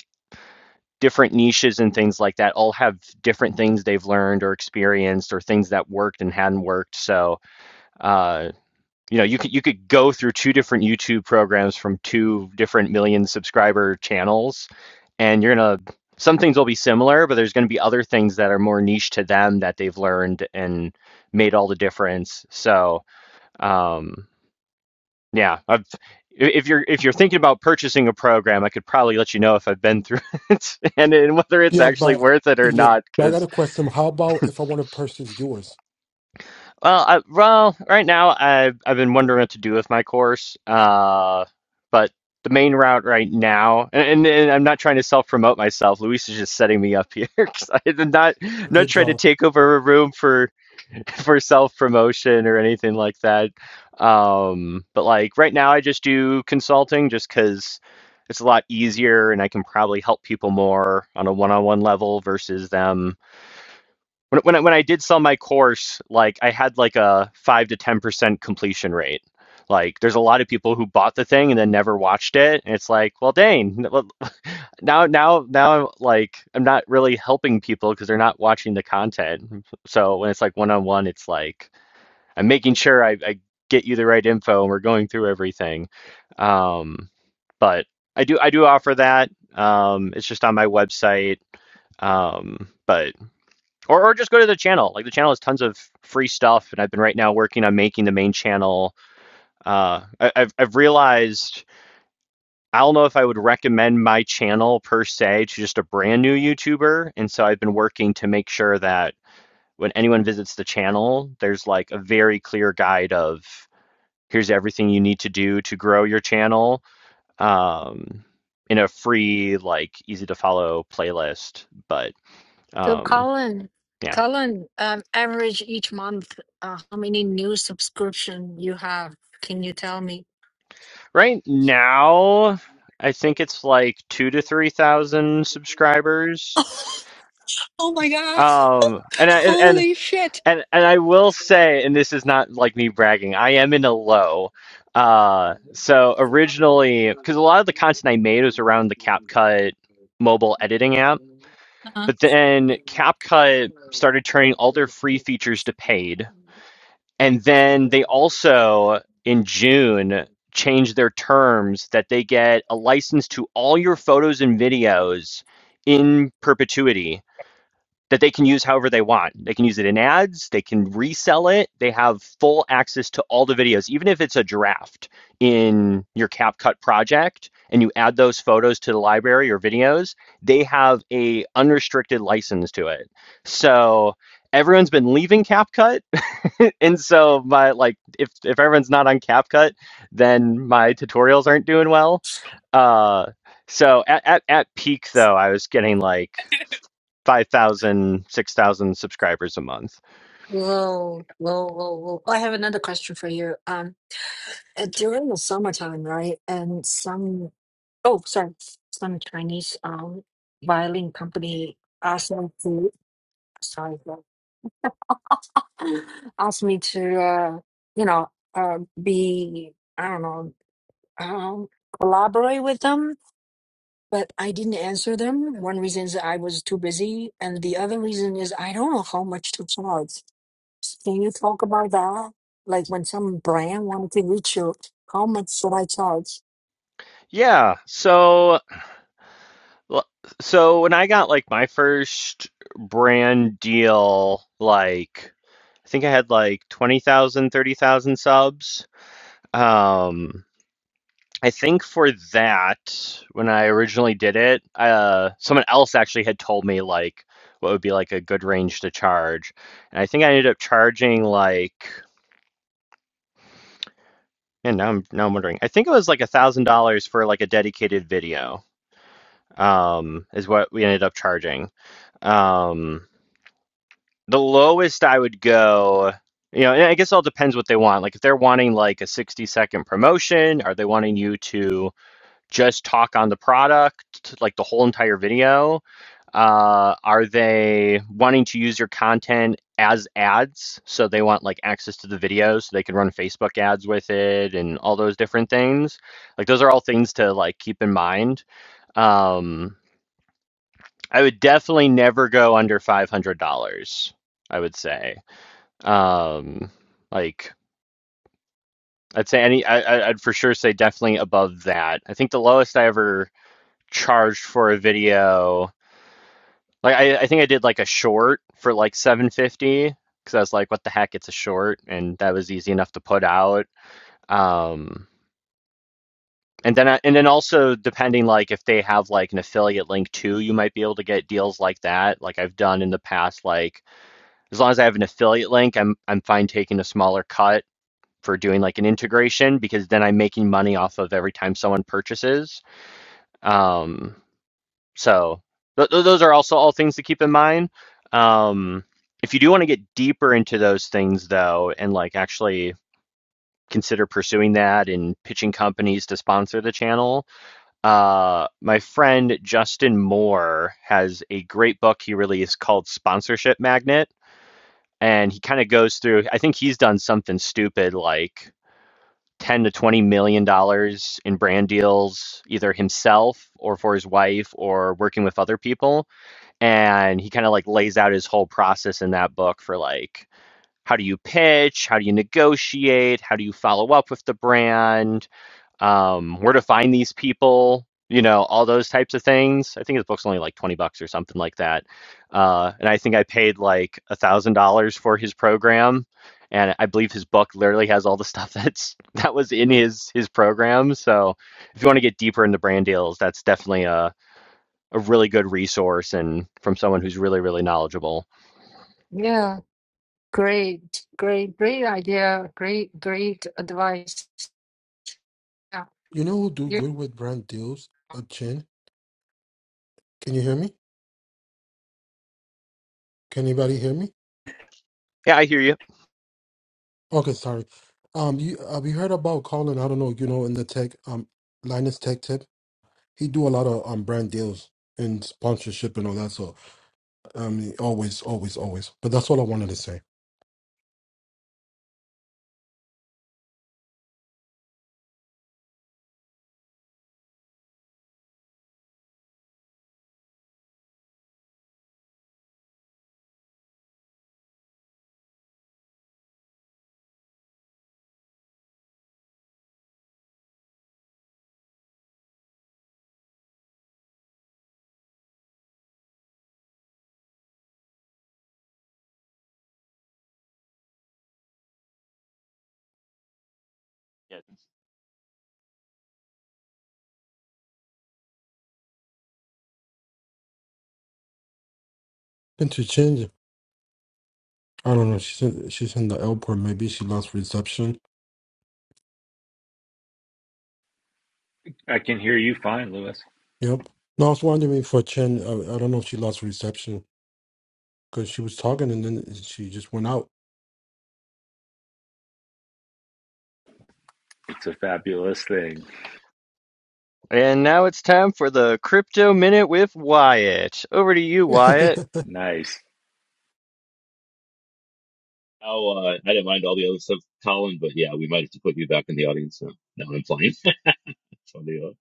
different niches and things like that all have different things they've learned or experienced or things that worked and hadn't worked. So, uh, you know, you could you could go through two different YouTube programs from two different million subscriber channels, and you're gonna some things will be similar, but there's gonna be other things that are more niche to them that they've learned and made all the difference. So, um, yeah, I've, if you're if you're thinking about purchasing a program, I could probably let you know if I've been through (laughs) it and, and whether it's Yeah, actually but worth it or yeah, not. but I got Because a question. How about if I want to purchase yours? well, I, well, right now I've I've been wondering what to do with my course. Uh, but the main route right now, and, and, and I'm not trying to self promote myself. Luis is just setting me up here (laughs) 'cause I'm not I'm not Good trying to job. take over a room for. (laughs) for self promotion or anything like that. Um, but like right now, I just do consulting just because it's a lot easier and I can probably help people more on a one on one level versus them. When, when, I, when I did sell my course, like I had like a five to 10% completion rate. Like there's a lot of people who bought the thing and then never watched it. And it's like, well, dang, well, now, now, now, like I'm not really helping people because they're not watching the content. So when it's like one on one, it's like, I'm making sure I, I get you the right info and we're going through everything. Um, but I do I do offer that. Um, it's just on my website. Um, but or or just go to the channel. Like the channel has tons of free stuff, and I've been right now working on making the main channel. Uh, I, I've I've realized I don't know if I would recommend my channel per se to just a brand new YouTuber, and so I've been working to make sure that when anyone visits the channel, there's like a very clear guide of here's everything you need to do to grow your channel um, in a free, like easy to follow playlist. But So, um, Colin, yeah, Colin, um, average each month, uh, how many new subscription you have? Can you tell me? right now I think it's like two to three thousand subscribers. Oh my God. Um, and I and, and Holy shit. and and I will say, and this is not like me bragging, I am in a low. Uh, so originally, because a lot of the content I made was around the CapCut mobile editing app Uh-huh. But then CapCut started turning all their free features to paid. And then they also, in June, changed their terms that they get a license to all your photos and videos in perpetuity that they can use however they want. They can use it in ads, they can resell it. They have full access to all the videos, even if it's a draft in your CapCut project and you add those photos to the library or videos, they have a unrestricted license to it. So everyone's been leaving CapCut (laughs) and so my like if if everyone's not on CapCut, then my tutorials aren't doing well. Uh so at, at, at peak though, I was getting like 5,000, 6,000 subscribers a month. Whoa, whoa, whoa, whoa! I have another question for you. Um, uh, during the summertime, right? And some, oh, sorry, some Chinese um violin company asked me to, sorry, bro, (laughs) asked me to, uh, you know, uh, be, I don't know. um, collaborate with them, but I didn't answer them. One reason is I was too busy, and the other reason is I don't know how much to charge. Can you talk about that? Like when some brand wanted to reach you, how much should I charge? Yeah. So, so when I got like my first brand deal, like I think I had like 20,000, 30,000 subs. Um, I think for that, when I originally did it, uh, someone else actually had told me like what would be like a good range to charge, and I think I ended up charging like, and now I'm now I'm wondering. I think it was like a thousand dollars for like a dedicated video. Um, is what we ended up charging. Um, the lowest I would go, you know, and I guess it all depends what they want. Like if they're wanting like a 60 second promotion, are they wanting you to? just talk on the product, like the whole entire video? Uh, are they wanting to use your content as ads? So they want like access to the video so they can run Facebook ads with it and all those different things. Like those are all things to like keep in mind. Um, I would definitely never go under five hundred dollars. I would say, um, like I'd say any, I, I- I'd for sure say definitely above that. I think the lowest I ever charged for a video Like I, I think I did like a short for like 750 because I was like, what the heck, it's a short, and that was easy enough to put out. Um, and then I, and then also depending like if they have like an affiliate link too, you might be able to get deals like that. Like I've done in the past, like as long as I have an affiliate link, I'm I'm fine taking a smaller cut for doing like an integration because then I'm making money off of every time someone purchases. Um, So th- th- those are also all things to keep in mind. Um, if you do want to get deeper into those things, though, and like actually consider pursuing that and pitching companies to sponsor the channel, uh, my friend Justin Moore has a great book he released called Sponsorship Magnet. And he kind of goes through, I think he's done something stupid like 10 to 20 million dollars in brand deals, either himself or for his wife or working with other people and he kind of like lays out his whole process in that book for like how do you pitch how do you negotiate how do you follow up with the brand um, where to find these people you know all those types of things i think his book's only like 20 bucks or something like that uh, and i think i paid like a thousand dollars for his program and i believe his book literally has all the (laughs) stuff that's that was in his his program so if you want to get deeper into brand deals that's definitely a, a really good resource and from someone who's really, really knowledgeable. Yeah, great, great, great idea. Great, great advice. Yeah. You know who do you- good with brand deals? A chin. Can you hear me? Can anybody hear me? Yeah, I hear you. Okay, sorry. Um, you have you heard about Colin? I don't know. You know, in the tech, um, Linus Tech Tip, he do a lot of um brand deals and sponsorship and all that. So, um, he always, always, always. But that's all I wanted to say. Yeah. And to change, I don't know. She's in, she's in the airport. Maybe she lost reception. I can hear you fine, Lewis. Yep. No, I was wondering if for Chen, I, I don't know if she lost reception because she was talking and then she just went out. It's a fabulous thing. And now it's time for the crypto minute with Wyatt. Over to you, Wyatt. (laughs) Nice. Oh, uh, I didn't mind all the other stuff, Colin, but yeah, we might have to put you back in the audience now. Now I'm flying. (laughs) So the, uh,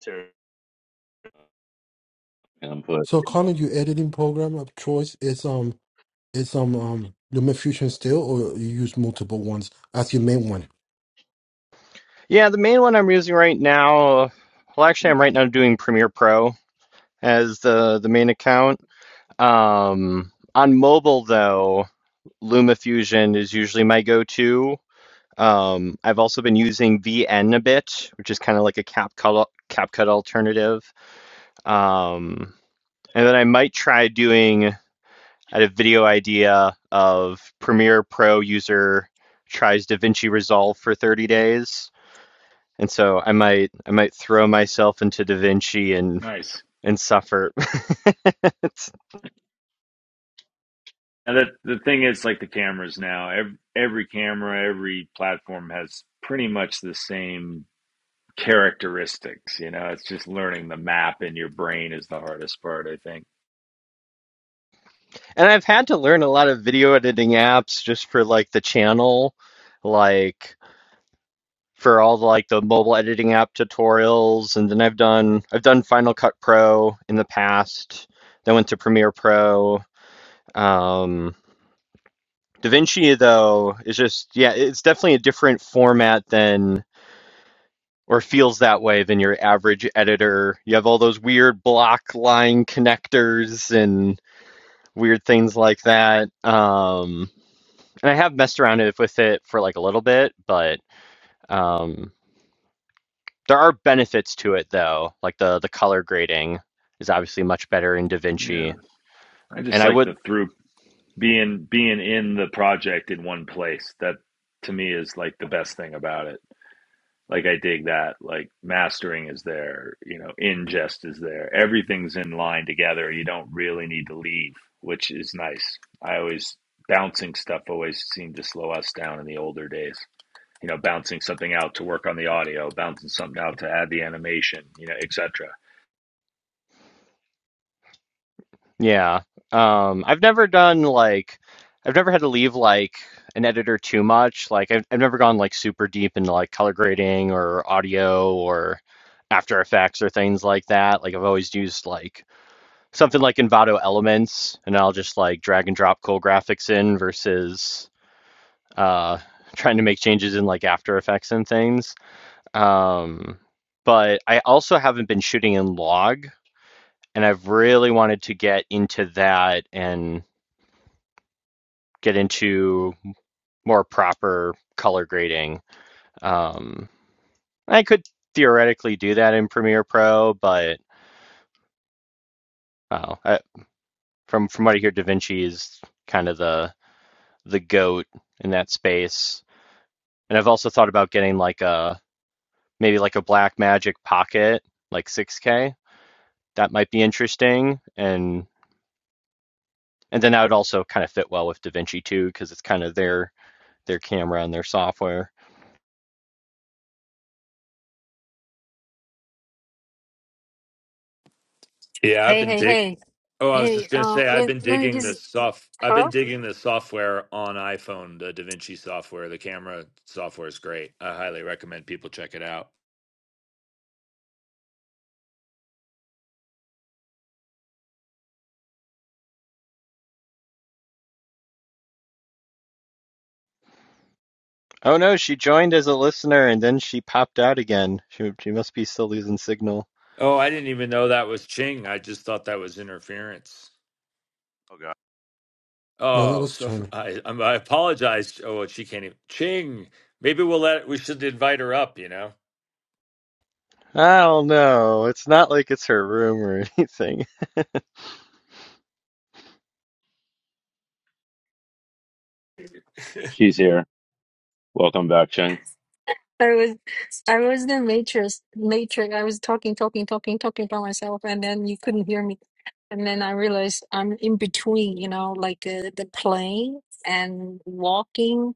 Terry. and I'm put. So Connor, your editing program of choice is um is um um Lumen Fusion still, or you use multiple ones as your main one? Yeah, the main one I'm using right now, well, actually, I'm right now doing Premiere Pro as the the main account. Um, on mobile though, LumaFusion is usually my go-to. Um, I've also been using VN a bit, which is kind of like a CapCut CapCut alternative. Um, and then I might try doing I had a video idea of Premiere Pro user tries DaVinci Resolve for 30 days. And so I might I might throw myself into DaVinci and Nice. and suffer. (laughs) And the the thing is, like the cameras now, every, every camera, every platform has pretty much the same characteristics. You know, it's just learning the map in your brain is the hardest part, I think. and I've had to learn a lot of video editing apps just for like the channel, like for all the like the mobile editing app tutorials and then I've done I've done Final Cut Pro in the past. Then went to Premiere Pro. Um, DaVinci, though, is just, yeah, it's definitely a different format than, or feels that way than your average editor. You have all those weird block line connectors and weird things like that. Um, and I have messed around with it for like a little bit, but um, there are benefits to it, though. Like the, the color grading is obviously much better in Yeah. DaVinci. I And just I like would the through being being in the project in one place. That to me is like the best thing about it. Like I dig that. Like mastering is there, you know, ingest is there. Everything's in line together. You don't really need to leave, which is nice. I always bouncing stuff always seemed to slow us down in the older days. you know, bouncing something out to work on the audio, bouncing something out to add the animation, you know, etc. Yeah. Um, I've never done like I've never had to leave like an editor too much. Like I've I've never gone like super deep into like color grading or audio or After Effects or things like that. Like I've always used like something like Envato Elements and I'll just like drag and drop cool graphics in versus uh (laughs) trying to make changes in like After Effects and things. Um, but I also haven't been shooting in log and I've really wanted to get into that and get into more proper color grading. Um, I could theoretically do that in Premiere Pro, but uh, I, from from what I hear, DaVinci is kind of the the goat in that space. And I've also thought about getting like a maybe like a Blackmagic Pocket, like 6K. That might be interesting, and and then that would also kind of fit well with DaVinci too, because it's kind of their their camera and their software. Yeah, I've Hey, been hey, dig. hey, Oh, I was just hey, gonna uh, say I've let, been let me digging this just, soft. I've huh? been digging the software on iPhone, the DaVinci software. The camera software is great. I highly recommend people check it out. Oh no, she joined as a listener and then she popped out again. She she must be still losing signal. Oh, I didn't even know that was Ching. I just thought that was interference. Oh God. No, that Oh, was so Turner. (laughs) I I'm, I apologize. Oh, she can't even Ching. Maybe we'll let. We should invite her up. You know. I don't know. It's not like it's her room or (laughs) anything. (laughs) He's here. Welcome back, Cheng. I was I was the matrix matrix. I was talking, talking, talking, talking by myself, and then you couldn't hear me. And then I realized I'm in between, you know, like uh, the plane and walking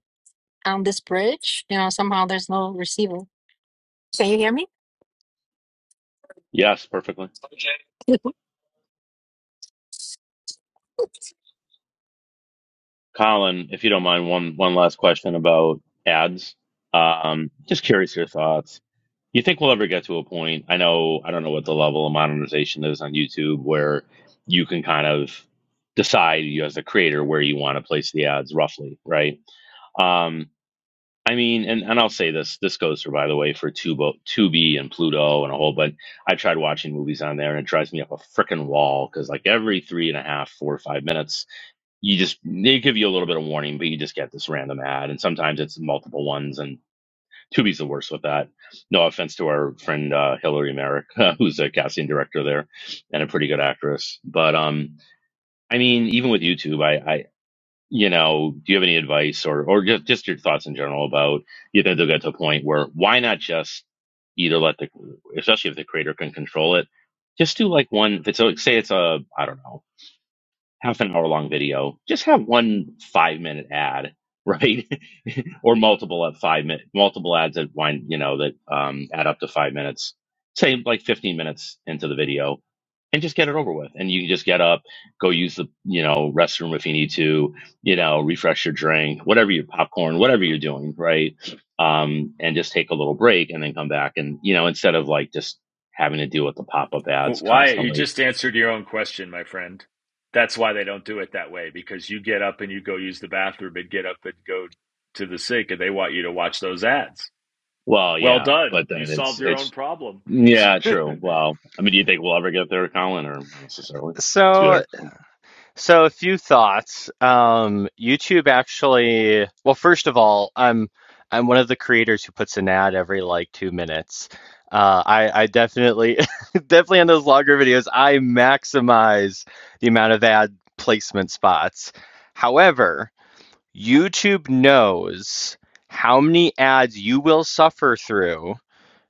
on this bridge. You know, somehow there's no receiver. Can you hear me? Yes, perfectly. (laughs) Colin, if you don't mind, one one last question about ads. Um, just curious your thoughts. You think we'll ever get to a point? I know I don't know what the level of monetization is on YouTube where you can kind of decide you as a creator where you want to place the ads roughly, right? Um, I mean, and, and I'll say this. This goes for, by the way, for Tubo, Tubi and Pluto and a whole bunch. I tried watching movies on there, and it drives me up a freaking wall because like every three and a half, four or five minutes, you just they give you a little bit of warning, but you just get this random ad, and sometimes it's multiple ones. And Tubi's the worst with that. No offense to our friend uh, Hillary Merrick, (laughs) who's a casting director there and a pretty good actress, but um, I mean, even with YouTube, I, I you know, do you have any advice or or just just your thoughts in general about you think they'll get to a point where why not just either let the especially if the creator can control it, just do like one. If it's a, say it's a I don't know half an hour long video, just have one five minute ad, right? (laughs) or multiple at five minute, multiple ads that wind, you know, that um, add up to five minutes, say like 15 minutes into the video and just get it over with. And you can just get up, go use the, you know, restroom if you need to, you know, refresh your drink, whatever your popcorn, whatever you're doing, right? Um, and just take a little break and then come back and, you know, instead of like just having to deal with the pop up Well, ads Wyatt, you constantly. just answered your own question, my friend. That's why they don't do it that way because you get up and you go use the bathroom and get up and go to the sink and they want you to watch those ads. Well, Well yeah, done. but then You it's solved your it's own problem. Yeah, true. Well, I mean, do you think we'll ever get there, Colin, or not necessarily? See you So so a few thoughts. Um YouTube actually well first of all, I'm I'm one of the creators who puts an ad every like two minutes. Uh, I, I definitely (laughs) definitely on those longer videos I maximize the amount of ad placement spots. However, YouTube knows how many ads you will suffer through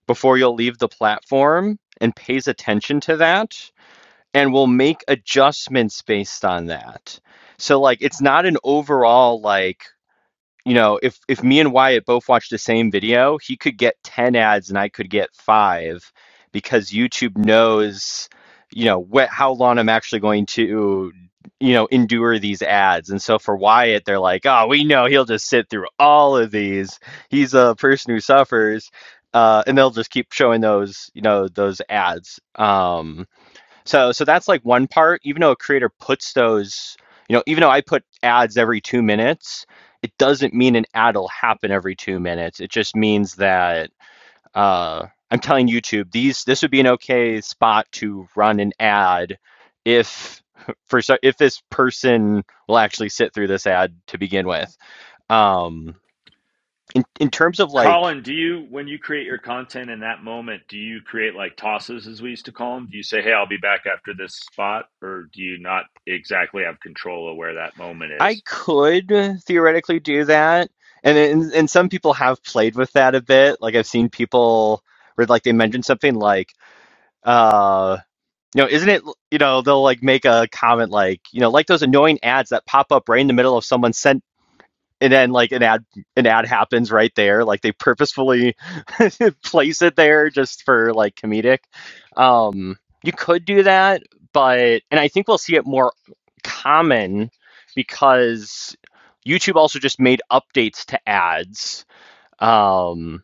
before you'll leave the platform and pays attention to that and will make adjustments based on that. So like it's not an overall like you know, if if me and Wyatt both watch the same video, he could get 10 ads and I could get 5 because YouTube knows, you know, what how long I'm actually going to you know, endure these ads. And so for Wyatt, they're like, "Oh, we know he'll just sit through all of these. He's a person who suffers." Uh, and they'll just keep showing those, you know, those ads. Um, so so that's like one part. Even though a creator puts those, you know, even though I put ads every two minutes, it doesn't mean an ad will happen every two minutes. It just means that uh, I'm telling YouTube these this would be an okay spot to run an ad if for so- if this person will actually sit through this ad to begin with. Um, in in terms of (laughs) like Colin, do you, when you create your content in that moment, do you create like tosses as we used to call them? Do you say, hey, I'll be back after this spot? Or do you not exactly have control of where that moment I is? could theoretically do that. And, and and some people have played with that a bit. Like I've seen people where like they mention something like, uh, you know, isn't it, you know, they'll like make a comment like, you know, like those annoying ads that pop up right in the middle of someone sentence and then like an ad an ad happens right there like they purposefully (laughs) place it there just for like comedic um you could do that but and i think we'll see it more common because youtube also just made updates to ads um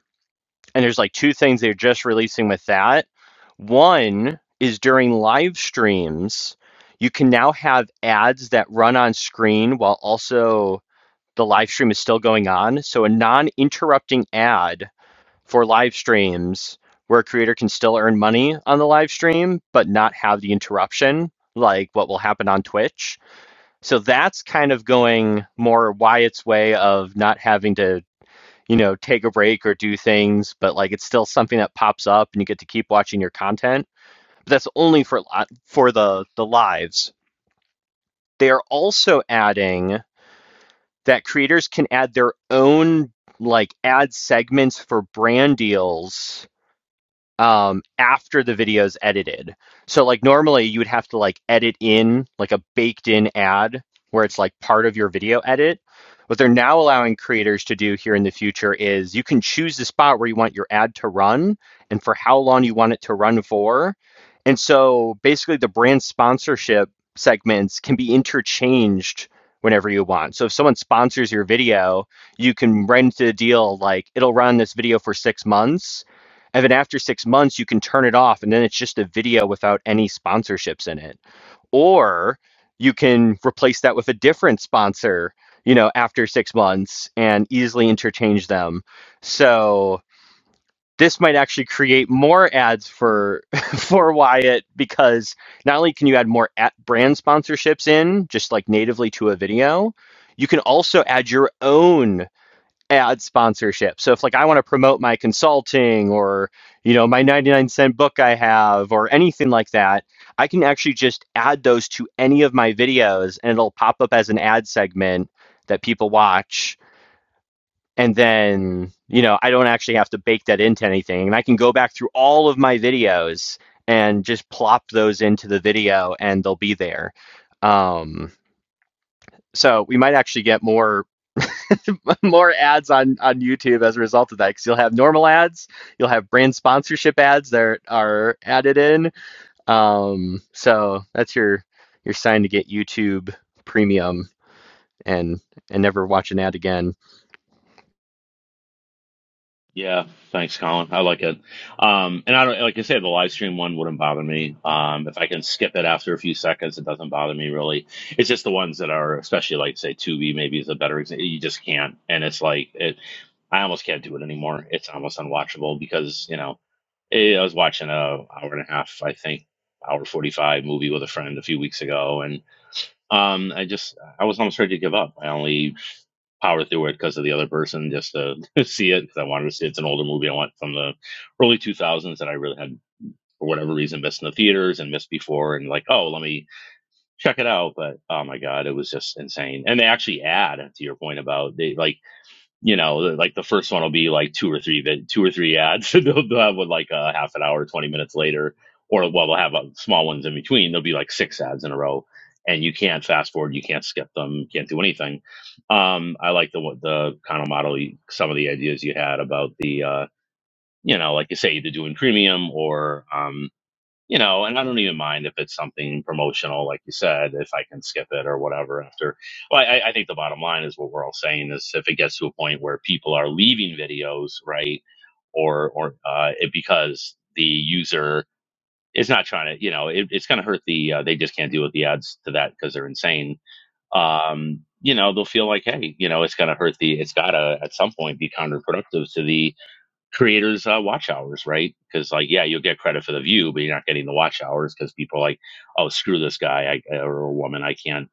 and there's like two things they're just releasing with that one is during live streams you can now have ads that run on screen while also the live stream is still going on. So a non-interrupting ad for live streams where a creator can still earn money on the live stream but not have the interruption like what will happen on Twitch. So that's kind of going more Wyatt's way of not having to, you know, take a break or do things, but like it's still something that pops up and you get to keep watching your content. But that's only for for the the lives. They are also adding that creators can add their own like ad segments for brand deals um after the video's edited. So like normally you would have to like edit in like a baked in ad where it's like part of your video edit. What they're now allowing creators to do here in the future is you can choose the spot where you want your ad to run and for how long you want it to run for. And so basically the brand sponsorship segments can be interchanged whenever you want. So if someone sponsors your video, you can rent a deal like it'll run this video for 6 months and then after six months, you can turn it off, and then it's just a video without any sponsorships in it. Or you can replace that with a different sponsor, you know, after six months and easily interchange them. So this might actually create more ads for (laughs) for Wyatt because not only can you add more at brand sponsorships in just like natively to a video, you can also add your own ad sponsorship. So if like I want to promote my consulting or you know my 99 cent book I have or anything like that, I can actually just add those to any of my videos and it'll pop up as an ad segment that people watch and then you know I don't actually have to bake that into anything and I can go back through all of my videos and just plop those into the video and they'll be there. Um so we might actually get more (laughs) more ads on on YouTube as a result of that because you'll have normal ads, you'll have brand sponsorship ads that are added in. Um, so that's your your sign to get YouTube Premium and and never watch an ad again. Yeah, thanks, Colin. I like it. Um, and I don't, like I said, the live stream one wouldn't bother me. Um, if I can skip it after a few seconds, it doesn't bother me really. It's just the ones that are, especially like say Tubi maybe is a better example. You just can't. And it's like, it, I almost can't do it anymore. It's almost unwatchable because, you know, eh, I was watching a hour and a half, I think, hour 45 movie with a friend a few weeks ago. Um, I just I was almost ready to give up. I only powered through it because of the other person, just to (laughs) see it because I wanted to see it. it's an older movie I want from the early 2000s that I really had for whatever reason missed in the theaters and missed before, and like oh let me check it out. But oh my god, it was just insane. And they actually add to your point about they like you know, like the first one will be like two or three vid, two or three ads. (laughs) they'll, they'll have one like a half an hour, twenty minutes later, or well, they'll have uh, small ones in between. There'll be like six ads in a row, and you can't fast forward, you can't skip them, you can't do anything. Um, I like the the kind of model, you- some of the ideas you had about the, uh, you know, like you say, either doing premium or um, you know, and I don't even mind if it's something promotional, like you said, if I can skip it or whatever. After, well, I, I think the bottom line is what we're all saying is if it gets to a point where people are leaving videos, right, or or uh, it because the user is not trying to, you know, it, it's going to hurt the uh, they just can't deal with the ads to that because they're insane. Um, you know, they'll feel like, hey, you know, it's going to hurt the. It's got to at some point be counterproductive to the creators uh, watch hours right because like yeah you'll get credit for the view but you're not getting the watch hours because people are like oh screw this guy I, or woman i can't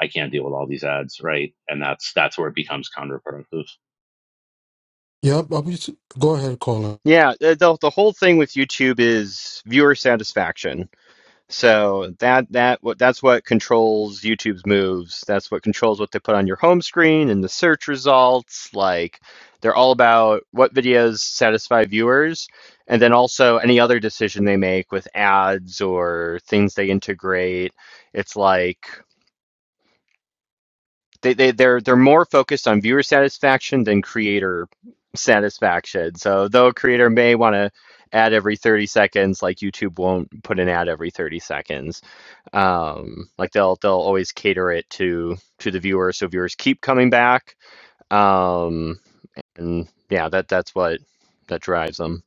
i can't deal with all these ads right and that's that's where it becomes counterproductive Yep, I was, go ahead, Connor. Yeah, the the the whole thing with YouTube is viewer satisfaction So that that what that's what controls YouTube's moves. That's what controls what they put on your home screen and the search results. Like they're all about what videos satisfy viewers and then also any other decision they make with ads or things they integrate. It's like they, they they're they're more focused on viewer satisfaction than creator satisfaction. So though a creator may want to ad every 30 seconds, like YouTube won't put an ad every 30 seconds. Um, like they'll they'll always cater it to to the viewer so viewers keep coming back. Um, and yeah, that that's what that drives them.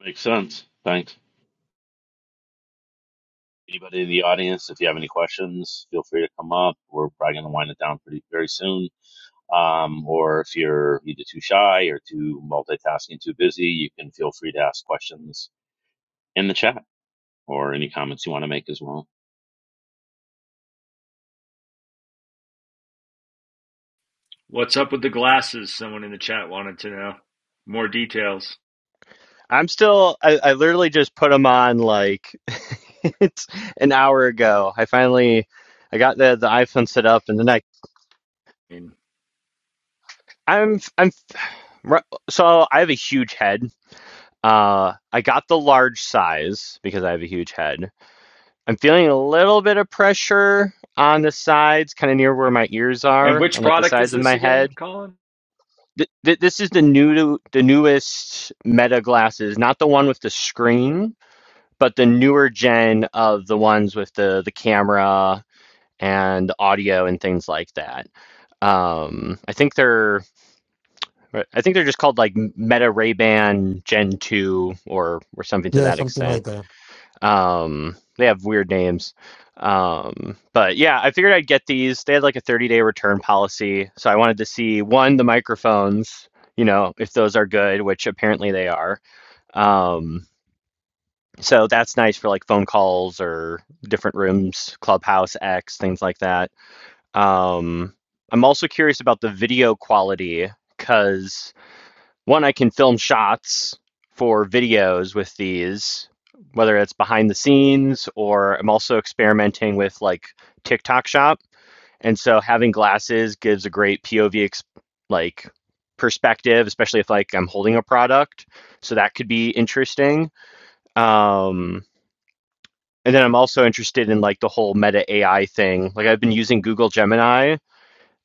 makes sense thanks anybody in the audience if you have any questions feel free to come up we're probably going to wind it down pretty very soon um, or if you're either too shy or too multitasking too busy you can feel free to ask questions in the chat or any comments you want to make as well What's up with the glasses? Someone in the chat wanted to know more details. I'm still I, I literally just put them on like (laughs) it's an hour ago. I finally I got the the iPhone set up and then I I mean, I'm I'm Right. So I have a huge head. Uh, I got the large size because I have a huge head. I'm feeling a little bit of pressure on the sides, kind of near where my ears And are, which on like the product is sides of this my again, head. Colin? Th- th- this is the new, the newest Meta glasses, not the one with the screen, but the newer gen of the ones with the the camera and audio and things like that. Um, I think they're Right. I think they're just called like Meta Ray Ban Gen 2 or or something to Yeah, that something like extent. that. Um, they have weird names. Um, but yeah, I figured I'd get these. They had like a 30 day return policy. So I wanted to see one, the microphones, you know, if those are good, which apparently they are. Um, so that's nice for like phone calls or different rooms, Clubhouse X, things like that. Um, I'm also curious about the video quality because one i can film shots for videos with these whether it's behind the scenes or i'm also experimenting with like tiktok shop and so having glasses gives a great pov ex- like perspective especially if like i'm holding a product so that could be interesting um and then i'm also interested in like the whole meta ai thing like i've been using google gemini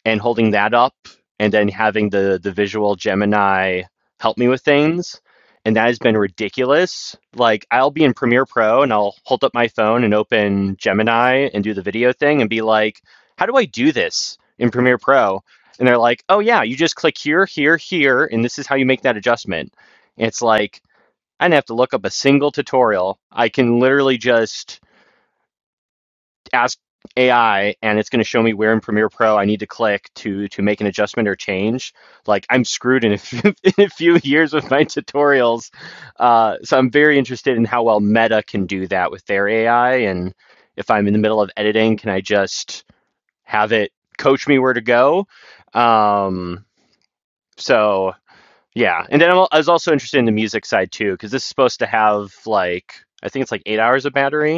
and holding that up and then having the the visual Gemini help me with things. And that has been ridiculous. Like I'll be in Premiere Pro and I'll hold up my phone and open Gemini and do the video thing and be like, "How do I do this in Premiere Pro?" And they're like, "Oh yeah, you just click here, here, here, and this is how you make that adjustment." And it's like I didn't have to look up a single tutorial. I can literally just ask AI and it's going to show me where in Premiere Pro I need to click to to make an adjustment or change, like I'm screwed in a few, (laughs) in a few years with my tutorials. Uh, so I'm very interested in how well Meta can do that with their AI, and if I'm in the middle of editing, can I just have it coach me where to go? Um, so yeah, and then I'm, I was also interested in the music side too because this is supposed to have like I think it's like eight hours of battery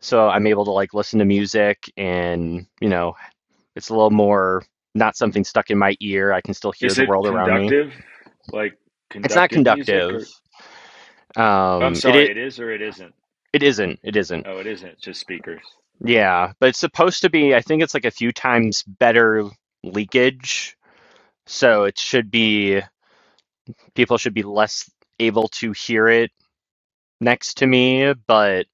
so I'm able to like listen to music and, you know, it's a little more not something stuck in my ear. I can still hear Is the it world around me. conductive, like It's not conductive music, conductive. or I'm Um it sorry, it, it is or it isn't? it isn't. It isn't. Oh, it isn't. It's just speakers. Yeah, but it's supposed to be I think it's like a few times better leakage. So it should be people should be less able to hear it next to me, but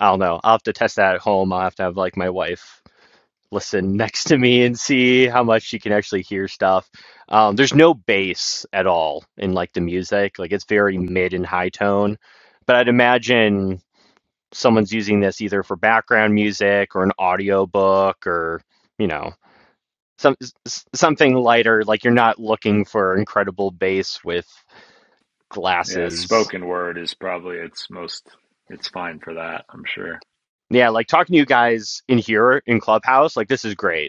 I don't know. I'll have to test that at home. I'll have to have like my wife listen next to me and see how much you can actually hear stuff. Um, there's no bass at all in like the music. Like it's very mid and high tone. But I'd imagine someone's using this either for background music or an audio book or, you know, some s- something lighter. Like you're not looking for incredible bass with Yeah, glasses. spoken word is probably its most. It's fine for that, I'm sure. Yeah, like talking to you guys in here in Clubhouse, like this is great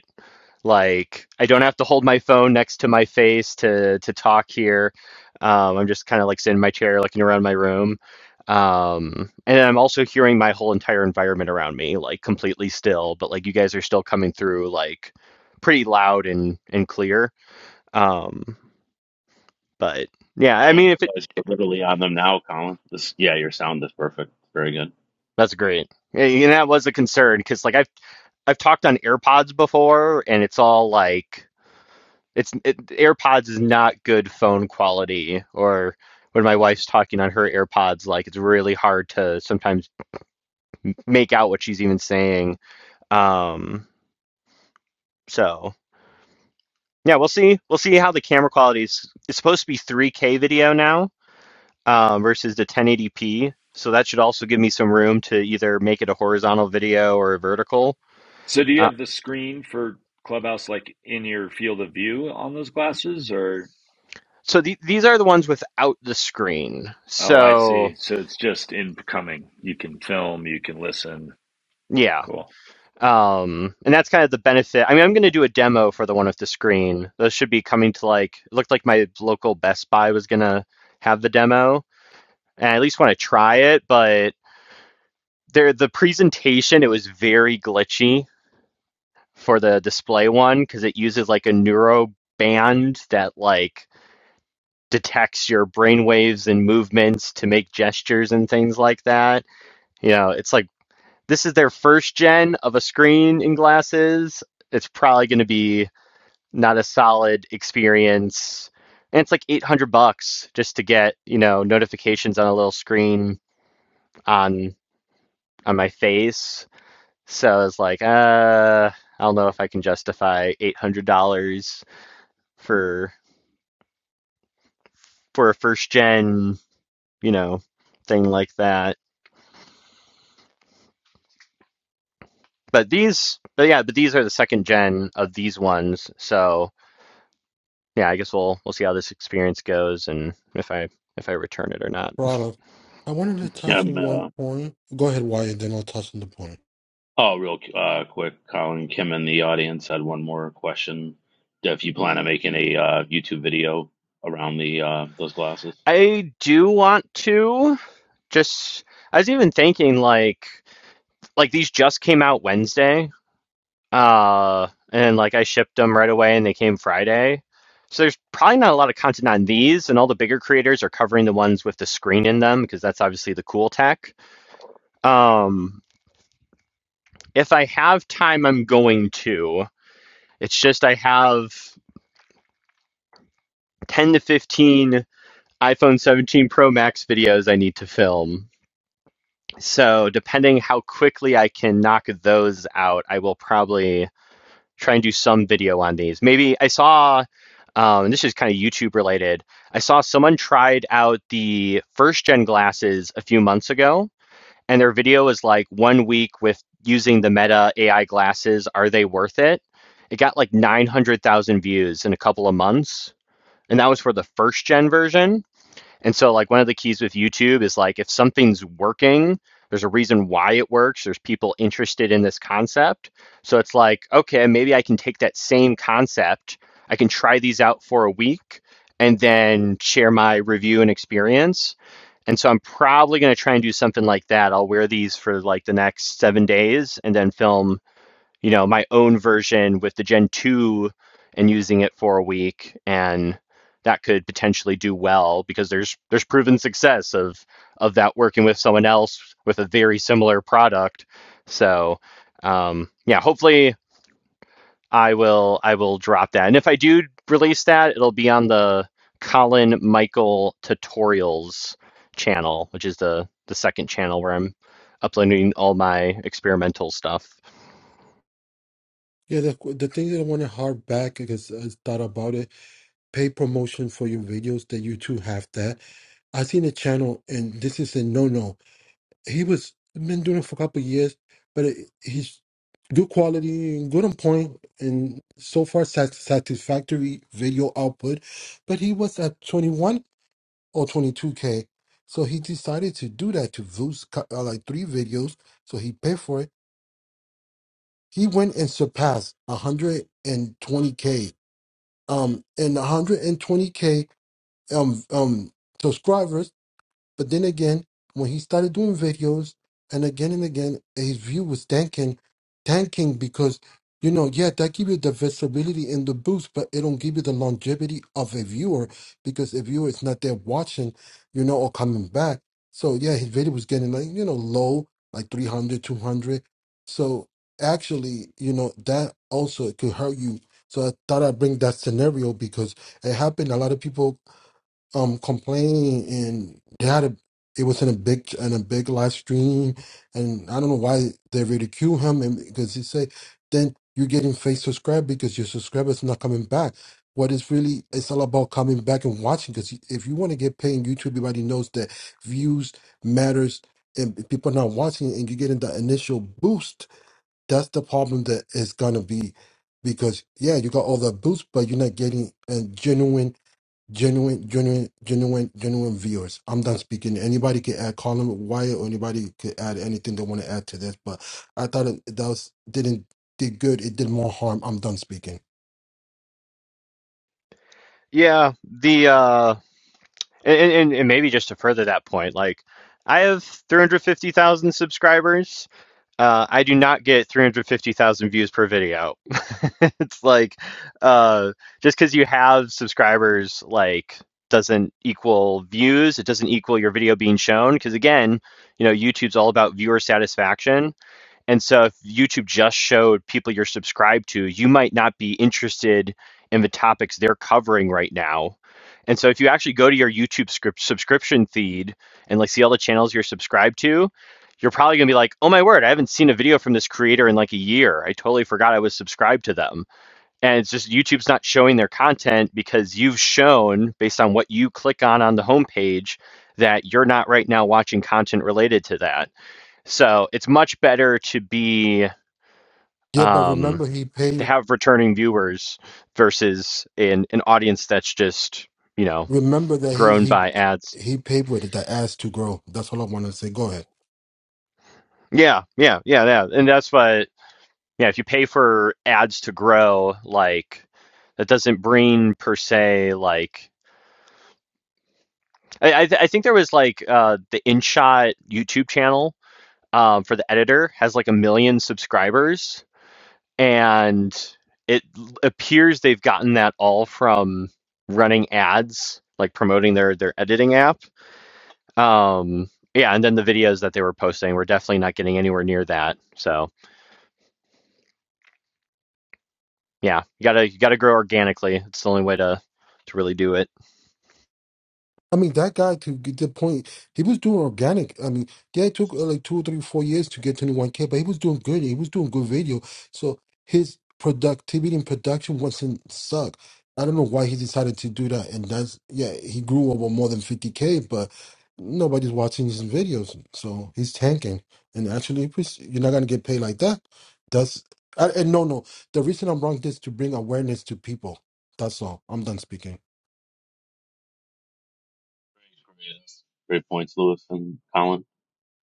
Like I don't have to hold my phone next to my face to to talk here. Um, I'm just kind of like sitting in my chair, looking around my room. Um, and I'm also hearing my whole entire environment around me, like completely still, but like you guys are still coming through like pretty loud and and clear. Um, but yeah, I Oh, I mean if it realize we're literally on them now, Colin. This, yeah, your sound is perfect. Very good. that's great. Yeah, And that was a concern because like I've I've talked on AirPods before and it's all like It's it, AirPods is not good phone quality. Or when my wife's talking on her AirPods, like it's really hard to sometimes make out what she's even saying. Um, so yeah, we'll see. We'll see how the camera quality is. It's supposed to be 3K video now um, versus the 1080p. So that should also give me some room to either make it a horizontal video or a vertical. So, do you Uh, have the screen for Clubhouse like in your field of view on those glasses, or? so the, these are the ones without the screen. Oh, I So see. So it's just incoming. You can film, you can listen. yeah. Cool. Um, and that's kind of the benefit. I mean, I'm going to do a demo for the one with the screen. Those should be coming to like, it looked like my local Best Buy was going to have the demo. And I at least want to try it, but there, the presentation, it was very glitchy for the display one because it uses like a neuro band that like detects your brain waves and movements to make gestures and things like that. You know, it's like this is their first gen of a screen in glasses. It's probably going to be not a solid experience. And it's like 800 bucks just to get, you know, notifications on a little screen on on my face. So it's like, uh, I don't know if I can justify $800 for for a first gen, you know, thing like that. But these, but yeah, but these are the second gen of these ones. So yeah, I guess we'll we'll see how this experience goes and if I if I return it or not. (laughs) Product. I wanted to touch Kim, on one uh, point. Go ahead, Wyatt, then I'll touch on the point. oh, real uh, quick, Colin. Kim in the audience had one more question. If you plan on making a uh, YouTube video around the uh, those glasses. I do want to just I was even thinking like like these just came out Wednesday. Uh and like I shipped them right away and they came Friday. So there's probably not a lot of content on these and all the bigger creators are covering the ones with the screen in them because that's obviously the cool tech. Um, if I have time, I'm going to. It's just I have 10 to 15 iPhone 17 Pro Max videos I need to film. So, depending how quickly I can knock those out, I will probably try and do some video on these. Maybe I saw, um, and this is kind of YouTube related, I saw someone tried out the first gen glasses a few months ago and their video is like one week with using the Meta AI glasses. Are they worth it? It got like 900,000 views in a couple of months. And that was for the first gen version. And so like one of the keys with YouTube is like if something's working, there's a reason why it works, there's people interested in this concept. So it's like, okay, maybe I can take that same concept, I can try these out for a week and then share my review and experience. And so I'm probably going to try and do something like that. I'll wear these for like the next 7 days and then film you know, my own version with the Gen 2 and using it for a week and that could potentially do well because there's there's proven success of of that working with someone else with a very similar product. So um yeah, hopefully I will I will drop that. And if I do release that, it'll be on the Colin Michael tutorials channel, which is the the second channel where I'm uploading all my experimental stuff. Yeah, the the thing that I want to harp back because I thought about it. Pay promotion for your videos that you two have that. I seen a channel, and this is a no no he was been doing it for a couple of years, but it, he's good quality and good on point, and so far sat- satisfactory video output. But he was at 21 or 22k, so he decided to do that to those cou- uh, like three videos. So he paid for it. He went and surpassed 120k. Um, and 120k um um subscribers But then again, when he started doing videos, and again and again, his view was tanking, tanking because, you know, yeah, that give you the visibility and the boost, but it don't give you the longevity of a viewer because a viewer is not there watching, you know, or coming back. So yeah, his video was getting like, you know, low, like 300, 200. So actually, you know, that also could hurt you. So I thought I'd bring that scenario because it happened. A lot of people um complaining and they had a it was in a big in a big live stream and I don't know why they ridicule him and because he said, then you're getting fake subscribe because your subscribers not coming back. What is really it's all about coming back and watching because if you want to get paid in YouTube, everybody knows that views matters and if people not watching and you're getting that initial boost. That's the problem that is gonna be because yeah, you got all that boost, but you're not getting a genuine genuine, genuine, genuine, genuine viewers. I'm done speaking. Anybody can add Colin Wyatt or anybody could add anything they want to add to this, but I thought it, that was didn't did good. It did more harm. I'm done speaking. Yeah, the uh and, and and maybe just to further that point, like I have 350,000 subscribers. Uh I do not get 350,000 views per video. (laughs) It's like uh just because you have subscribers like doesn't equal views, it doesn't equal your video being shown. Because again, you know, YouTube's all about viewer satisfaction and so if YouTube just showed people you're subscribed to, you might not be interested in the topics they're covering right now. And so if you actually go to your YouTube script subscription feed and like see all the channels you're subscribed to, you're probably going to be like, "Oh my word, I haven't seen a video from this creator in like a year. I totally forgot I was subscribed to them." And it's just YouTube's not showing their content because you've shown based on what you click on on the homepage that you're not right now watching content related to that so it's much better to be Yeah, but um, remember he to paid. have returning viewers versus an an audience that's just you know Remember that he grown he by ads. he paid with it. That ass to grow. That's all I want to say. Go ahead. Yeah, yeah, yeah, yeah, and that's what yeah. If you pay for ads to grow, like that doesn't bring per se like I I, th- I think there was like uh, the InShot YouTube channel um, for the editor has like a million subscribers and it appears they've gotten that all from running ads like promoting their their editing app um yeah and then the videos that they were posting were definitely not getting anywhere near that so yeah you gotta you gotta grow organically it's the only way to to really do it I mean, that guy to get the point, he was doing organic. I mean, yeah, it took uh, like two, three, four years to get 21K, but he was doing good. He was doing good video. So his productivity and production wasn't suck. I don't know why he decided to do that. And that's, yeah, he grew over more than 50K, but nobody's watching his videos. So he's tanking. And actually, if it's- you're not going to get paid like that. That's, I, and no, no. The reason I'm wrong is to bring awareness to people. That's all. I'm done speaking. Great points, Lewis and Colin.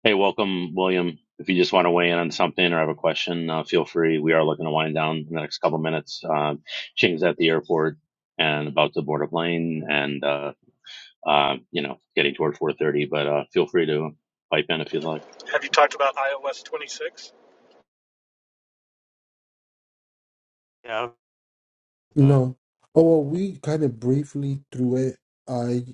Hey, welcome, William. If you just want to weigh in on something or have a question, uh, feel free. We are looking to wind down in the next couple minutes. Uh, Ching's at the airport and about to board a plane, and uh, um, you know, getting toward 4:30. But uh, feel free to pipe in if you'd like. Have you talked about iOS 26? Yeah. Uh, No. Oh, well, we kind of briefly through it. I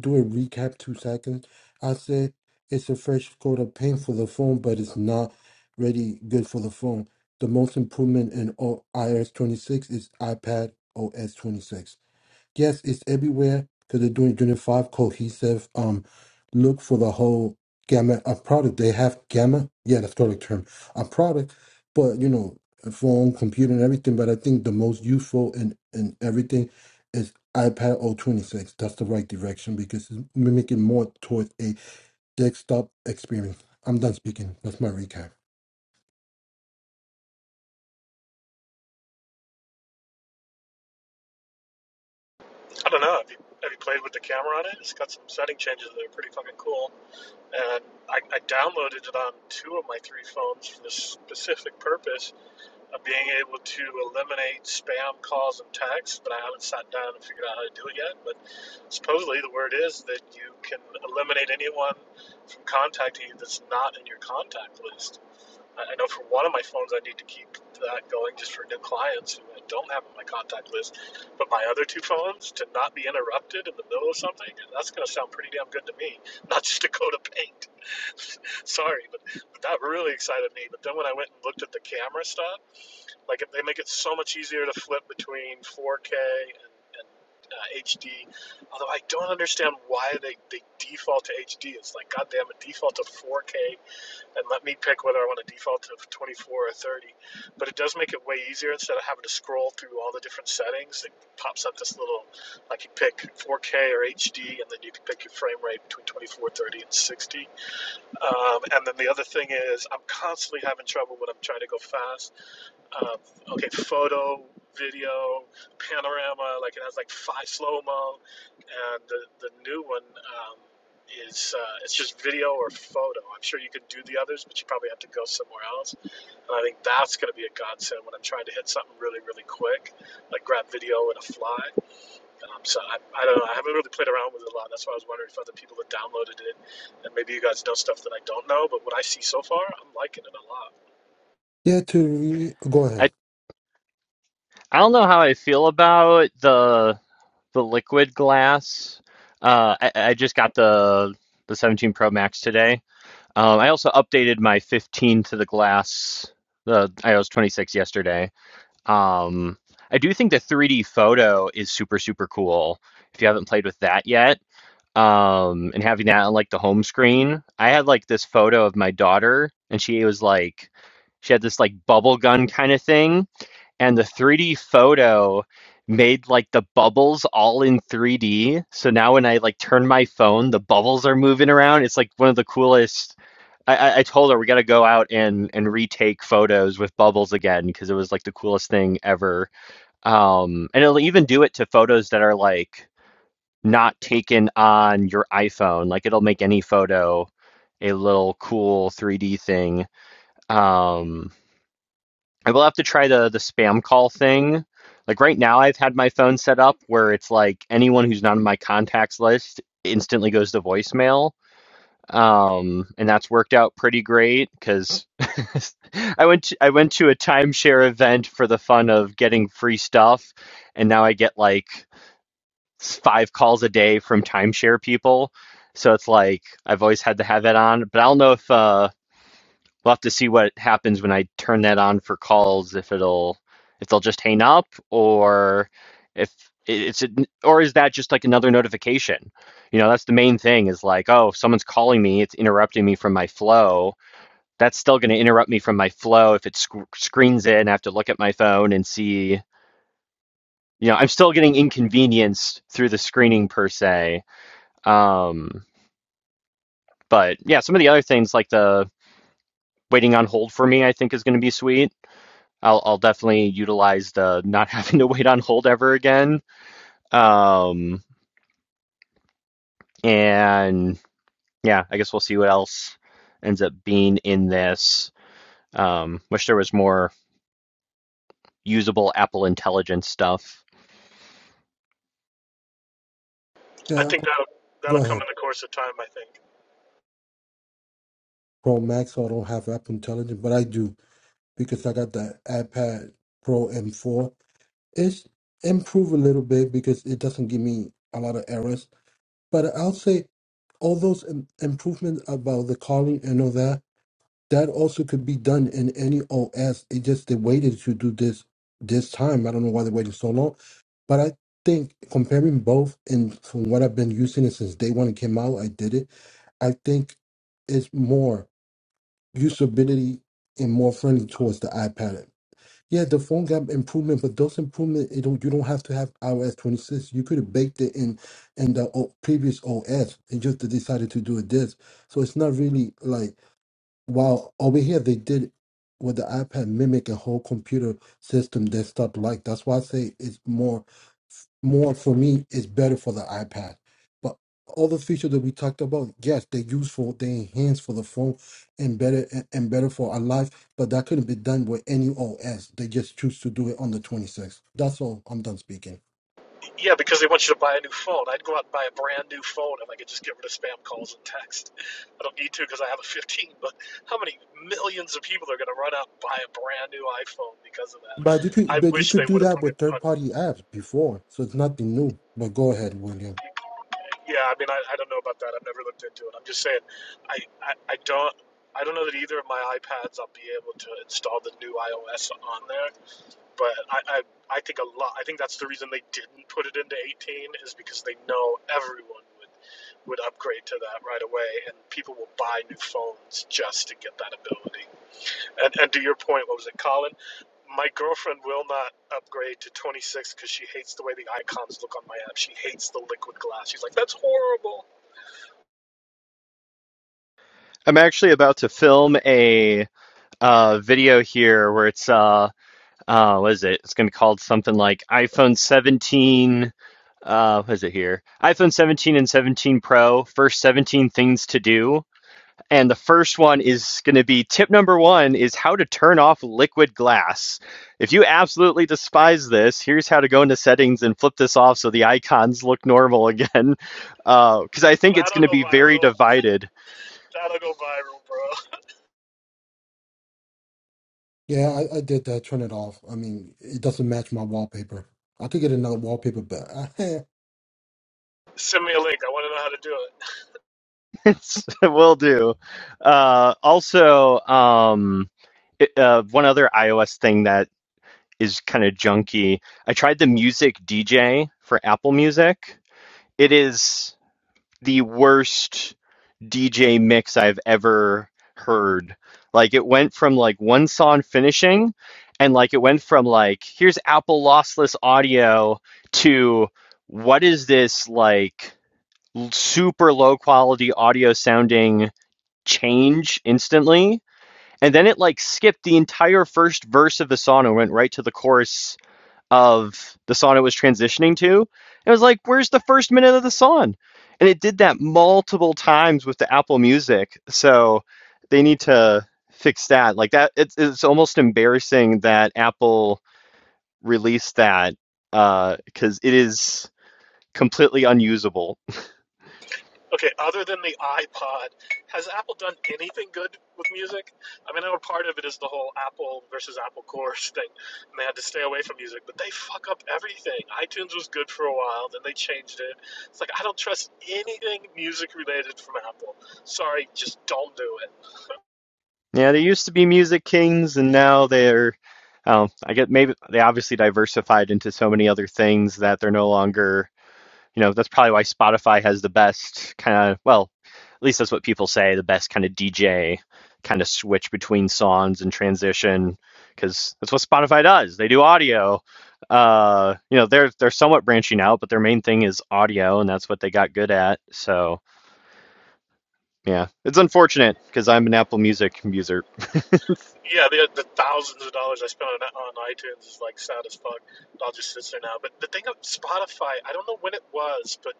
do a recap, two seconds. I said it's a fresh coat of paint for the phone, but it's not really good for the phone. The most improvement in o- iOS 26 is iPad OS 26. Yes, it's everywhere because they're doing doing five cohesive. Um, look for the whole gamut of product. They have gamma. Yeah, that's correct term. A product, but you know, phone, computer, and everything. But I think the most useful in in everything is iPad O twenty six. That's the right direction because it's mimicking more towards a desktop experience. I'm done speaking. That's my recap. I don't know. Have you have you played with the camera on it? It's got some setting changes that are pretty fucking cool. And I, I downloaded it on two of my three phones for the specific purpose of being able to eliminate spam calls and texts. But I haven't sat down and figured out how to do it yet. But supposedly the word is that you can eliminate anyone from contacting you that's not in your contact list. I know for one of my phones, I need to keep that going just for new clients who I don't have on my contact list. But my other two phones, to not be interrupted in the middle of something, that's going to sound pretty damn good to me. Not just to go to paint. (laughs) Sorry, but, but that really excited me. But then when I went and looked at the camera stuff, like if they make it so much easier to flip between 4K and, and uh, HD, although I don't understand why they, they default to HD. It's like, goddamn, it default to 4K and let me pick whether I want to default to 24 or 30. But it does make it way easier instead of having to scroll through all the different settings. It pops up this little, like you pick 4K or HD, and then you can pick your frame rate between 24, 30, and 60 um, and then the other thing is, I'm constantly having trouble when I'm trying to go fast. Um, okay, photo, video, panorama, like it has like five slow mo, and the, the new one um, is uh, it's just video or photo. I'm sure you can do the others, but you probably have to go somewhere else. And I think that's going to be a godsend when I'm trying to hit something really, really quick, like grab video in a fly. Um, so I, I don't know. I haven't really played around with it a lot. That's why I was wondering if other people have downloaded it, and maybe you guys know stuff that I don't know. But what I see so far, I'm liking it a lot. Yeah, to re- go i ahead. i don't know how i feel about the the liquid glass uh i, I just got the the 17 pro max today Um, I also updated my 15 to the glass, the iOS 26 yesterday. Um, I do think the 3D photo is super, super cool if you haven't played with that yet. Um, and having that on like the home screen. I had like this photo of my daughter, and she was like, she had this like bubble gun kind of thing. And the 3D photo made like the bubbles all in 3D. So now when I like turn my phone, the bubbles are moving around. It's like one of the coolest I, I told her we got to go out and and retake photos with bubbles again because it was like the coolest thing ever. Um, and it'll even do it to photos that are like not taken on your iPhone. Like it'll make any photo a little cool 3D thing. Um, I will have to try the the spam call thing. Like right now, I've had my phone set up where it's like anyone who's not on my contacts list instantly goes to voicemail um, and that's worked out pretty great because (laughs) I went to, I went to a timeshare event for the fun of getting free stuff, and now I get like s- five calls a day from timeshare people. So it's like I've always had to have that on, but I don't know if uh, We'll have to see what happens when I turn that on for calls. If it'll, if they'll just hang up, or if it's, or is that just like another notification? You know, that's the main thing. Is like, oh, if someone's calling me, it's interrupting me from my flow. That's still going to interrupt me from my flow if it sc- screens in. I have to look at my phone and see. You know, I'm still getting inconvenienced through the screening per se. Um, but yeah, some of the other things like the waiting on hold for me, I think is going to be sweet I'll I'll definitely utilize the not (laughs) having to wait on hold ever again. Um, and yeah, I guess we'll see what else ends up being in this. Um, wish there was more usable Apple Intelligence stuff. I Yeah, think that'll go that'll come ahead. in the course of time. I think. Pro Max. I don't have Apple Intelligence, but I do. because I got the iPad Pro M4. It's improved a little bit because it doesn't give me a lot of errors. But I'll say all those im- improvements about the calling and all that, that also could be done in any OS. It just they waited to do this this time. I don't know why they waited so long. But I think comparing both and from what I've been using it since day one it came out, I did it. I think it's more usability and more friendly towards the iPad yeah, the phone got improvement, but those improvement it don't, you don't have to have iOS 26. You could have baked it in in the o- previous OS and just decided to do it this. So it's not really like while over here they did with the iPad mimic a whole computer system that stuff like that's why I say it's more more for me is better for the iPad. But all the features that we talked about, yes, they're useful, they enhance for the phone and better and and better for our life, but that couldn't be done with any OS. They just choose to do it on the 26th. That's all. I'm done speaking. Yeah, because they want you to buy a new phone. I'd go out and buy a brand new phone if I could just get rid of spam calls and text. I don't need to because I have a 15. But how many millions of people are going to run out and buy a brand new iPhone because of that? But you could I but you wish could they do would have that put it with third on. party apps before, so it's nothing new. But go ahead, William. Yeah, I mean, I, I don't know about that. I've never looked into it. I'm just saying, I, I, I don't I don't know that either of my iPads I'll be able to install the new iOS on there. But I, I, I think a lot. I think that's the reason they didn't put it into 18 is because they know everyone would would upgrade to that right away, and people will buy new phones just to get that ability. And and to your point, what was it, Colin? my girlfriend will not upgrade to 26 because she hates the way the icons look on my app. She hates the liquid glass. She's like, that's horrible. I'm actually about to film a uh, video here where it's uh uh what is it? It's gonna be called something like iPhone 17. Uh, what is it here? iPhone 17 and 17 Pro. First 17 things to do And the first one is going to be tip number one is how to turn off liquid glass. If you absolutely despise this, here's how to go into settings and flip this off so the icons look normal (laughs) again. Because uh, I think it's That'll going to go be very viral. divided. That'll go viral, bro. Yeah, I, I did that. Turn it off. I mean, it doesn't match my wallpaper. I could get another wallpaper, but I, Send me a link. I want to know how to do it. (laughs) it will do. Uh, also, um, it, uh, one other iOS thing that is kind of junky. I tried the Music DJ for Apple Music. It is the worst DJ mix I've ever heard. Like it went from like one song finishing and like it went from like here's Apple lossless audio to what is this like super low quality audio sounding change instantly and then it like skipped the entire first verse of the song and went right to the chorus of the song it was transitioning to. And it was like, where's the first minute of the song? And it did that multiple times with the Apple Music. So they need to fix that. Like that, it's, it's almost embarrassing that Apple released that uh, because it is completely unusable. (laughs) Okay, other than the iPod, has Apple done anything good with music? I mean, I know part of it is the whole Apple versus Apple course (laughs) thing, and they had to stay away from music, but they fuck up everything. iTunes was good for a while, then they changed it. It's like, I don't trust anything music related from Apple. Sorry, just don't do it. Yeah, they used to be Music Kings, and now they're, um, I get maybe they obviously diversified into so many other things that they're no longer, you know, that's probably why Spotify has the best kind of, well, at least that's what people say, the best kind of DJ kind of switch between songs and transition, because that's what Spotify does. They do audio. Uh, you know, they're they're somewhat branching out, but their main thing is audio, and that's what they got good at. So yeah, it's unfortunate because I'm an Apple Music user. (laughs) Yeah, the, the thousands of dollars I spent on, on iTunes is like sad as fuck. It all just sits there now. But the thing of Spotify, I don't know when it was, but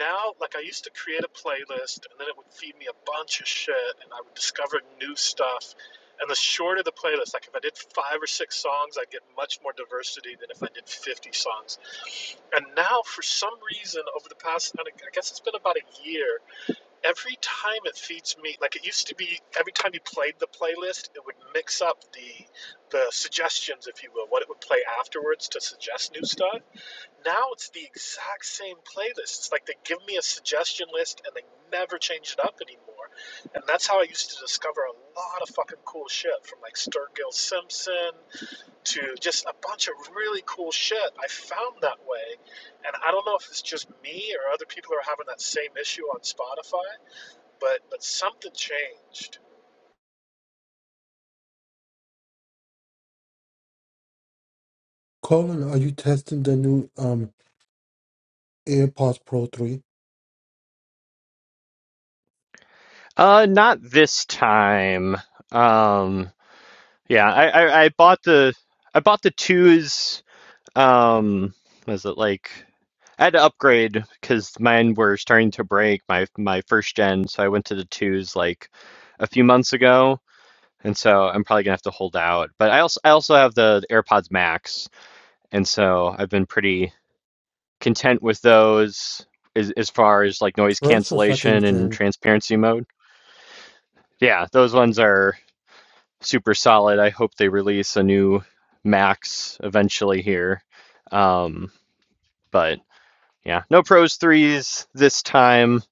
now, like, I used to create a playlist and then it would feed me a bunch of shit and I would discover new stuff. And the shorter the playlist, like, if I did five or six songs, I'd get much more diversity than if I did 50 songs. And now, for some reason, over the past, I guess it's been about a year, Every time it feeds me, like it used to be, every time you played the playlist, it would mix up the the suggestions, if you will, what it would play afterwards to suggest new stuff. Now it's the exact same playlist. It's like they give me a suggestion list and they never change it up anymore. And that's how I used to discover a lot of fucking cool shit from like Sturgill Simpson to just a bunch of really cool shit I found that way. And I don't know if it's just me or other people are having that same issue on Spotify but but something changed. (laughs) Colin, are you testing the new um AirPods Pro 3 Uh, not this time. Um, yeah, I, I, I bought the I bought the twos. Um, was it like I had to upgrade because mine were starting to break my my first gen, so I went to the twos like a few months ago, and so I'm probably gonna have to hold out. But I also I also have the, the AirPods Max, and so I've been pretty content with those as as far as like noise first or cancellation second and gen? transparency mode. Yeah, those ones are. super solid. I hope they release a new Max eventually here. Um, but yeah, no pros threes this time.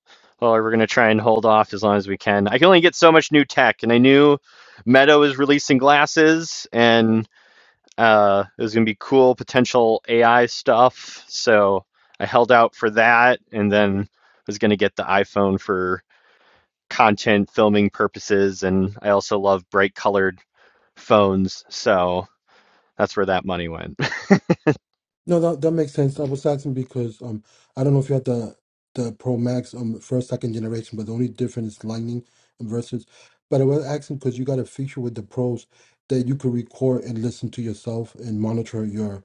Well, we're gonna try and hold off as long as we can. I can only get so much new tech, and I knew Meadow is releasing glasses, and uh, there's gonna be cool potential AI stuff. So I held out for that, and then was gonna get the iPhone for content filming purposes, and I also love bright colored phones, so that's where that money went. (laughs) No, that that makes sense. I was asking because um I don't know if you have the the Pro Max um first second generation, but the only difference is Lightning versus. But I was asking because you got a feature with the Pros that you could record and listen to yourself and monitor your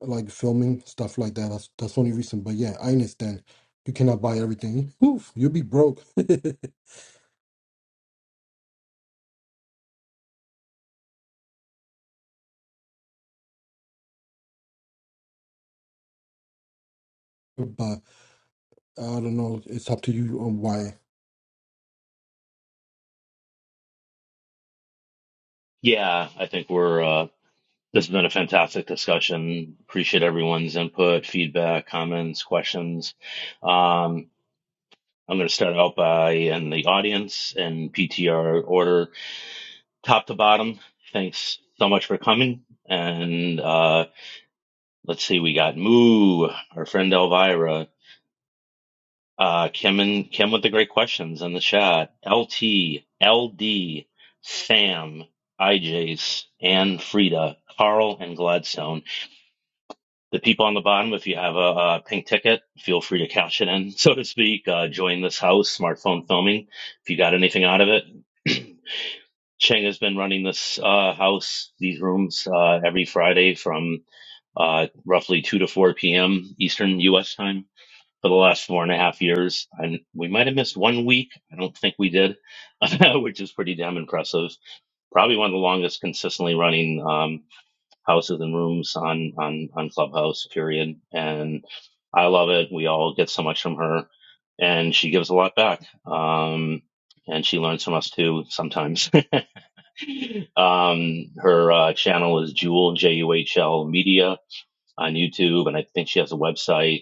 like filming stuff like that. That's that's the only reason. But yeah, I understand. You cannot buy everything. Oof, you'll be broke. (laughs) but I don't know. It's up to you on why yeah, I think we're. Uh, this has been a fantastic discussion. Appreciate everyone's input, feedback, comments, questions. Um, I'm going to start out by in the audience and PTR order, top to bottom. Thanks so much for coming. And uh, let's see, we got Moo, our friend Elvira, Uh, Kim and Kim with the great questions in the chat. LT, LD, Sam, IJs, Anne, Frida, Carl, and Gladstone. The people on the bottom, if you have a, uh pink ticket, feel free to cash it in, (laughs) so to speak. Uh, join this house, smartphone filming. If you got anything out of it, (clears throat) Cheng has been running this uh, house, these rooms, uh, every Friday from uh, roughly 2 to 4 p.m. Eastern U.S. time for the last four and a half years. And we might have missed one week. I don't think we did, (laughs) which is pretty damn impressive. Probably one of the longest consistently running um, houses and rooms on, on, on Clubhouse, period. And I love it. We all get so much from her. And she gives a lot back. Um, and she learns from us too sometimes. (laughs) um, her uh, channel is Jewel, J U H L Media on YouTube. And I think she has a website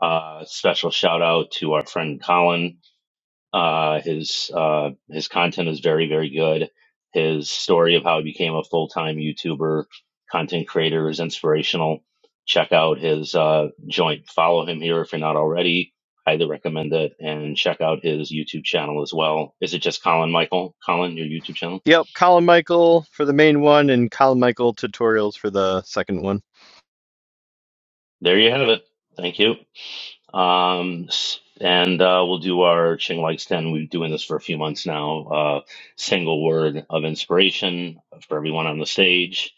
uh, special shout out to our friend Colin. Uh, his uh, his content is very very good. His story of how he became a full time YouTuber content creator is inspirational. Check out his uh, joint. Follow him here if you're not already. Highly recommend it. And check out his YouTube channel as well. Is it just Colin Michael? Colin, your YouTube channel? Yep, Colin Michael for the main one, and Colin Michael tutorials for the second one. There you have it. Thank you. Um, s- and uh, we'll do our Ching Likes 10. We've been doing this for a few months now. Uh, single word of inspiration for everyone on the stage.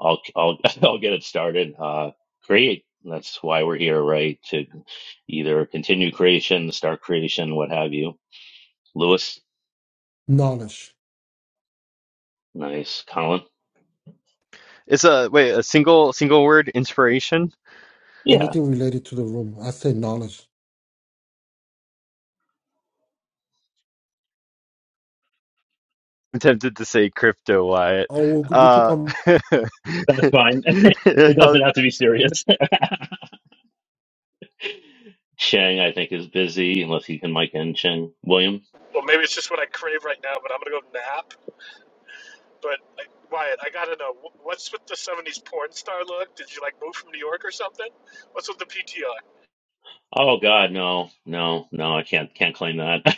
I'll, I'll, (laughs) I'll get it started. Uh, create. That's why we're here, right? To either continue creation, start creation, what have you. Lewis, knowledge. nice. Colin? It's a wait, a single single word inspiration. (laughs) Yeah, Anything related to the room. I say knowledge. I'm tempted to say crypto Wyatt. Oh, we could we could Uh, come. (laughs) that's fine. (laughs) it I doesn't have to be serious. (laughs) Cheng, I think, is busy unless he can mic in. Cheng, William? Well, maybe it's just what I crave right now, but I'm gonna go nap. But like, Wyatt, I gotta know wh- what's with the '70s porn star look? Did you like move from New York or something? What's with the PTR? Oh God, no, no, no! I can't can't claim that.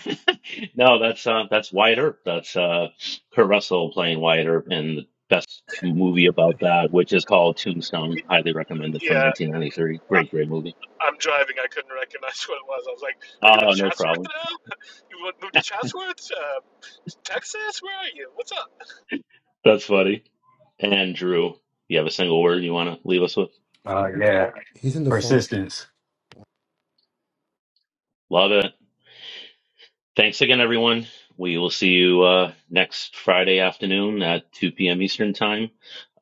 (laughs) no, that's uh, that's Wyatt Earp. That's uh, Kurt Russell playing Wyatt Earp in the best movie about that, which is called Tombstone. Highly recommended from Yeah, 1993. Great, great movie. I'm driving. I couldn't recognize (laughs) what it was. I was like, "Are you in Oh, no Chatsworth problem. now? (laughs) You wa- moved to Chatsworth, uh, Texas? Where are you? What's up?" That's funny. And Drew, you have a single word you want to leave us with? uh yeah He's in the phone. persistence Love it. Thanks again, everyone. We will see you uh, next Friday afternoon at 2 p.m. Eastern Time.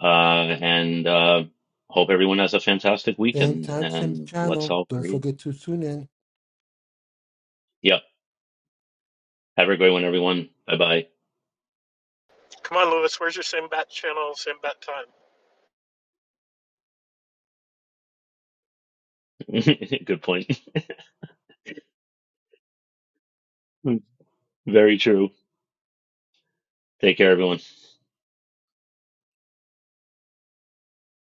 Uh, and uh, hope everyone has a fantastic Same weekend time, same and let's channel. all Don't create. forget to tune in. Yeah. Have a great one, everyone. Bye bye. Come on, Lewis. Where's your same bat channel, same bat time? (laughs) Good point. (laughs) Very true. Take care, everyone.